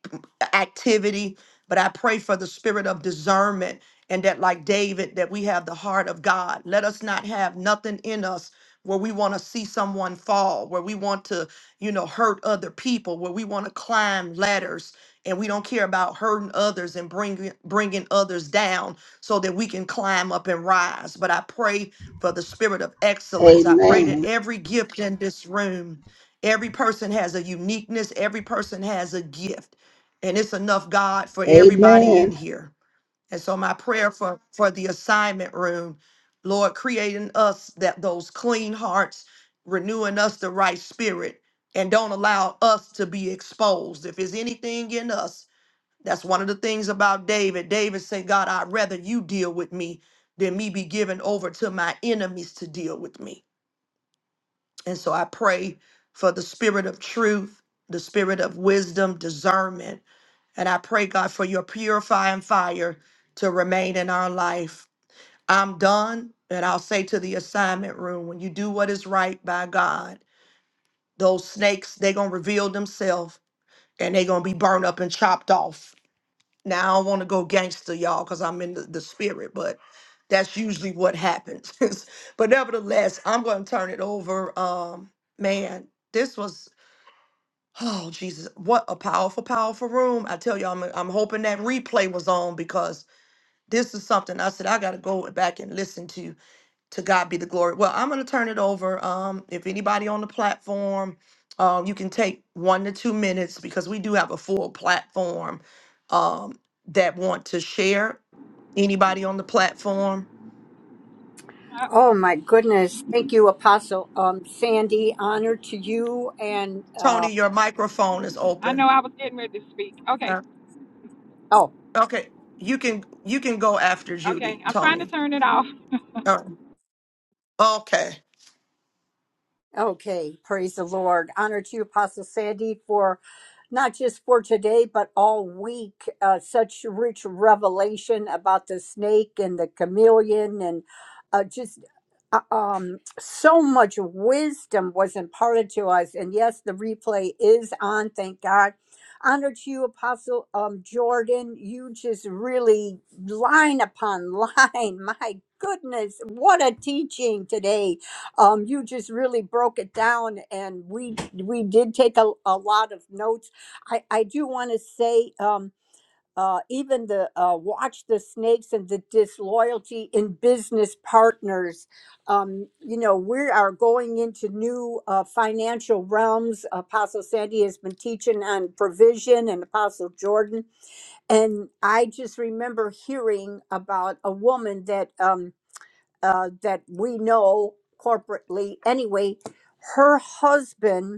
S10: activity, but I pray for the spirit of discernment and that, like David, that we have the heart of God. Let us not have nothing in us where we want to see someone fall, where we want to, you know, hurt other people, where we want to climb ladders and we don't care about hurting others and bringing bringing others down so that we can climb up and rise. But I pray for the spirit of excellence. I pray that
S16: Amen.
S10: every gift in this room Every person has a uniqueness, every person has a gift. And it's enough, God, for everybody in
S16: Amen.
S10: here. And so my prayer for, for the assignment room, Lord, creating us that those clean hearts, renewing us the right spirit, and don't allow us to be exposed. If there's anything in us, that's one of the things about David. David said, God, I'd rather you deal with me than me be given over to my enemies to deal with me. And so I pray for the spirit of truth, the spirit of wisdom, discernment. And I pray, God, for your purifying fire to remain in our life. I'm done. And I'll say to the assignment room when you do what is right by God, those snakes, they're going to reveal themselves and they're going to be burned up and chopped off. Now, I don't want to go gangster, y'all, because I'm in the, the spirit, but that's usually what happens. but nevertheless, I'm going to turn it over. Um, man, this was. Oh, Jesus. What a powerful, powerful room. I tell you, I'm, I'm hoping that replay was on because this is something I said I got to go back and listen to. To God be the glory. Well, I'm going to turn it over. Um, if anybody on the platform, um, you can take one to two minutes because we do have a full platform um, that want to share. Anybody on the platform?
S3: I,
S1: Oh my goodness. Thank you, Apostle um, Sandy. Honor to you and uh,
S10: Tony, your microphone is
S3: I
S10: open.
S3: know I was getting ready to speak. Okay,
S10: Uh,
S1: oh,
S10: Okay, you can you can go after
S3: okay.
S10: Judy,
S3: I'm trying to
S10: Tony.
S3: turn it off.
S10: Um, okay.
S1: okay. Praise the Lord. Honor to you, Apostle Sandy, for not just for today, but all week. Uh, such rich revelation about the snake and the chameleon, and uh, just uh, um, so much wisdom was imparted to us. And yes, the replay is on. Thank God. Honor to you, Apostle um, Jordan. You just really line upon line. My goodness, what a teaching today! Um, you just really broke it down, and we we did take a, a lot of notes I, I do want to say, um, uh, even the uh, watch the snakes and the disloyalty in business partners. Um, you know, we are going into new uh, financial realms. Apostle Sandy has been teaching on provision and Apostle Jordan. And I just remember hearing about a woman that, um, uh, that we know corporately anyway, her husband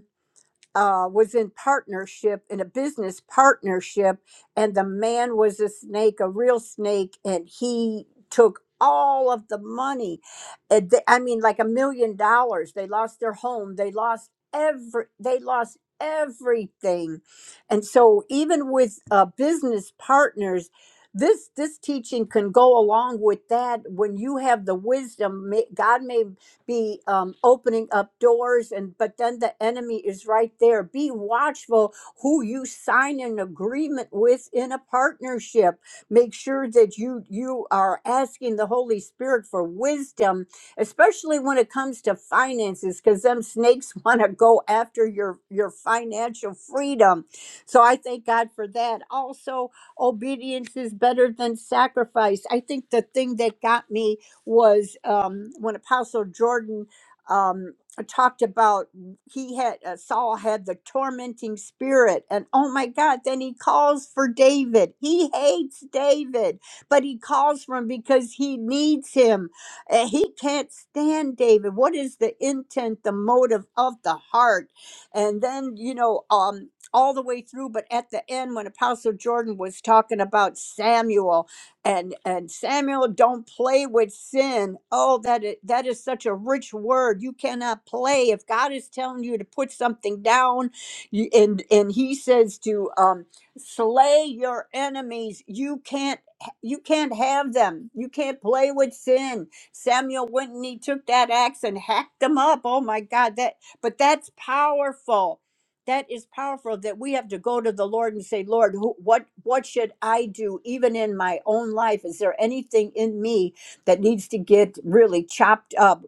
S1: uh, was in partnership in a business partnership and the man was a snake a real snake and he took all of the money And th- i mean like a million dollars they lost their home they lost every they lost everything and so even with uh, business partners this this teaching can go along with that when you have the wisdom May- god may be um, opening up doors and but then the enemy is right there be watchful who you sign an agreement with in a partnership make sure that you you are asking the holy spirit for wisdom especially when it comes to finances because them snakes want to go after your your financial freedom so i thank god for that also obedience is better than sacrifice i think the thing that got me was um, when Apostle Jordan um, talked about he had uh, Saul had the tormenting spirit, and oh my God, then he calls for David. He hates David, but he calls for him because he needs him. Uh, he can't stand David. What is the intent, the motive of the heart? And then you know, um, all the way through, but at the end when Apostle Jordan was talking about Samuel and and Samuel don't play with sin. Oh, that is, that is such a rich word. You cannot play if God is telling you to put something down, you, and and He says to um, slay your enemies. You can't you can't have them. You can't play with sin. Samuel went and he took that axe and hacked them up. Oh my God, that but that's powerful that is powerful that we have to go to the lord and say lord who, what what should i do even in my own life is there anything in me that needs to get really chopped up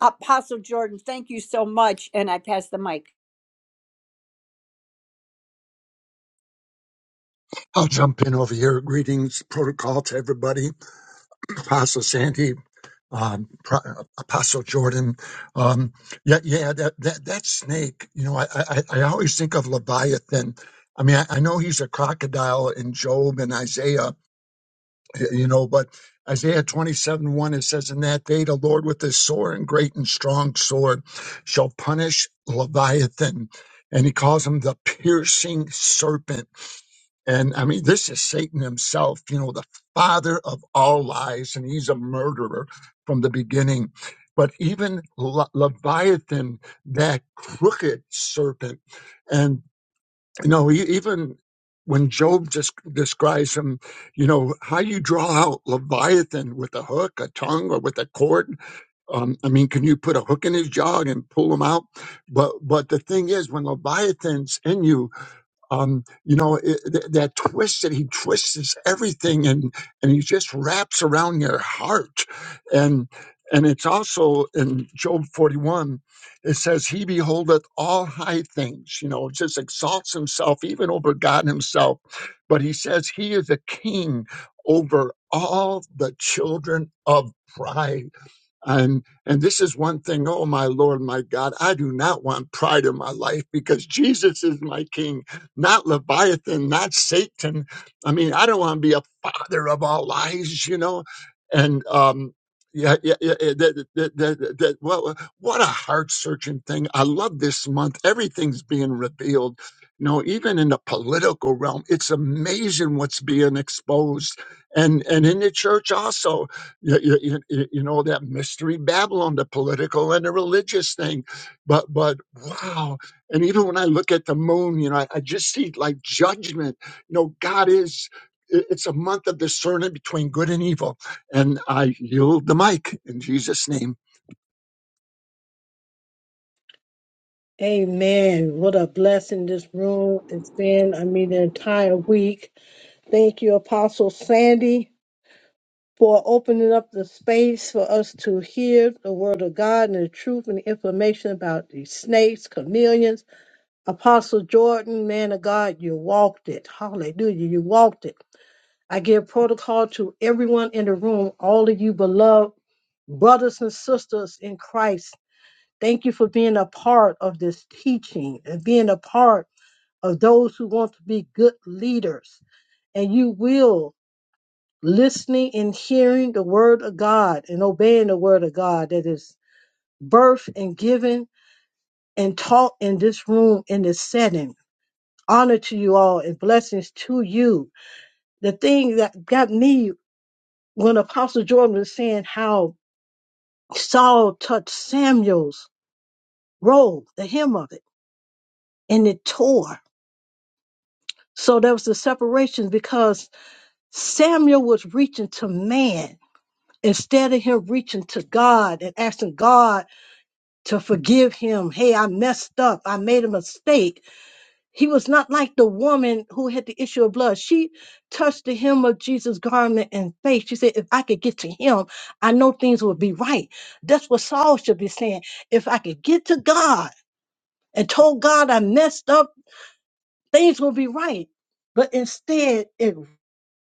S1: apostle jordan thank you so much and i pass the mic
S2: I'll jump in over here. Greetings, protocol to everybody. Apostle Sandy. um, Pro- uh, Apostle Jordan. Um, yeah, yeah, that, that that snake. You know, I, I I always think of Leviathan. I mean, I, I know he's a crocodile in Job and Isaiah. You know, but Isaiah twenty seven one it says, "In that day, the Lord with his sore and great and strong sword shall punish Leviathan." And he calls him the piercing serpent and I mean, this is Satan himself, you know, the father of all lies, and he's a murderer from the beginning. But even Le- Leviathan, that crooked serpent, and you know, e- even when Job just describes him, you know, how you draw out Leviathan with a hook, a tongue, or with a cord. Um, I mean, can you put a hook in his jaw and pull him out? But but the thing is, when Leviathan's in you, um, you know it, th- that twist that he twists everything and and he just wraps around your heart and and it's also in job 41 it says he beholdeth all high things you know just exalts himself even over god himself but he says he is a king over all the children of pride and and this is one thing, oh my Lord, my God, I do not want pride in my life because Jesus is my king, not Leviathan, not Satan. I mean, I don't want to be a father of all lies, you know. And um yeah, yeah, yeah, yeah, that, that, that, that, that- what, what a heart searching thing. I love this month. Everything's being revealed. You know, even in the political realm, it's amazing what's being exposed. And and in the church also you, you, you you- know that mystery babylon the political and the religious thing but but wow and even when i look at the moon you know i, I just see like judgment you know god is i- it's a month of discerning between good and evil and i yield the mic in jesus name
S12: Amen. What a blessing this room has been. I mean, the entire week. Thank you, Apostle Sandy, for opening up the space for us to hear the word of God and the truth and the information about these snakes, chameleons. Apostle Jordan, man of God, you walked it. Hallelujah. You walked it. I give protocol to everyone in the room, all of you beloved brothers and sisters in Christ. Thank you for being a part of this teaching and being a part of those who want to be good leaders. And you will listening and hearing the word of God and obeying the word of God that is birthed and given and taught in this room in this setting. honor to you all and blessings to you. The thing that got me when Apostle Jordan was saying how Saul touched Samuel's robe, the hem of it, and it tore. So there was the separation because Samuel was reaching to man instead of him reaching to God and asking God to forgive him. Hey, I messed up. I made a mistake He was not like the woman who had the issue of blood. She touched the hem of Jesus' garment and faith. She said, If I could get to him, I know things would be right. That's what Saul should be saying. If I could get to God and told God I messed up, things will be right. But instead, it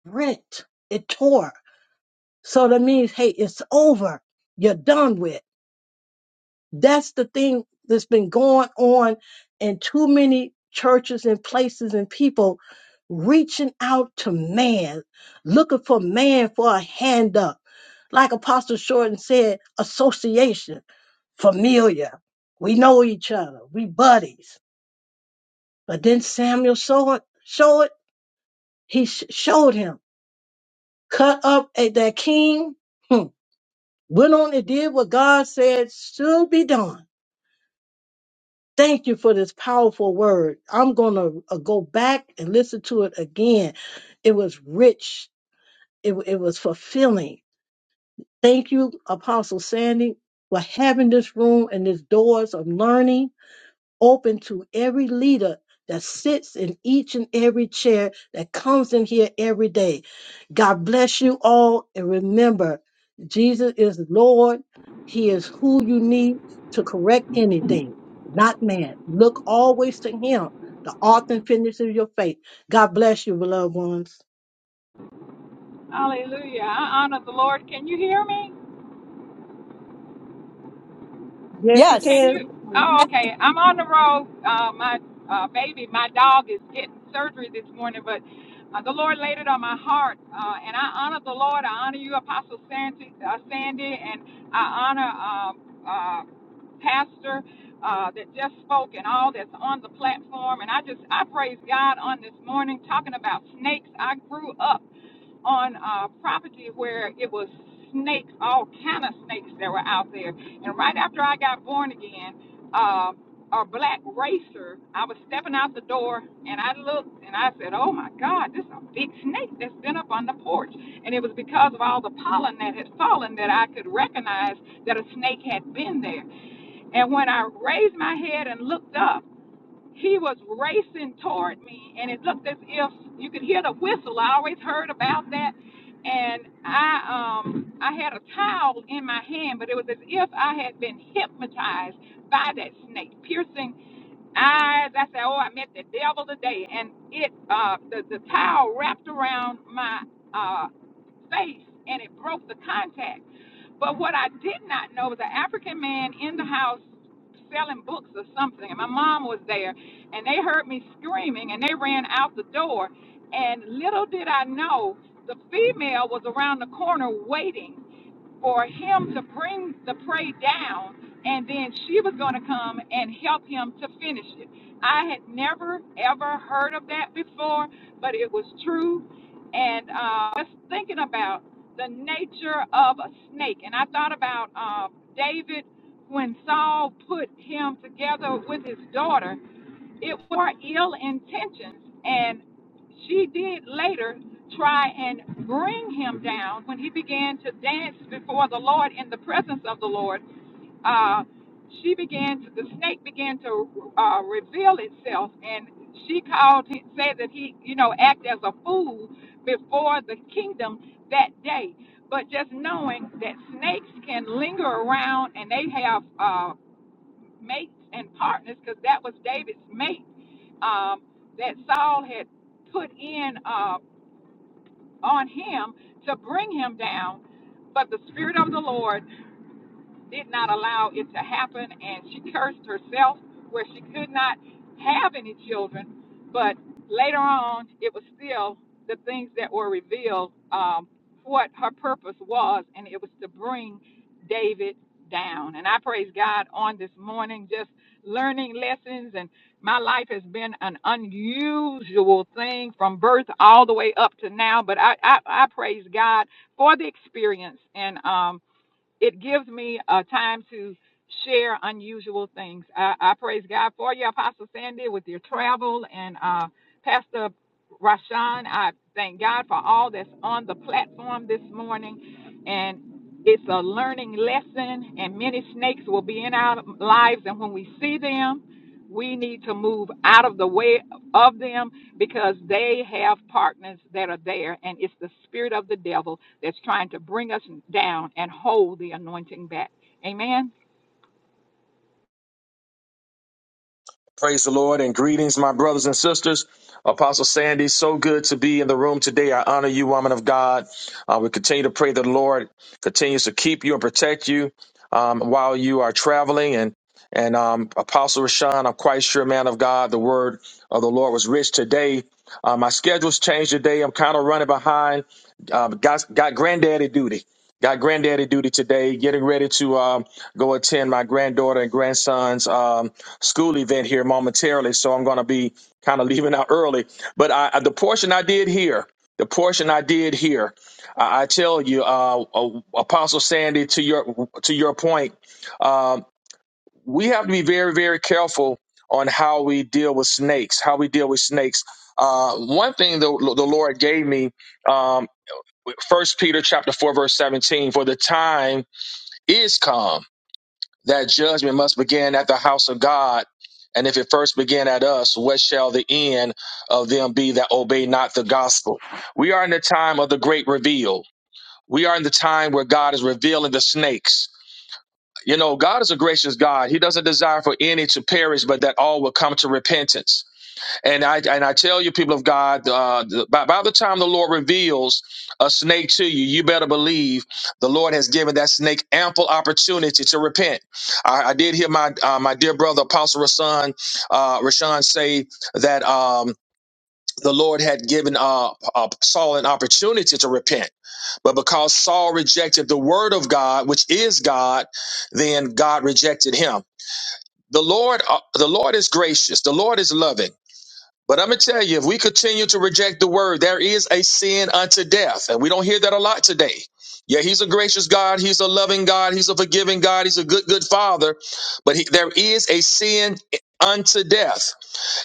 S12: rent, it tore. So that means, hey, it's over. You're done with. That's the thing that's been going on in too many churches and places and people reaching out to man, looking for man for a hand up. Like Apostle Shorten said, association, familiar. We know each other. We buddies. But then Samuel saw it, show it. He sh- showed him, cut up at that king, hmm, went on and did what God said should be done Thank you for this powerful word. I'm going to uh, go back and listen to it again. It was rich, it, wa- it was fulfilling. Thank you, Apostle Sandy, for having this room and these doors of learning open to every leader that sits in each and every chair that comes in here every day. God bless you all. And remember, Jesus is Lord. He is who you need to correct anything, not man. Look always to Him, the author and finisher of your faith. God bless you, beloved ones.
S3: Hallelujah. I honor the Lord. Can you hear me?
S12: Yes, you
S3: Can
S1: yes
S12: can.
S3: you? Oh, okay. I'm on the road. Uh, my uh, baby, my dog is getting surgery this morning, but uh, the Lord laid it on my heart. Uh, and I honor the Lord. I honor you, Apostle Sandy, uh, Sandy and I honor. Um, uh, pastor uh, that just spoke and all that's on the platform. And I just, I praise God on this morning talking about snakes. I grew up on uh, property where it was snakes, all kind of snakes that were out there. And right after I got born again, uh, a black racer, I was stepping out the door and I looked and I said, Oh my God, this is a big snake that's been up on the porch. And it was because of all the pollen that had fallen that I could recognize that a snake had been there. And when I raised my head and looked up, he was racing toward me, and it looked as if you could hear the whistle. I always heard about that, and I um I had a towel in my hand, but it was as if I had been hypnotized by that snake, piercing eyes. I said, "Oh, I met the devil today," and it uh, the the towel wrapped around my uh, face and it broke the contact. But what I did not know was an African man in the house selling books or something, and my mom was there, and they heard me screaming and they ran out the door, and little did I know the female was around the corner waiting for him to bring the prey down, and then she was going to come and help him to finish it. I had never ever heard of that before, but it was true. And uh, I was thinking about the nature of a snake, and I thought about uh, David when Saul put him together with his daughter it were ill intentions and she did later try and bring him down when he began to dance before the lord in the presence of the lord uh, she began to, the snake began to uh, reveal itself and she called him said that he you know act as a fool before the kingdom that day but just knowing that snakes can linger around and they have uh, mates and partners because that was david's mate um, that Saul had put in uh, on him to bring him down. But the Spirit of the Lord did not allow it to happen, and she cursed herself where she could not have any children. But later on, it was still the things that were revealed um, what her purpose was, and it was to bring David down. And I praise God on this morning, just learning lessons. And my life has been an unusual thing from birth all the way up to now. But I, I, I praise God for the experience. And um, it gives me a time to share unusual things. I, I praise God for you, Apostle Sandy, with your travel and uh, Pastor Rashawn. I thank God for all that's on the platform this morning. and. It's a learning lesson, and many snakes will be in our lives. And when we see them, we need to move out of the way of them because they have partners that are there, and it's the spirit of the devil that's trying to bring us down and hold the anointing back. Amen.
S15: Praise the Lord and greetings, my brothers and sisters. Apostle Sandy, so good to be in the room today. I honor you, woman of God. Uh, we continue to pray that the Lord continues to keep you and protect you um, while you are traveling. And and um, Apostle Rashawn, I'm quite sure, man of God, the word of the Lord was rich today. Uh, my schedule's changed today. I'm kind of running behind. Uh, got got granddaddy duty. Got granddaddy duty today. Getting ready to um, go attend my granddaughter and grandson's. um, school event here momentarily, so I'm going to be kind of leaving out early. But I, the portion I did here, the portion I did here, I, I tell you, uh, uh, Apostle Sandy, to your to your point, um, we have to be very very careful on how we deal with snakes, how we deal with snakes. Uh, one thing the, the Lord gave me, um, First Peter chapter four verse seventeen, for the time is come that judgment must begin at the house of God. And if it first begin at us, what shall the end of them be that obey not the gospel? We are in the time of the great reveal. We are in the time where God is revealing the snakes. You know, God is a gracious God. He doesn't desire for any to perish, but that all will come to repentance. And I and I tell you, people of God, uh, by, by the time the Lord reveals a snake to you, you better believe the Lord has given that snake ample opportunity to repent. I, I did hear my uh, my dear brother Apostle Rashan uh, Rashan say that. Um, the Lord had given uh, uh, Saul an opportunity to repent, but because Saul rejected the word of God, which is God, then God rejected him. The Lord, uh, the Lord is gracious. The Lord is loving. But I'm going to tell you, if we continue to reject the word, there is a sin unto death. And we don't hear that a lot today. Yeah, he's a gracious God. He's a loving God. He's a forgiving God. He's a good, good father. But he, there is a sin unto death.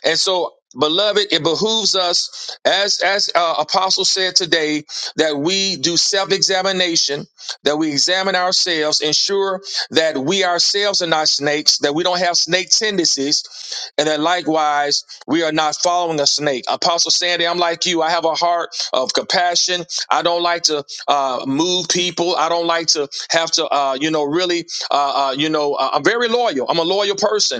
S15: And so, beloved, it behooves us, as as uh, Apostle said today, that we do self examination, that we examine ourselves, ensure that we ourselves are not snakes, that we don't have snake tendencies, and that likewise we are not following a snake. Apostle Sandy, I'm like you. I have a heart of compassion. I don't like to uh, move people. I don't like to have to, uh, you know, really, uh, uh, you know, uh, I'm very loyal. I'm a loyal person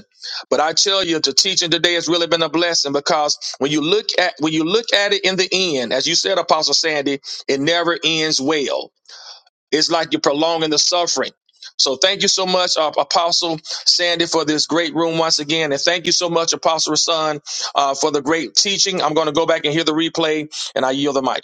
S15: but I tell you, the teaching today has really been a blessing because when you look at when you look at it in the end, as you said, Apostle Sandy, it never ends well. It's like you're prolonging the suffering. So thank you so much, uh, Apostle Sandy, for this great room once again, and thank you so much, Apostle Son, uh, for the great teaching. I'm going to go back and hear the replay, and I yield the mic.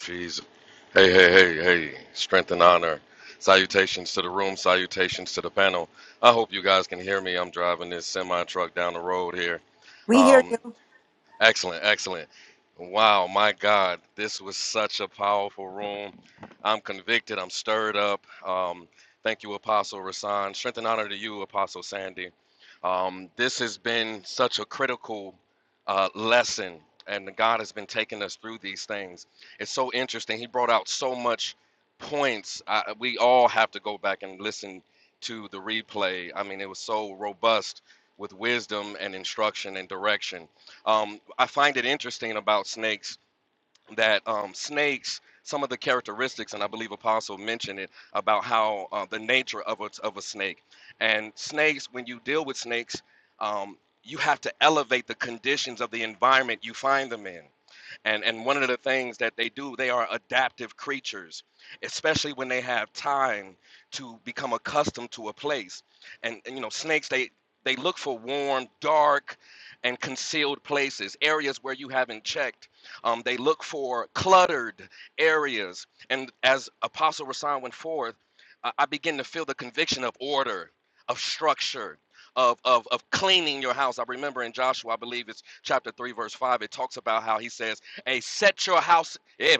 S13: Jesus. Hey, hey, hey, hey. Strength and honor. Salutations to the room, salutations to the panel. I hope you guys can hear me. I'm driving this semi truck down the road here.
S1: we hear
S13: Um.
S1: you
S13: Excellent, excellent. Wow, my God, this was such a powerful room. I'm convicted. I'm stirred up. Um, thank you, Apostle Rasan. Strength and honor to you, Apostle Sandy. Um, this has been such a critical uh, lesson, and God has been taking us through these things. It's so interesting. He brought out so much points. I, we all have to go back and listen to the replay. I mean, it was so robust with wisdom and instruction and direction um, I find it interesting about snakes that um, snakes, some of the characteristics, and I believe Apostle mentioned it about how uh, the nature of a, of a snake. And snakes, when you deal with snakes, um, you have to elevate the conditions of the environment you find them in. And and one of the things that they do, they are adaptive creatures, especially when they have time to become accustomed to a place. And, and you know, snakes they they look for warm, dark, and concealed places, areas where you haven't checked. Um, they look for cluttered areas. And as Apostle Rasan went forth, I, I begin to feel the conviction of order, of structure, of, of, of cleaning your house. I remember in Joshua, I believe it's chapter 3, verse 5, it talks about how he says, Hey, set your house. eh,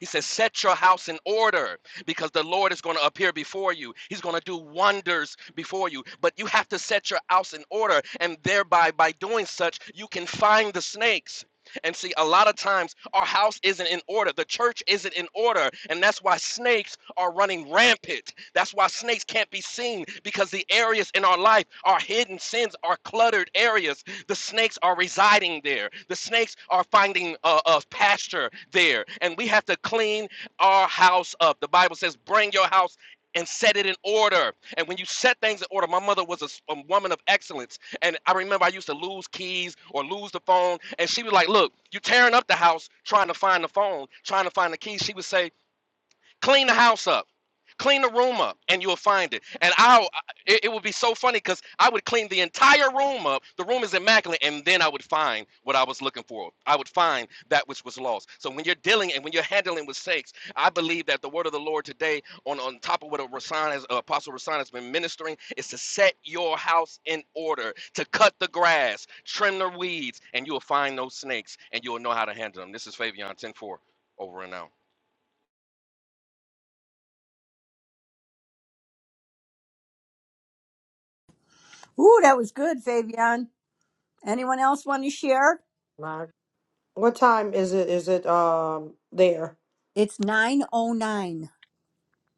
S13: He says, Set your house in order because the Lord is going to appear before you. He's going to do wonders before you. But you have to set your house in order. And thereby, by doing such, you can find the snakes. And see, a lot of times our house isn't in order. The church isn't in order. And that's why snakes are running rampant. That's why snakes can't be seen because the areas in our life, our hidden sins, are cluttered areas the snakes are residing there. The snakes are finding uh, uh, pasture there. And we have to clean our house up. The Bible says, bring your house and set it in order. And when you set things in order, my mother was a a woman of excellence. And I remember I used to lose keys or lose the phone. And she was like, Look, you are tearing up the house trying to find the phone, trying to find the keys. She would say, Clean the house up. Clean the room up, and you'll find it. And I'll, it, it would be so funny because I would clean the entire room up. The room is immaculate, and then I would find what I was looking for. I would find that which was lost. So when you're dealing and when you're handling with sakes, I believe that the word of the Lord today, on on top of what Rasan has, uh, Apostle Rasan has been ministering, is to set your house in order, to cut the grass, trim the weeds, and you'll find those snakes, and you'll know how to handle them. This is Fabian Ten Four over and out.
S1: ooh that was good fabian anyone else want to share
S10: What time is it? Is it um there?
S1: it's 909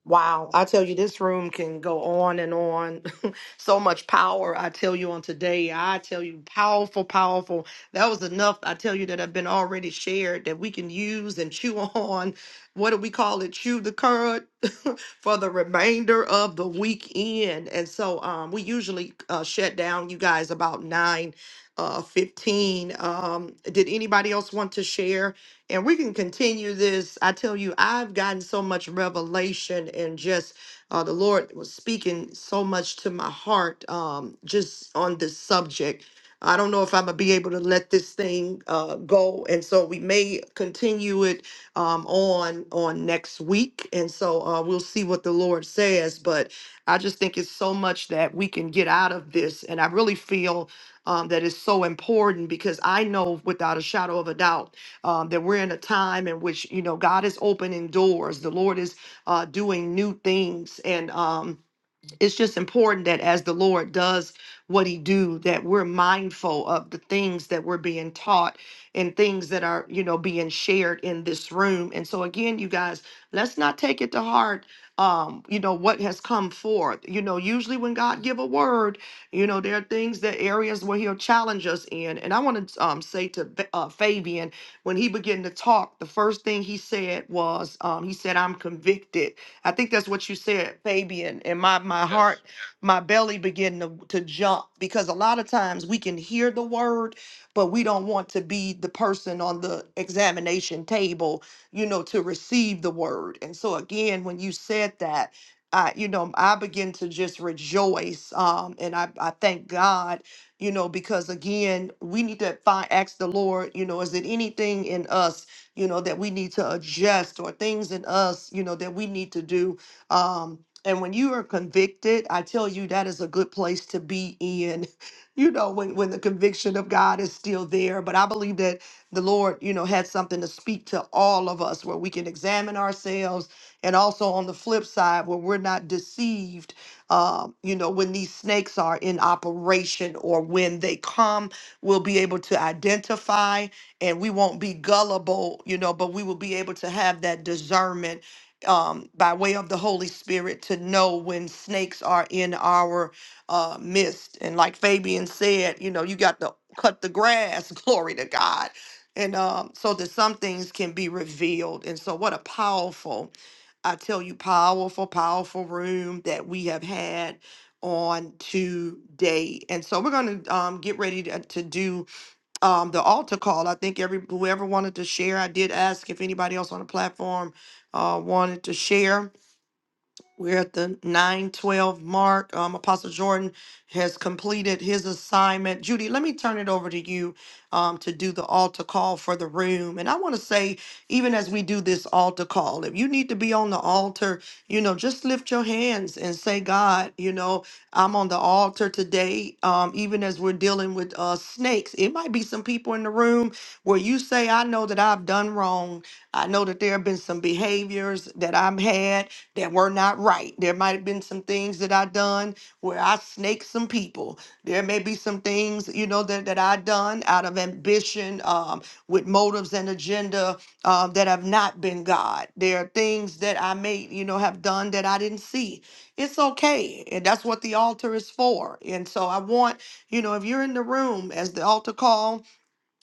S10: Wow, I tell you, this room can go on and on. so much power, I tell you, on today. I tell you, powerful, powerful. That was enough, I tell you, that have been already shared that we can use and chew on. What do we call it? Chew the cud for the remainder of the weekend. And so um, we usually uh, shut down, you guys, about 9 uh, 15. Um, did anybody else want to share? And we can continue this. I tell you, I've gotten so much revelation and just uh, the Lord was speaking so much to my heart um, just on this subject. I don't know if I'm gonna be able to let this thing uh, go, and so we may continue it um, on on next week, and so uh, we'll see what the Lord says. But I just think it's so much that we can get out of this, and I really feel um, that it's so important because I know without a shadow of a doubt um, that we're in a time in which you know God is opening doors. The Lord is uh, doing new things, and um, it's just important that as the lord does what he do that we're mindful of the things that we're being taught and things that are you know being shared in this room and so again you guys let's not take it to heart um you know what has come forth you know usually when god give a word you know there are things that areas where he'll challenge us in and i want to um say to Fa- uh, fabian when he began to talk the first thing he said was um he said i'm convicted I think that's what you said, Fabian. And my my
S13: Yes,
S10: heart, my belly began to, to jump because a lot of times we can hear the word, but we don't want to be the person on the examination table, you know, to receive the word. And so again, when you said that, I, you know, I begin to just rejoice. Um, and I, I thank God, you know, because again, we need to find ask the Lord, you know, is it anything in us you know, that we need to adjust or things in us, you know, that we need to do. Um, and when you are convicted, I tell you that is a good place to be in, you know, when, when the conviction of God is still there. But I believe that the Lord, you know, had something to speak to all of us where we can examine ourselves. And also on the flip side, where we're not deceived, um, you know, when these snakes are in operation or when they come, we'll be able to identify and we won't be gullible, you know, but we will be able to have that discernment um, by way of the Holy Spirit to know when snakes are in our uh, midst. And like Fabian said, you know, you got to cut the grass, glory to God. And um, so that some things can be revealed. And so, what a powerful, I tell you, powerful, powerful room that we have had on today. And so, we're going to um, get ready to, to do um, the altar call. I think every whoever wanted to share, I did ask if anybody else on the platform uh, wanted to share. We're at the 912 mark. Um, Apostle Jordan has completed his assignment. Judy, let me turn it over to you um, to do the altar call for the room. And I want to say, even as we do this altar call, if you need to be on the altar, you know, just lift your hands and say, God, you know, I'm on the altar today. Um, even as we're dealing with uh, snakes, it might be some people in the room where you say, I know that I've done wrong. I know that there have been some behaviors that I've had that were not right. There might have been some things that I done where I snaked some people. There may be some things, you know, that, that I done out of ambition, um, with motives and agenda um, that have not been God. There are things that I may, you know, have done that I didn't see. It's okay. And that's what the altar is for. And so I want, you know, if you're in the room as the altar call,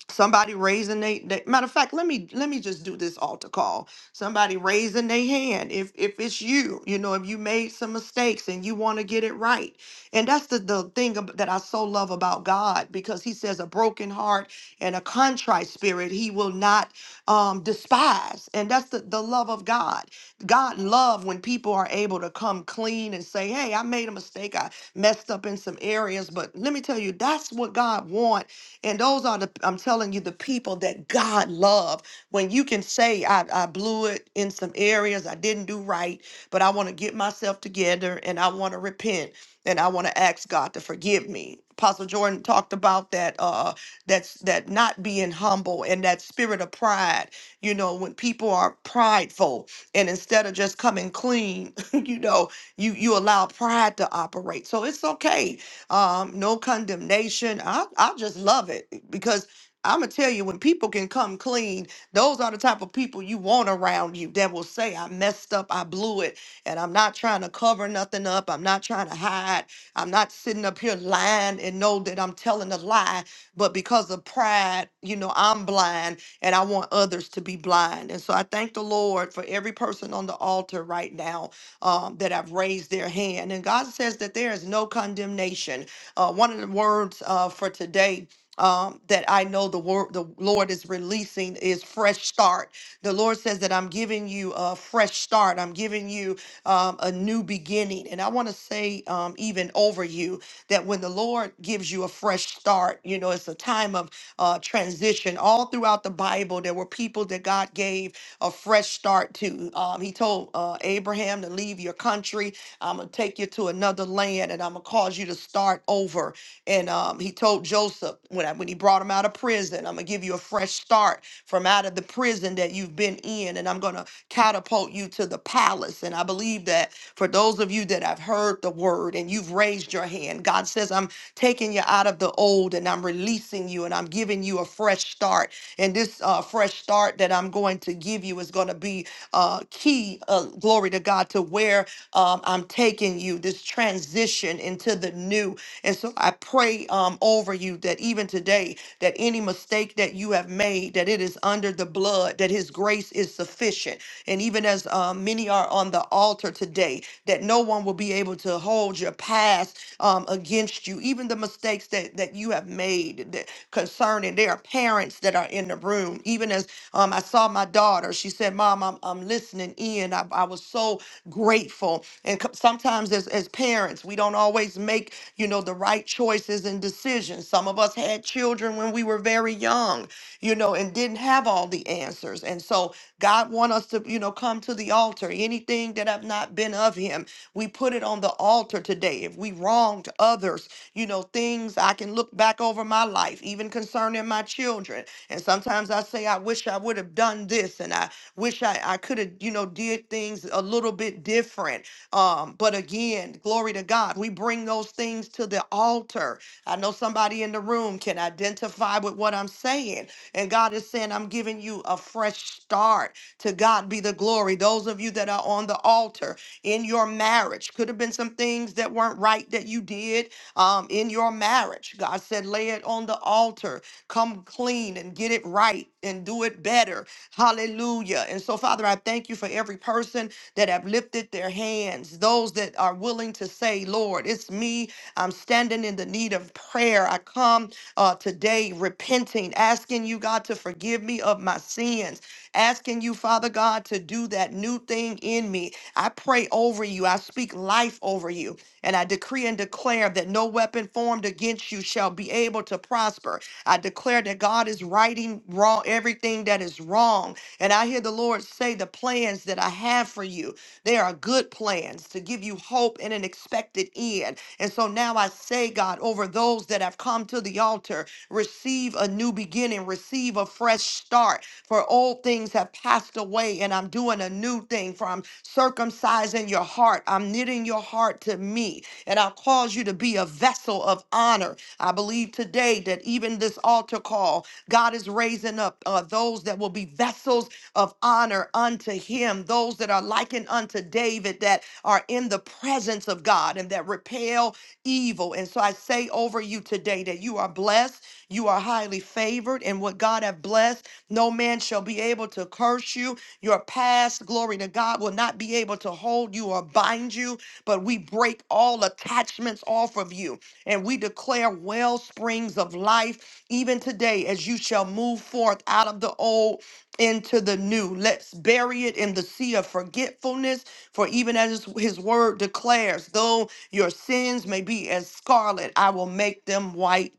S10: somebody raising they, they matter of fact let me let me just do this altar call somebody raising their hand if if it's you you know if you made some mistakes and you want to get it right and that's the the thing ab- that i so love about god because he says a broken heart and a contrite spirit he will not um despise and that's the the love of god god love when people are able to come clean and say hey i made a mistake i messed up in some areas but let me tell you that's what god wants and those are the, I'm telling you, the people that God love. When you can say, I, I blew it in some areas, I didn't do right, but I want to get myself together and I want to repent and I want to ask God to forgive me. Apostle Jordan talked about that, uh, that's that not being humble and that spirit of pride. You know, when people are prideful and instead of just coming clean, you know, you you allow pride to operate. So it's okay um, no condemnation. I, I just love it because I'm gonna tell you when people can come clean, those are the type of people you want around you that will say, I messed up, I blew it, and I'm not trying to cover nothing up, I'm not trying to hide, I'm not sitting up here lying and know that I'm telling a lie, but because of pride, you know, I'm blind and I want others to be blind. And so I thank the Lord for every person on the altar right now um, that have raised their hand. And God says that there is no condemnation. Uh, one of the words uh, for today. Um, that I know the word the Lord is releasing is fresh start. The Lord says that I'm giving you a fresh start. I'm giving you um, a new beginning. And I want to say, um, even over you, that when the Lord gives you a fresh start, you know, it's a time of uh, transition. All throughout the Bible, there were people that God gave a fresh start too. Um, he told uh, Abraham to leave your country. I'm going to take you to another land and I'm going to cause you to start over. And um, he told Joseph when, I, when he brought him out of prison, I'm going to give you a fresh start from out of the prison that you've been in and I'm going to catapult you to the palace. And I believe that for those of you that have heard the word and you've raised your hand, God says, I'm taking you out of the old and I'm releasing you and I'm giving you a fresh start. And this uh, fresh start that I'm going to give you is going to be uh, key, uh, glory to God, to where um, I'm taking you, this transition into the new. And so I pray um, over you that even today, that any mistake that you have made, that it is under the blood, that His grace is sufficient. And even as um, many are on the altar today, that no one will be able to hold your past um, against you, even the mistakes that, that you have made that concerning. There are parents that are in the room. Even as um, I saw my daughter, she said, Mom, I'm, I'm listening in. I, I was so grateful know and co- sometimes as, as parents we don't always make you know the right choices and decisions some of us had children when we were very young you know and didn't have all the answers and so god want us to you know come to the altar anything that have not been of him we put it on the altar today if we wronged others you know things i can look back over my life even concerning my children and sometimes i say i wish i would have done this and i wish I, I could have, you know, did things a little bit different. Um, but again, glory to God, we bring those things to the altar. I know somebody in the room can identify with what I'm saying. And God is saying, I'm giving you a fresh start. To God be the glory. Those of you that are on the altar in your marriage, could have been some things that weren't right that you did um, in your marriage. God said, lay it on the altar. Come clean and get it right and do it better. Hallelujah. And so, Father, I thank you for every person that have lifted their hands, those that are willing to say, Lord, it's me. I'm standing in the need of prayer. I come uh, today repenting, asking you, God, to forgive me of my sins, asking you, Father God, to do that new thing in me. I pray over you. I speak life over you. And I decree and declare that no weapon formed against you shall be able to prosper. I declare that God is righting wrong everything that is wrong. And I hear the Lord say, The plans that I have for you, they are good plans to give you hope and an expected end. And so now I say, God, over those that have come to the altar, receive a new beginning, receive a fresh start. For old things have passed away, and I'm doing a new thing. For I'm circumcising your heart, I'm knitting your heart to me, and I'll cause you to be a vessel of honor. I believe today that even this altar call, God is raising up uh, those that will be vessels of honor unto him, those that are likened unto David, that are in the presence of God and that repel evil. And so I say over you today that you are blessed, you are highly favored, and what God have blessed. No man shall be able to curse you. Your past, glory to God, will not be able to hold you or bind you, but we break all attachments off of you and we declare well springs of life even today as you shall move forth out of the old into the new. Let's bury it in the sea of forgetfulness, for even as his word declares, though your sins may be as scarlet, I will make them white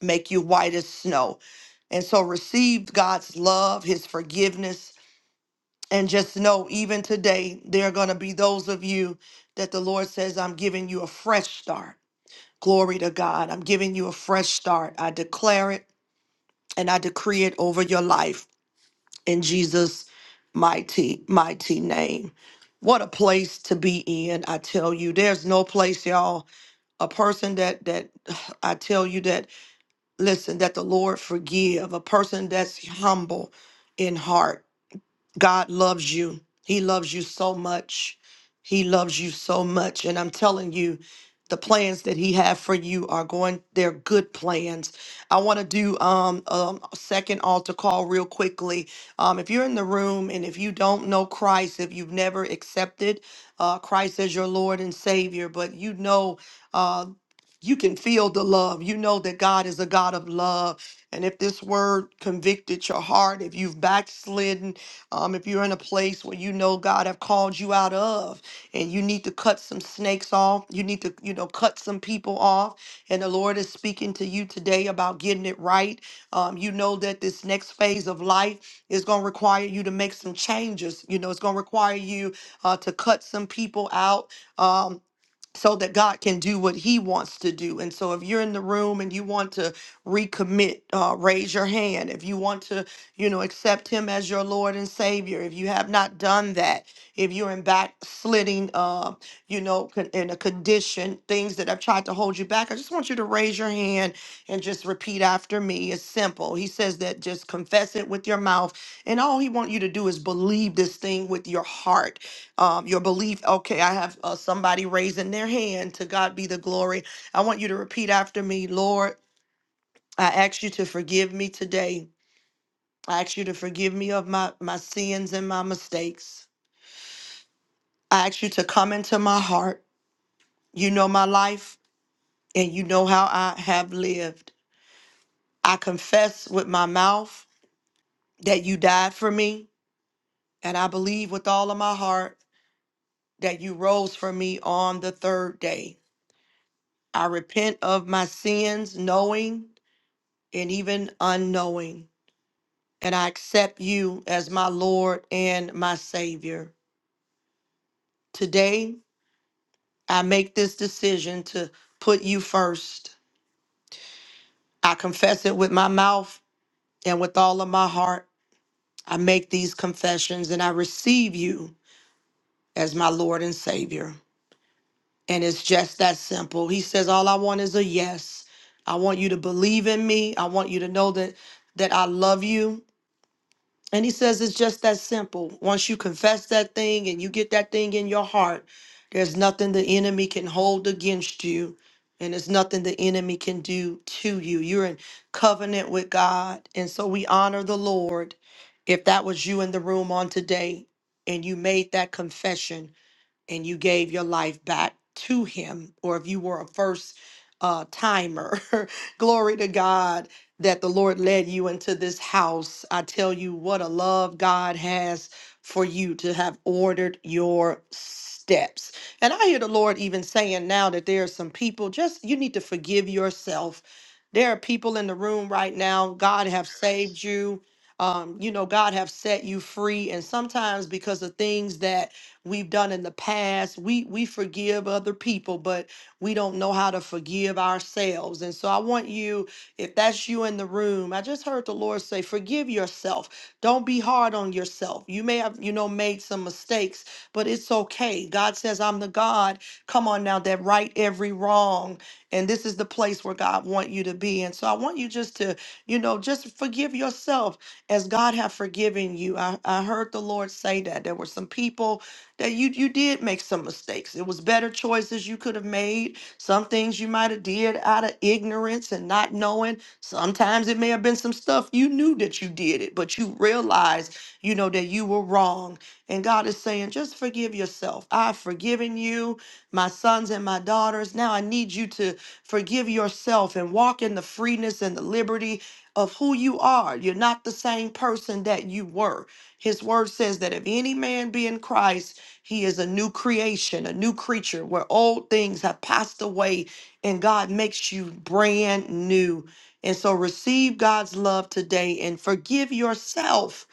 S10: make you white as snow. And so receive God's love, his forgiveness, and just know even today there are going to be those of you that the Lord says, I'm giving you a fresh start. Glory to God. I'm giving you a fresh start. I declare it and I decree it over your life in Jesus' mighty, mighty name. What a place to be in. I tell you, there's no place, y'all. A person that that I tell you that listen that the lord forgive a person that's humble in heart God loves you. He loves you so much. He loves you so much. And I'm telling you, the plans that he have for you are going, they're good plans. I want to do um, um, a second altar call real quickly. Um, if you're in the room and if you don't know Christ, if you've never accepted uh, Christ as your Lord and Savior, but you know uh, you can feel the love. You know that God is a God of love. And if this word convicted your heart, if you've backslidden, um, if you're in a place where you know God have called you out of and you need to cut some snakes off, you need to, you know, cut some people off, and the Lord is speaking to you today about getting it right. Um, you know that this next phase of life is going to require you to make some changes. You know, it's going to require you uh, to cut some people out. Um, so that God can do what He wants to do. And so, if you're in the room and you want to recommit, uh, raise your hand. If you want to, you know, accept Him as your Lord and Savior, if you have not done that, if you're in backsliding, uh, you know, con- in a condition, things that have tried to hold you back, I just want you to raise your hand and just repeat after me. It's simple. He says that just confess it with your mouth, and all He wants you to do is believe this thing with your heart um, your belief. Okay, I have uh, somebody raising their hand. To God be the glory. I want you to repeat after me, Lord. I ask you to forgive me today. I ask you to forgive me of my, my sins and my mistakes. I ask you to come into my heart. You know my life and you know how I have lived. I confess with my mouth that you died for me, and I believe with all of my heart that you rose for me on the third day. I repent of my sins, knowing and even unknowing. And I accept you as my Lord and my Savior. Today, I make this decision to put you first. I confess it with my mouth and with all of my heart. I make these confessions and I receive you as my Lord and Savior. And it's just that simple. He says, All I want is a yes. I want you to believe in me. I want you to know that that I love you And he says it's just that simple. Once you confess that thing and you get that thing in your heart, there's nothing the enemy can hold against you, and there's nothing the enemy can do to you. You're in covenant with God. And so we honor the Lord. If that was you in the room on today and you made that confession, and you gave your life back to him, or if you were a first uh, timer, glory to God that the Lord led you into this house. I tell you what a love God has for you to have ordered your steps. And I hear the Lord even saying now that there are some people just you need to forgive yourself. There are people in the room right now. God have saved you. Um, you know, God have set you free. And sometimes because of things that we've done in the past. We we forgive other people, but we don't know how to forgive ourselves. And so I want you, if that's you in the room, I just heard the Lord say, forgive yourself. Don't be hard on yourself. You may have, you know, made some mistakes, but it's okay. God says, I'm the God. Come on now, that right every wrong. And this is the place where God want you to be. And so I want you just to, you know, just forgive yourself as God have forgiven you. I, I heard the Lord say that. There were some people that you you did make some mistakes. It was better choices you could have made. Some things you might have did out of ignorance and not knowing. Sometimes it may have been some stuff you knew that you did it, but you realized, you know, that you were wrong. And God is saying, just forgive yourself. I've forgiven you, my sons and my daughters. Now I need you to forgive yourself and walk in the freeness and the liberty of who you are. You're not the same person that you were. His word says that if any man be in Christ, he is a new creation, a new creature where old things have passed away and God makes you brand new. And so receive God's love today and forgive yourself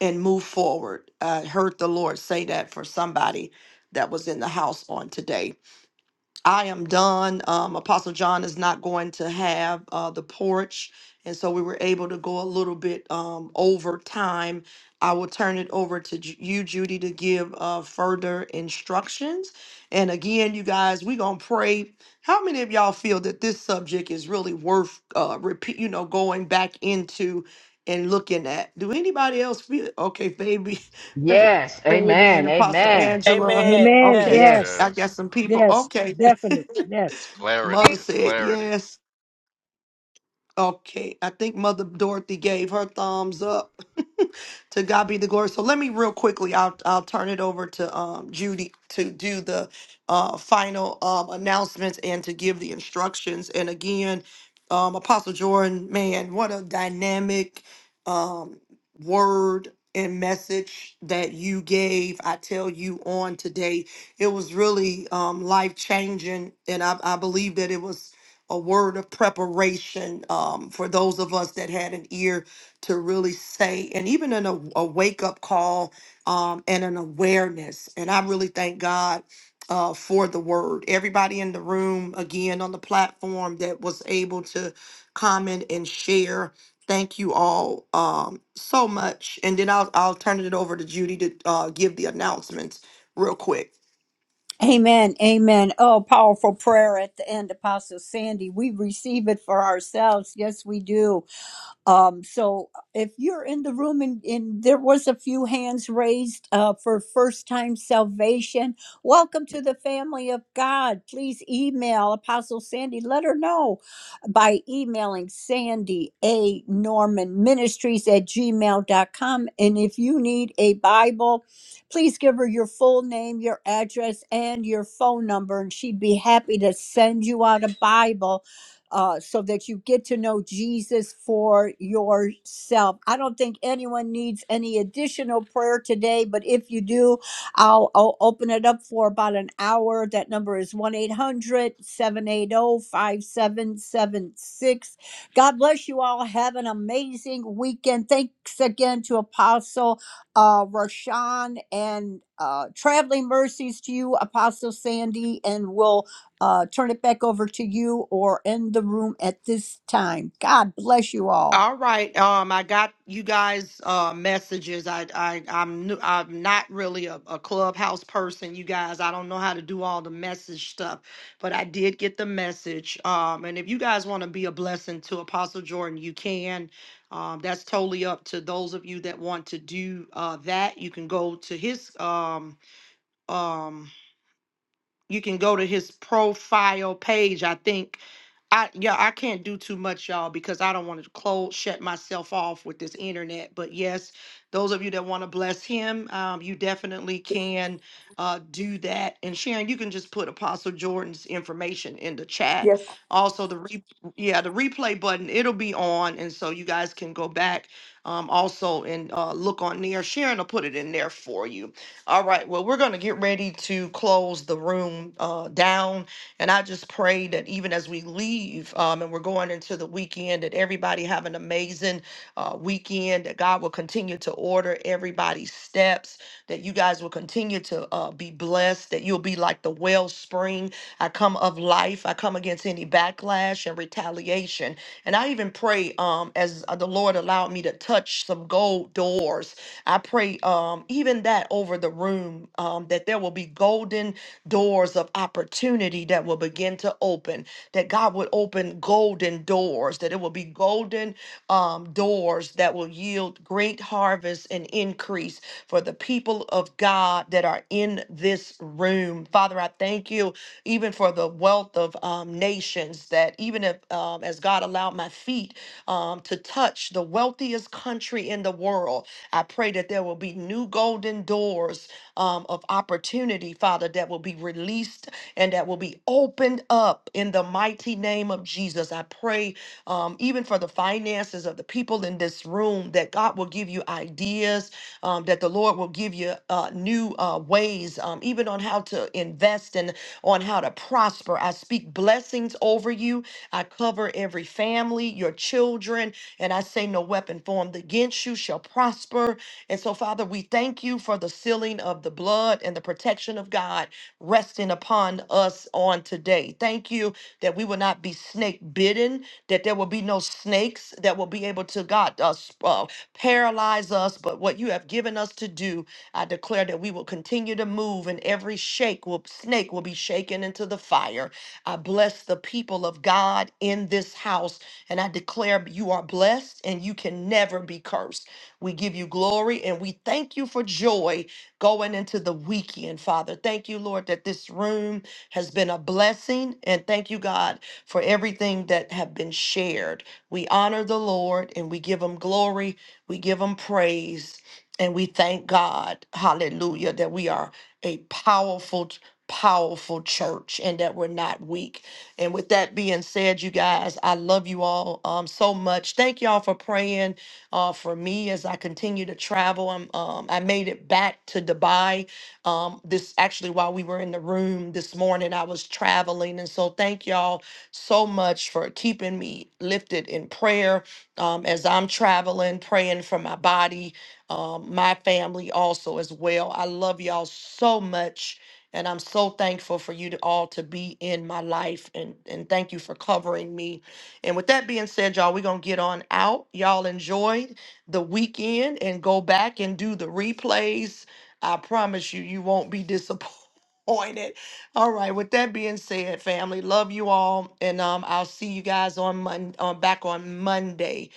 S10: and move forward. I heard the Lord say that for somebody that was in the house on today. I am done. Um, Apostle John is not going to have uh, the porch. And so we were able to go a little bit um, over time. I will turn it over to Ju- you, Judy, to give uh, further instructions. And again, you guys, we're going to pray. How many of y'all feel that this subject is really worth uh, repeat, you know, going back into and looking at? Do anybody else feel? Okay, baby,
S5: Yes.
S10: baby and
S5: Amen.
S10: Apostle
S5: Amen.
S10: Angela.
S8: Amen.
S12: Amen.
S10: Okay,
S8: Yes.
S5: Yes.
S12: Yes.
S10: I
S13: yes.
S10: got some people.
S12: Yes.
S10: Okay.
S12: Definitely. Yes.
S13: Clarity.
S10: Mother
S13: It's
S10: said
S13: clarity.
S10: yes. Okay, I think Mother Dorothy gave her thumbs up. to God be the glory. So let me real quickly. I'll I'll turn it over to um, Judy to do the uh, final um, announcements and to give the instructions. And again, um, Apostle Jordan, man, what a dynamic um, word and message that you gave. I tell you on today, it was really um, life changing, and I, I believe that it was a word of preparation um, for those of us that had an ear to really say, and even in a, a wake up call um, and an awareness. And I really thank God uh, for the word. Everybody in the room, again, on the platform that was able to comment and share. Thank you all um, so much. And then I'll, I'll turn it over to Judy to uh, give the announcements real quick.
S1: amen amen oh powerful prayer at the end apostle sandy we receive it for ourselves yes we do Um, so if you're in the room and, and there was a few hands raised uh, for first time salvation, welcome to the family of God. Please email Apostle Sandy. Let her know by emailing Sandy A. Norman Ministries at gmail.com. And if you need a Bible, please give her your full name, your address, and your phone number, and she'd be happy to send you out a Bible uh, so that you get to know Jesus for yourself. I don't think anyone needs any additional prayer today, but if you do, I'll, I'll open it up for about an hour. That number is 1 800 780 5776. God bless you all. Have an amazing weekend. Thanks again to Apostle uh, Rashawn and uh, traveling mercies to you, Apostle Sandy, and we'll uh, turn it back over to you or end the room at this time. God bless you all.
S10: All right. Um, I got you guys uh messages. I I I'm new, I'm not really a, a clubhouse person, you guys. I don't know how to do all the message stuff, but I did get the message. Um, and if you guys want to be a blessing to Apostle Jordan, you can. Um, that's totally up to those of you that want to do uh that. You can go to his um um you can go to his profile page i think i yeah i can't do too much y'all because i don't want to close shut myself off with this internet but yes those of you that want to bless him um, you definitely can uh, do that and sharon you can just put apostle jordan's information in the chat
S17: Yes,
S10: also the re- yeah the replay button it'll be on and so you guys can go back um, also and uh, look on there sharon will put it in there for you all right. Well, we're going to get ready to close the room uh, down. And I just pray that even as we leave um, and we're going into the weekend, that everybody have an amazing uh, weekend, that God will continue to order everybody's steps, that you guys will continue to uh, be blessed, that you'll be like the wellspring. I come of life. I come against any backlash and retaliation. And I even pray um, as uh, the Lord allowed me to touch some gold doors I pray um, even that over the room um, that there will be golden doors of opportunity that will begin to open, that God would open golden doors, that it will be golden um, doors that will yield great harvest and increase for the people of God that are in this room. Father, I thank you even for the wealth of um, nations that even if, um, as God allowed my feet um, to touch the wealthiest country in the world, I pray that there will be new golden doors um, of opportunity, Father, that will be released and that will be opened up in the mighty name of Jesus. I pray um, even for the finances of the people in this room that God will give you ideas, um, that the Lord will give you uh, new uh, ways, um, even on how to invest and on how to prosper. I speak blessings over you. I cover every family, your children and I say, No weapon formed against you shall prosper. And so, Father, we thank you for the sealing of the blood and the protection of God resting upon us on today. Thank you that we will not be snake bitten, that there will be no snakes that will be able to, God, uh, s- uh, paralyze us. But what you have given us to do, I declare that we will continue to move and every shake will, snake will be shaken into the fire. I bless the people of God in this house and I declare you are blessed and you can never be cursed. We give you glory and we thank you for joy going into the weekend, Father. Thank you, Lord, that this room has been a blessing. And thank you, God, for everything that have been shared. We honor the Lord and we give him glory. We give him praise. And we thank God, hallelujah, that we are a powerful, powerful church and that we're not weak and with that being said, you guys, I love you all um, so much. Thank y'all for praying uh, for me as I continue to travel. I'm, um, I made it back to Dubai. Um, this actually, while we were in the room this morning, I was traveling. And so thank y'all so much for keeping me lifted in prayer um, as I'm traveling, praying for my body, um, my family also as well. I love y'all so much and I'm so thankful for you to all to be in my life and, and thank you for covering me. And with that being said, y'all, we're gonna get on out. Y'all enjoy the weekend and go back and do the replays. I promise you, you won't be disappointed. All right. With that being said, family, love you all, and um, I'll see you guys on Monday. on back on Monday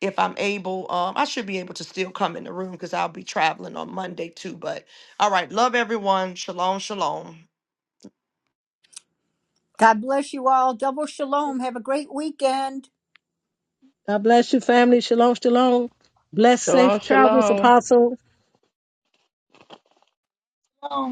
S10: if I'm able, um, I should be able to still come in the room because I'll be traveling on Monday too. But all right. Love everyone. Shalom, shalom.
S1: God bless you all. Double shalom. Have a great weekend.
S12: God bless you, family. Shalom, shalom. Blessed,
S5: Shalom,
S12: safe travels,
S5: shalom.
S12: Apostle.
S18: Oh.